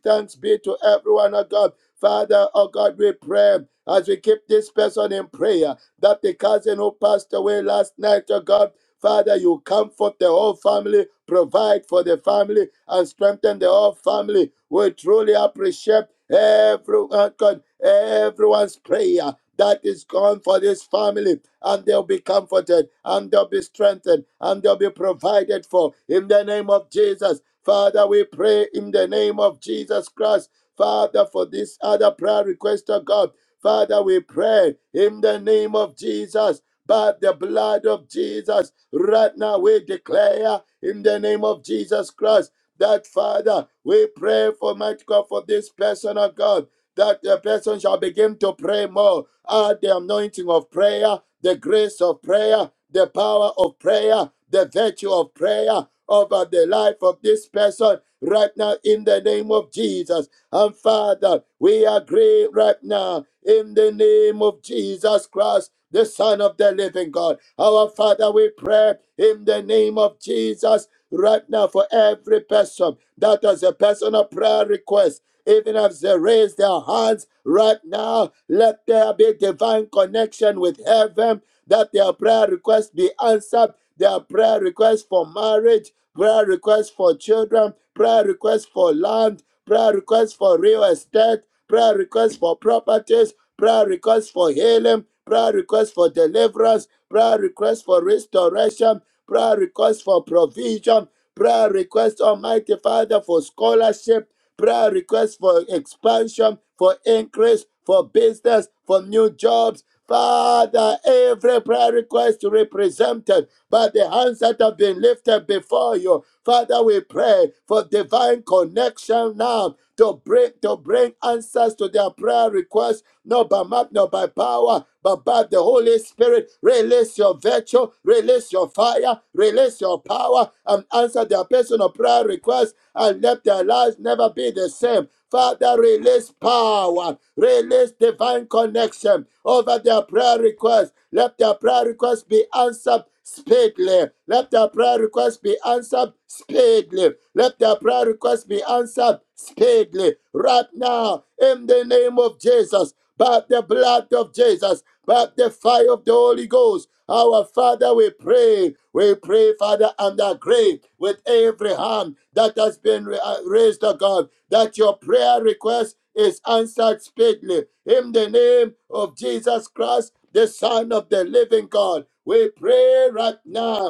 S6: thanks be to everyone, oh God Father, oh God, we pray as we keep this person in prayer that the cousin who passed away last night, oh God, Father, you comfort the whole family, provide for the family, and strengthen the whole family. We truly appreciate everyone, God, everyone's prayer that is gone for this family, and they'll be comforted, and they'll be strengthened, and they'll be provided for. In the name of Jesus, Father, we pray in the name of Jesus Christ. Father, for this other prayer request of God, Father, we pray in the name of Jesus. By the blood of Jesus, right now we declare in the name of Jesus Christ that Father, we pray for mighty God for this person of God, that the person shall begin to pray more. Add the anointing of prayer, the grace of prayer, the power of prayer, the virtue of prayer over the life of this person right now in the name of Jesus. And Father, we agree right now in the name of Jesus Christ, the Son of the living God. Our Father, we pray in the name of Jesus right now for every person that has a personal prayer request. Even as they raise their hands right now, let there be divine connection with heaven, that their prayer request be answered, their prayer request for marriage, prayer request for children, prayer request for land, prayer requests for real estate, prayer requests for properties, prayer requests for healing, prayer requests for deliverance, prayer requests for restoration, prayer requests for provision, prayer requests, Almighty Father, for scholarship, prayer requests for expansion, for increase, for business, for new jobs. Father, every prayer request represented by the hands that have been lifted before you. Father, we pray for divine connection now to bring to bring answers to their prayer requests, not by might, not by power, but by the Holy Spirit. Release your virtue, release your fire, release your power, and answer their personal prayer requests, and let their lives never be the same. Father, release power, release divine connection over their prayer requests. Let their prayer requests be answered speedily. Let their prayer request be answered speedily. Let their prayer request be answered speedily. Right now, in the name of Jesus, by the blood of Jesus by the fire of the Holy Ghost. Our Father, we pray. We pray, Father, under grave with every hand that has been uh, raised, to God, that your prayer request is answered speedily. In the name of Jesus Christ, the Son of the living God, we pray right now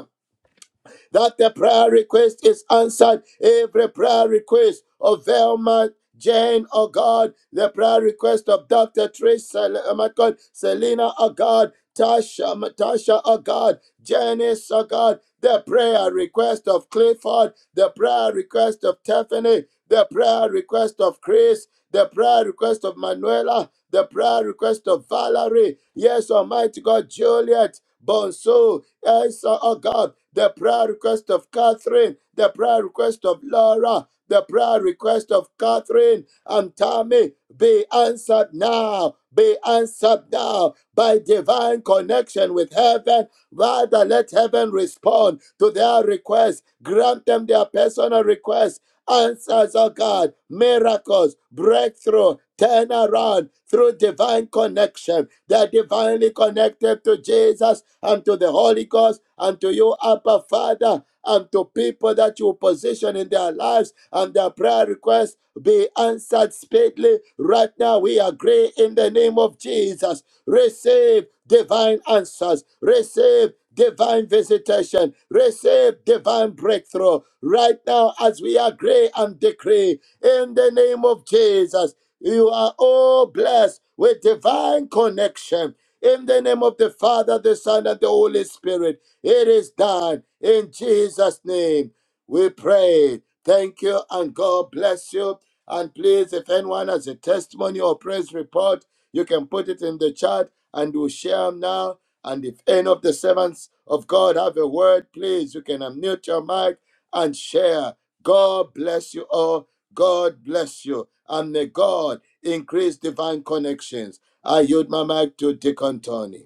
S6: that the prayer request is answered. Every prayer request of Velma, Jane, oh God, the prayer request of Dr. Trish, Sel- oh my God, Selena, oh God, Tasha, Matasha, oh God, Janice, oh God, the prayer request of Clifford, the prayer request of Tiffany, the prayer request of Chris, the prayer request of Manuela, the prayer request of Valerie, yes, Almighty God, Juliet, Bonso, I saw, oh God, the prayer request of Catherine, the prayer request of Laura, the prayer request of Catherine and Tammy be answered now. Be answered now by divine connection with heaven. Rather, let heaven respond to their request. Grant them their personal request answers, oh God, miracles, breakthrough, turn around through divine connection. They're divinely connected to Jesus and to the Holy Ghost and to you, Abba Father, and to people that you position in their lives and their prayer requests be answered speedily. Right now, we agree in the name of Jesus. Receive divine answers. Receive divine visitation. Receive divine breakthrough right now as we agree and decree in the name of Jesus. You are all blessed with divine connection. In the name of the Father, the Son, and the Holy Spirit, it is done. In Jesus' name, we pray. Thank you, and God bless you. And please, if anyone has a testimony or praise report, you can put it in the chat and we'll share 'em now and if any of the servants of God have a word, please, you can unmute your mic and share. God bless you all. God bless you. And may God increase divine connections. I yield my mic to Deacon Tony.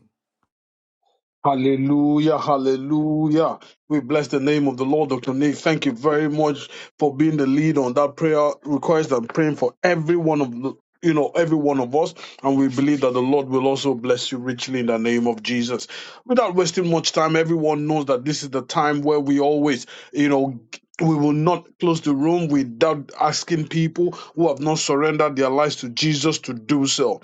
S10: Hallelujah, hallelujah. We bless the name of the Lord, Dr. Nick. Thank you very much for being the lead on that prayer request and praying for every one of the you know, every one of us, and we believe that the Lord will also bless you richly in the name of Jesus. Without wasting much time, everyone knows that this is the time where we always, you know, we will not close the room without asking people who have not surrendered their lives to Jesus to do so.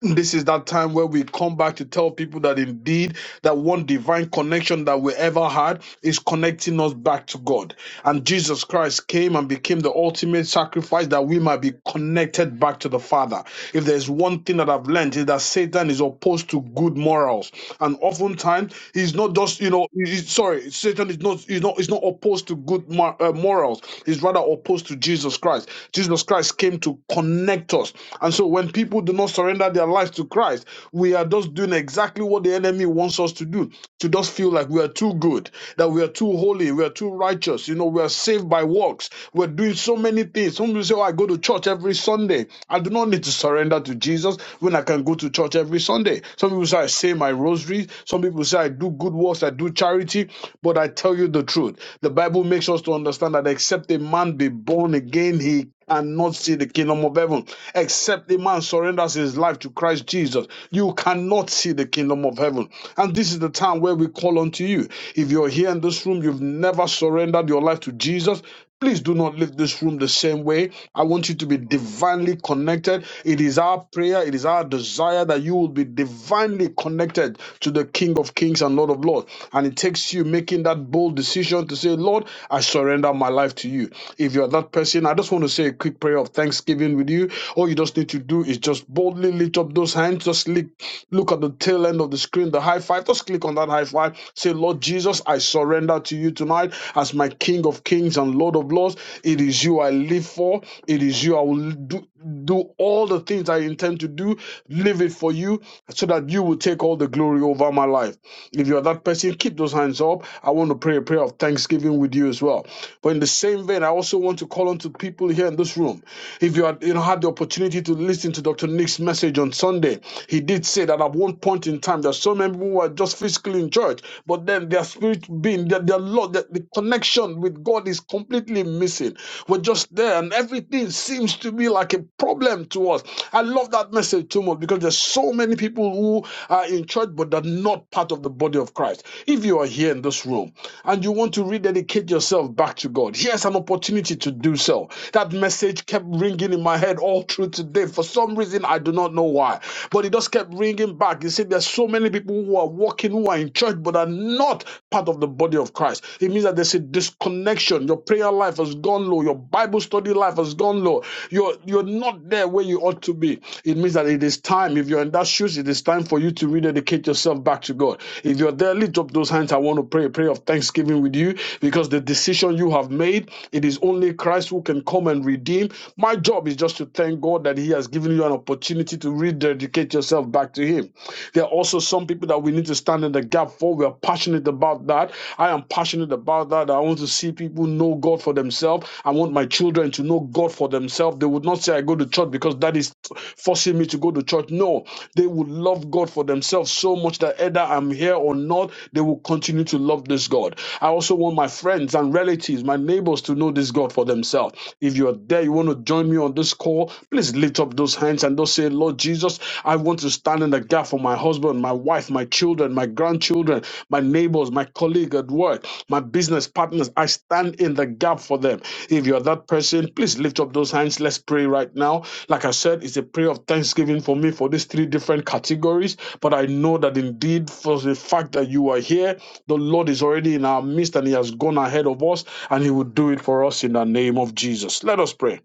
S10: This is that time where we come back to tell people that indeed that one divine connection that we ever had is connecting us back to God. And Jesus Christ came and became the ultimate sacrifice that we might be connected back to the Father. If there's one thing that I've learned is that Satan is opposed to good morals. And oftentimes he's not just, you know, he- he's- sorry, Satan is not, he's not, he's not opposed to good mor- uh, morals. He's rather opposed to Jesus Christ. Jesus Christ came to connect us. And so when people do not surrender their lives to Christ, we are just doing exactly what what the enemy wants us to do to just feel like we are too good, that we are too holy, we are too righteous, you know, we are saved by works, we're doing so many things. Some people say, Oh, I go to church every Sunday. I do not need to surrender to Jesus when I can go to church every Sunday. Some people say, I say my rosary. Some people say, I do good works, I do charity. But I tell you the truth, the Bible makes us to understand that except a man be born again, he cannot see the kingdom of heaven except a man surrenders his life to Christ Jesus. You cannot see the kingdom of heaven. And this is the time where we call unto you. If you're here in this room, you've never surrendered your life to Jesus. Please do not leave this room the same way. I want you to be divinely connected. It is our prayer, it is our desire that you will be divinely connected to the King of Kings and Lord of Lords. And it takes you making that bold decision to say, Lord, I surrender my life to you. If you're that person, I just want to say a pray a quick prayer of thanksgiving with you. All you just need to do is just boldly lift up those hands. Just look, look at the tail end of the screen, the high five. Just click on that high five. Say, Lord Jesus, I surrender to you tonight as my King of Kings and Lord of Lords. It is you I live for. It is you I will do, do all the things I intend to do. Live it for you so that you will take all the glory over my life. If you're that person, keep those hands up. I want to pray a prayer of thanksgiving with you as well. But in the same vein, I also want to call on to people here in this this room, if you had you know had the opportunity to listen to Dr. Nick's message on Sunday, he did say that at one point in time there's so many people who are just physically in church, but then their spirit being their, their Lord, that the connection with God is completely missing. We're just there, and everything seems to be like a problem to us. I love that message too much because there's so many people who are in church but they're not part of the body of Christ. If you are here in this room and you want to rededicate yourself back to God, here's an opportunity to do so. That message message kept ringing in my head all through today. For some reason, I do not know why, but it just kept ringing back. You see, there's so many people who are walking, who are in church, but are not part of the body of Christ. It means that there's a disconnection. Your prayer life has gone low. Your Bible study life has gone low. You're you're not there where you ought to be. It means that it is time. If you're in that shoes, it is time for you to rededicate yourself back to God. If you're there, lift up those hands. I want to pray a prayer of thanksgiving with you because the decision you have made, it is only Christ who can come and redeem redeemed. My job is just to thank God that He has given you an opportunity to rededicate yourself back to Him. There are also some people that we need to stand in the gap for. We are passionate about that. I am passionate about that. I want to see people know God for themselves. I want my children to know God for themselves. They would not say, I go to church because that is forcing me to go to church. No, they would love God for themselves so much that either I'm here or not, they will continue to love this God. I also want my friends and relatives, my neighbors to know this God for themselves. If you're there, you want to join me on this call, please lift up those hands and just say, Lord Jesus, I want to stand in the gap for my husband, my wife, my children, my grandchildren, my neighbors, my colleague at work, my business partners. I stand in the gap for them. If you're that person, please lift up those hands. Let's pray right now. Like I said, it's a prayer of thanksgiving for me for these three different categories. But I know that indeed, for the fact that you are here, the Lord is already in our midst and He has gone ahead of us and He will do it for us in the name of Jesus. Let us pray.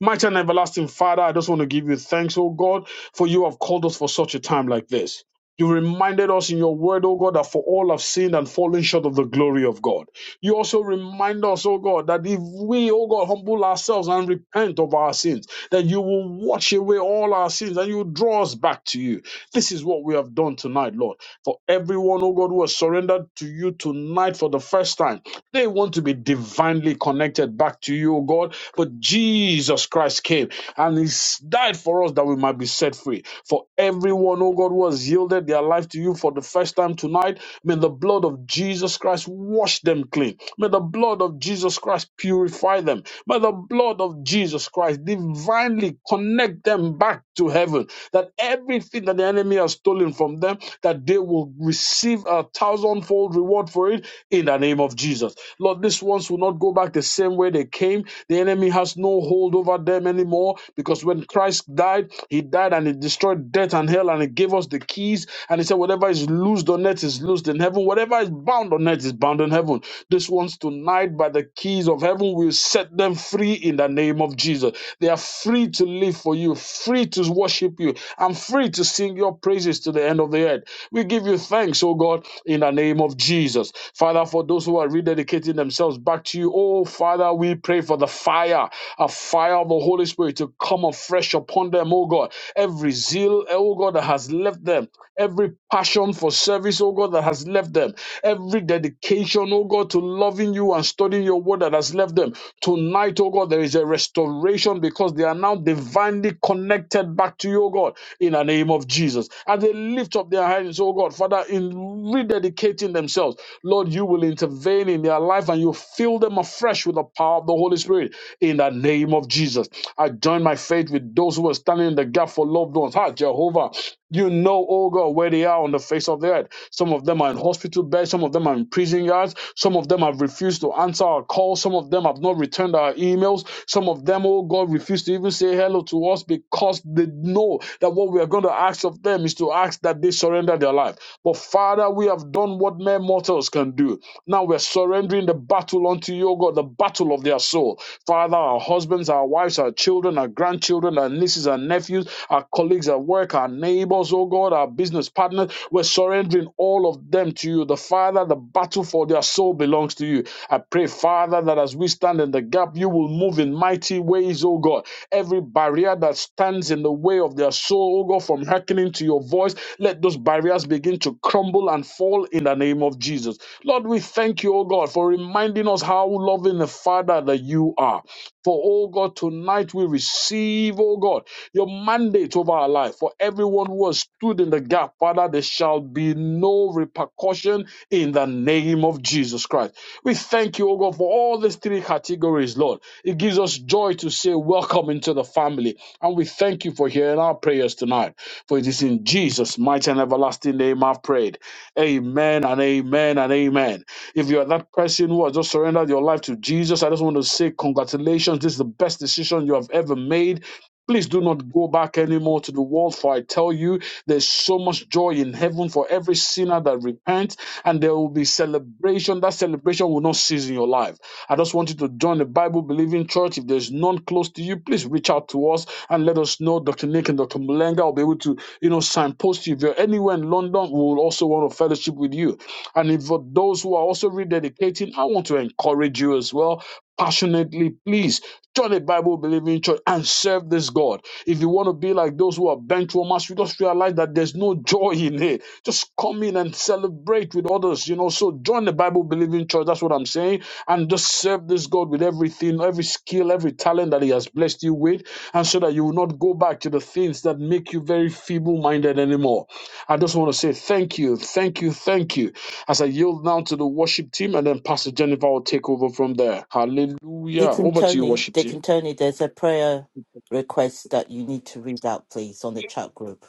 S10: Mighty and everlasting Father, I just want to give you thanks, oh God, for you have called us for such a time like this. You reminded us in your word, oh God, that for all have sinned and fallen short of the glory of God. You also remind us, oh God, that if we, oh God, humble ourselves and repent of our sins, that you will wash away all our sins and you will draw us back to you. This is what we have done tonight, Lord. For everyone, oh God, who has surrendered to you tonight for the first time, they want to be divinely connected back to you, O God. But Jesus Christ came and He died for us that we might be set free. For everyone, O God, who has yielded their life to you for the first time tonight, may the blood of Jesus Christ wash them clean. May the blood of Jesus Christ purify them. May the blood of Jesus Christ divinely connect them back to heaven. That everything that the enemy has stolen from them, that that they will receive a thousandfold reward for it in the name of Jesus. Lord, these ones will not go back the same way they came. The enemy has no hold over them anymore because when Christ died, he died and he destroyed death and hell and he gave us the keys. And he said, Whatever is loosed on earth is loosed in heaven, whatever is bound on earth is bound in heaven. These ones tonight, by the keys of heaven, will set them free in the name of Jesus. They are free to live for you for you, free to worship you, and free to sing your praises to the end of the earth. We give you thanks, oh God, in the name of Jesus. Father, for those who are rededicating themselves back to you, oh Father, we pray for the fire, a fire of the Holy Spirit to come afresh upon them, oh God. Every zeal, oh God, that has left them, every passion for service, oh God, that has left them, every dedication, oh God, to loving you and studying your word that has has left them. Tonight, oh God, there is a restoration because they are now divinely connected back to you, oh God, in the name of Jesus. As they lift up their hands, oh God, Father, in rededicating themselves. Lord, you will intervene in their life and you fill them afresh with the power of the Holy Spirit in the name of Jesus. I join my faith with those who are standing in the gap for loved ones. Ha, Jehovah. You know, oh God, where they are on the face of the earth. Some of them are them are in hospital beds, some of them are in prison yards, some of them have refused to answer our calls, some of them have not returned our emails, some of them, oh God, refuse to even say hello to us because they know that what we are going to ask of them is to ask that they surrender their life. But Father, we have done what mere mortals can do. Now we're surrendering the battle unto you, oh God, the battle of their soul. Father, our husbands, our wives, our children, our grandchildren, our nieces, our nephews, our colleagues colleagues at work, our neighbors, oh God, our business partners. We're surrendering all of them to you. The Father, the battle for their soul belongs to you. I pray, Father, that as we stand in the gap, you will move in mighty ways, oh God. Every barrier that stands in the way of their soul, oh God, from hearkening to your voice, let those barriers begin to crumble and fall in the name of Jesus. Lord, we thank you, oh God, for reminding us how loving the Father that you are. For, oh God, tonight we receive, oh God, your mandate over our life. For everyone who has stood in the gap, Father, there shall be no repercussion in the name of Jesus Christ. We thank you, oh God, for all these three categories, Lord. It gives us joy to say, Welcome into the family. And we thank you for hearing our prayers tonight. For it is in Jesus' mighty and everlasting name I've prayed. Amen and amen and amen. If you are that person who has just surrendered your life to Jesus, I just want to say congratulations. This is the best decision you have ever made. Please do not go back anymore to the world, for I tell you, there's so much joy in heaven for every sinner that repents, and there will be celebration. That celebration will not cease in your life. I just want you to join the Bible believing church. If there's none close to you, please reach out to us and let us know. Dr. Nick and Dr. Mulenga will be able to, you know, signpost you. If you're anywhere in London, we will also want to fellowship with you. And if for those who are also rededicating, I want to encourage you as well passionately, please join a Bible believing church and serve this God. If you want to be like those who are bench warmers, you just realize that there's no joy in it. Just come in and celebrate with others, you know. So join the Bible believing church, that's what I'm saying, and just serve this God with everything, every skill, every talent that He has blessed you with, and so that you will not go back to the things that make you very feeble minded anymore. I just want to say thank you, thank you, thank you as I yield now to the worship team, and then Pastor Jennifer will take over from there. Hallelujah.
S11: You can,
S10: Over to you,
S11: Tony,
S10: worship
S11: Dick and
S10: team.
S11: Tony, there's a prayer request that you need to read out, please, on the chat group.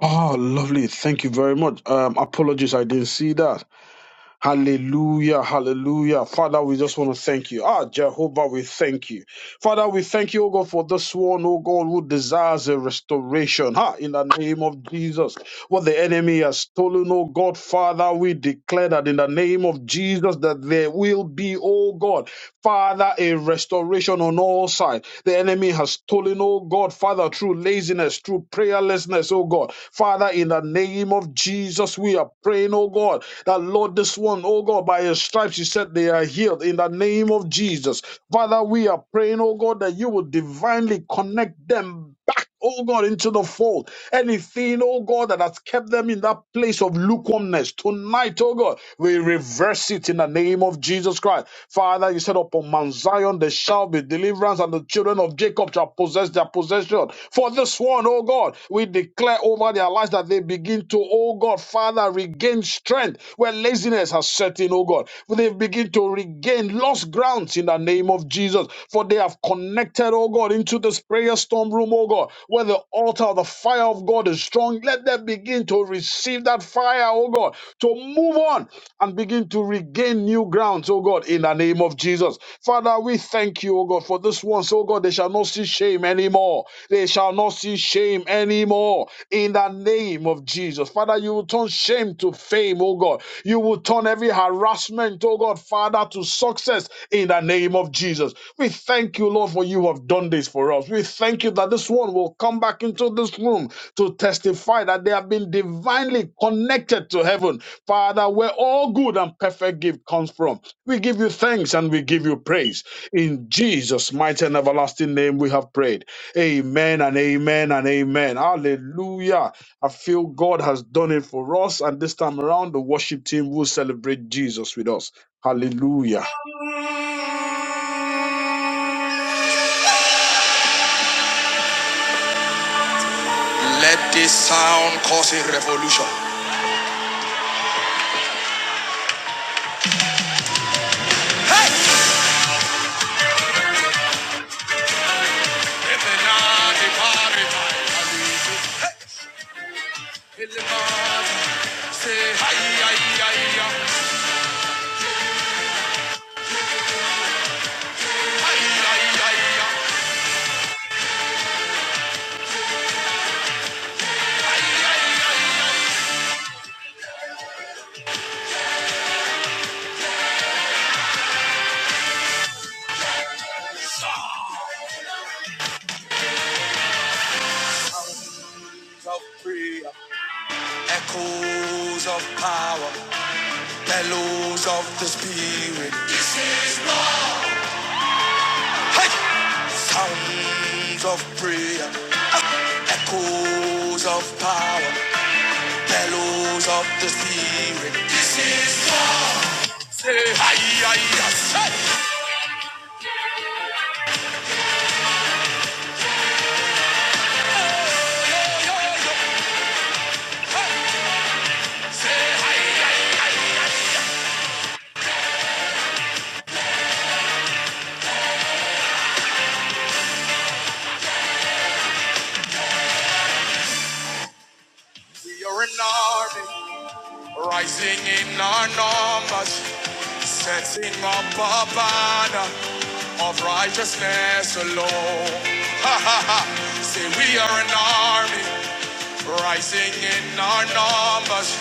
S10: Oh, lovely. Thank you very much. Um, apologies, I didn't see that. Hallelujah, hallelujah. Father, we just want to thank you. Ah, Jehovah, we thank you. Father, we thank you, oh God, for this one, oh God, who desires a restoration. Ah, in the name of Jesus. What the enemy has stolen, oh God, Father, we declare that in the name of Jesus that there will be, oh God, Father, a restoration on all sides. The enemy has stolen, oh God, Father, through laziness, through prayerlessness, oh God. Father, in the name of Jesus. Jesus, we are praying, oh God, that Lord, this one, oh God, by his stripes, you said they are healed in the name of Jesus. Father, we are praying, oh God, that you will divinely connect them back, oh God, into the fold. Anything, oh God, that has kept them in that place of lukewarmness, tonight, oh God, we reverse it in the name of Jesus Christ. Father, you said upon Mount Zion there shall be deliverance, and the children of Jacob shall possess their possession. For this one, oh God, God, we declare over their lives that they begin to, oh God, Father, regain strength where laziness has set in, oh God. They begin to regain lost grounds in the name of Jesus, for they have connected, oh God, into this prayer storm room, oh God, where the altar of the fire of God is strong. Let them begin to receive that fire, oh God, to move on and begin to regain new grounds, oh God, in the name of Jesus. Father, we thank you, oh God, for this once, oh God, they shall not see see shame anymore. They shall not see shame anymore in the name of Jesus. Father, you will turn shame to fame, oh God. You will turn every harassment, oh God, Father, to success in the name of Jesus. We thank you, Lord, for you have done this for us. We thank you that this one will come back into this room to testify that they have been divinely connected to heaven. Father, where all good and perfect gift comes from. We give you thanks and we give you praise. In Jesus' mighty and everlasting name, we have prayed. Amen and amen and amen. Hallelujah. I feel God has done it for us. And this time around, the worship team will celebrate Jesus with us. Hallelujah.
S1: Let this sound cause a revolution. Hey! Of prayer. Echoes of power, bellows of the spirit. This is my hey! sounds of prayer. Echoes of power, bellows of the spirit. This is war. Say hi, hi, hi. Say, yo, yo, yo, yo. Say hi. We are an army. Rising in our numbers, setting up a banner of righteousness alone. Ha ha ha! Say we are an army, rising in our numbers,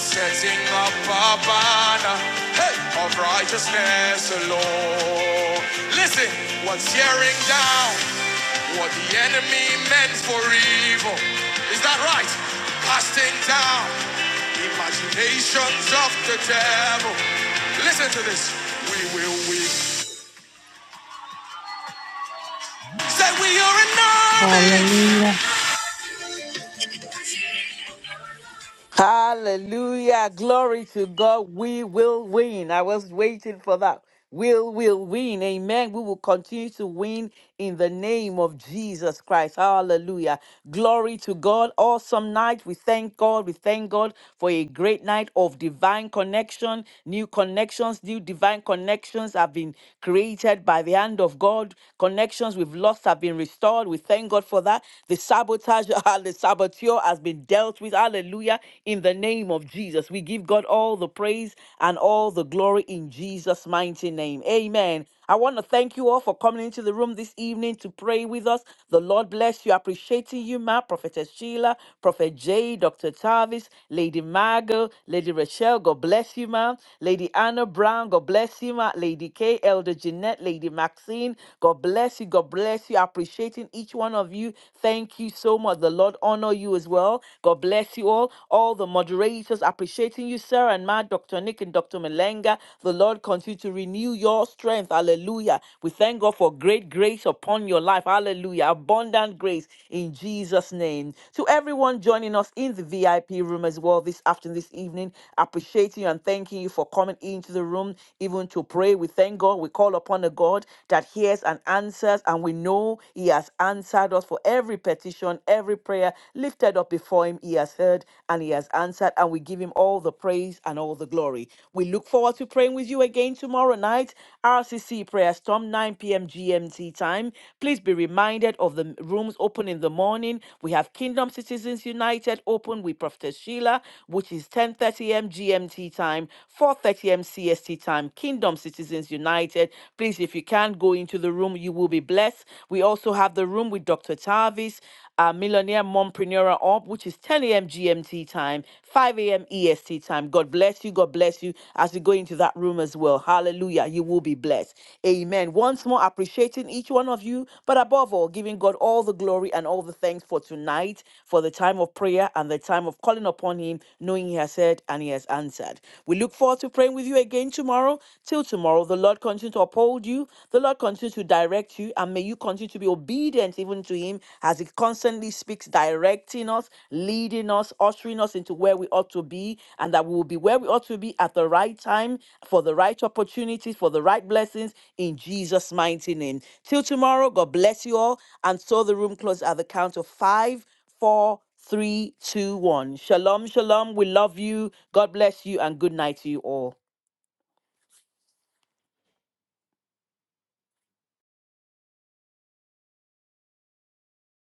S1: Setting up a banner hey, of righteousness alone. Listen, what's tearing down what the enemy meant for evil? Is that right? Casting down imaginations of the devil. Listen to this. We will win. Say we are an army.
S4: Hallelujah. Glory to God. We will win. I was waiting for that. Will will win. Amen. We will continue to win in the name of Jesus Christ. Hallelujah. Glory to God. Awesome night. We thank God. We thank God for a great night of divine connection. New connections, new divine connections have been created by the hand of God. Connections we've lost have been restored. We thank God for that. The sabotage, the saboteur cure has been dealt with. Hallelujah. In the name of Jesus, we give God all the praise and all the glory in Jesus' mighty name. Amen. I want to thank you all for coming into the room this evening to pray with us. The Lord bless you. Appreciating you, Ma, Prophetess Sheila, Prophet Jay, Dr. Tavis, Lady Margot, Lady Rachel. God bless you, Ma. Lady Anna Brown. God bless you, Ma. Lady K, Elder Jeanette, Lady Maxine. God bless you. God bless you. Appreciating each one of you. Thank you so much. The Lord honor you as well. God bless you all. All the moderators appreciating you, Sarah and Matt, Dr. Nick and Dr. Malenga. The Lord continue to renew your strength. Hallelujah. We thank God for great grace upon your life. Hallelujah. Abundant grace in Jesus' name. To everyone joining us in the VIP room as well this afternoon, this evening, appreciating you and thanking you for coming into the room, even to pray. We thank God. We call upon a God that hears and answers, and we know know He has answered us for every petition, every prayer lifted up before Him. He has heard and He has answered, and we give Him all the praise and all the glory. We look forward to praying with you again tomorrow night, RCC prayer storm, 9 p.m. GMT time. Please be reminded of the rooms open in the morning. We have Kingdom Citizens United open with Prophet Sheila, which is 10:30 a.m. GMT time, 4:30 a.m. CST time. Kingdom Citizens United. Please, if you can, go can go into the room. You will be blessed. We also have the room with Dr. Tavis, uh, Millionaire Mompreneur Up, which is 10 a.m. GMT time, 5 a.m. EST time. God bless you. God bless you as you go into that room as well. Hallelujah. You will be blessed. Amen. Once more, appreciating each one of you, but above all, giving God all the glory and all the thanks for tonight, for the time of prayer and the time of calling upon Him, knowing He has heard and He has answered. We look forward to praying with you again tomorrow. Till tomorrow tomorrow. The Lord continue to uphold you. The Lord continue to direct you. And may you continue to be obedient even to Him as He constantly speaks, directing us, leading us, ushering us into where we ought to be. And that we will be where we ought to be at the right time, for the right opportunities, for the right blessings in Jesus' mighty name. Till tomorrow, God bless you all. And so the room closes at the count of five, four, three, two, one. Shalom, shalom. We love you. God bless you, and good night to you all.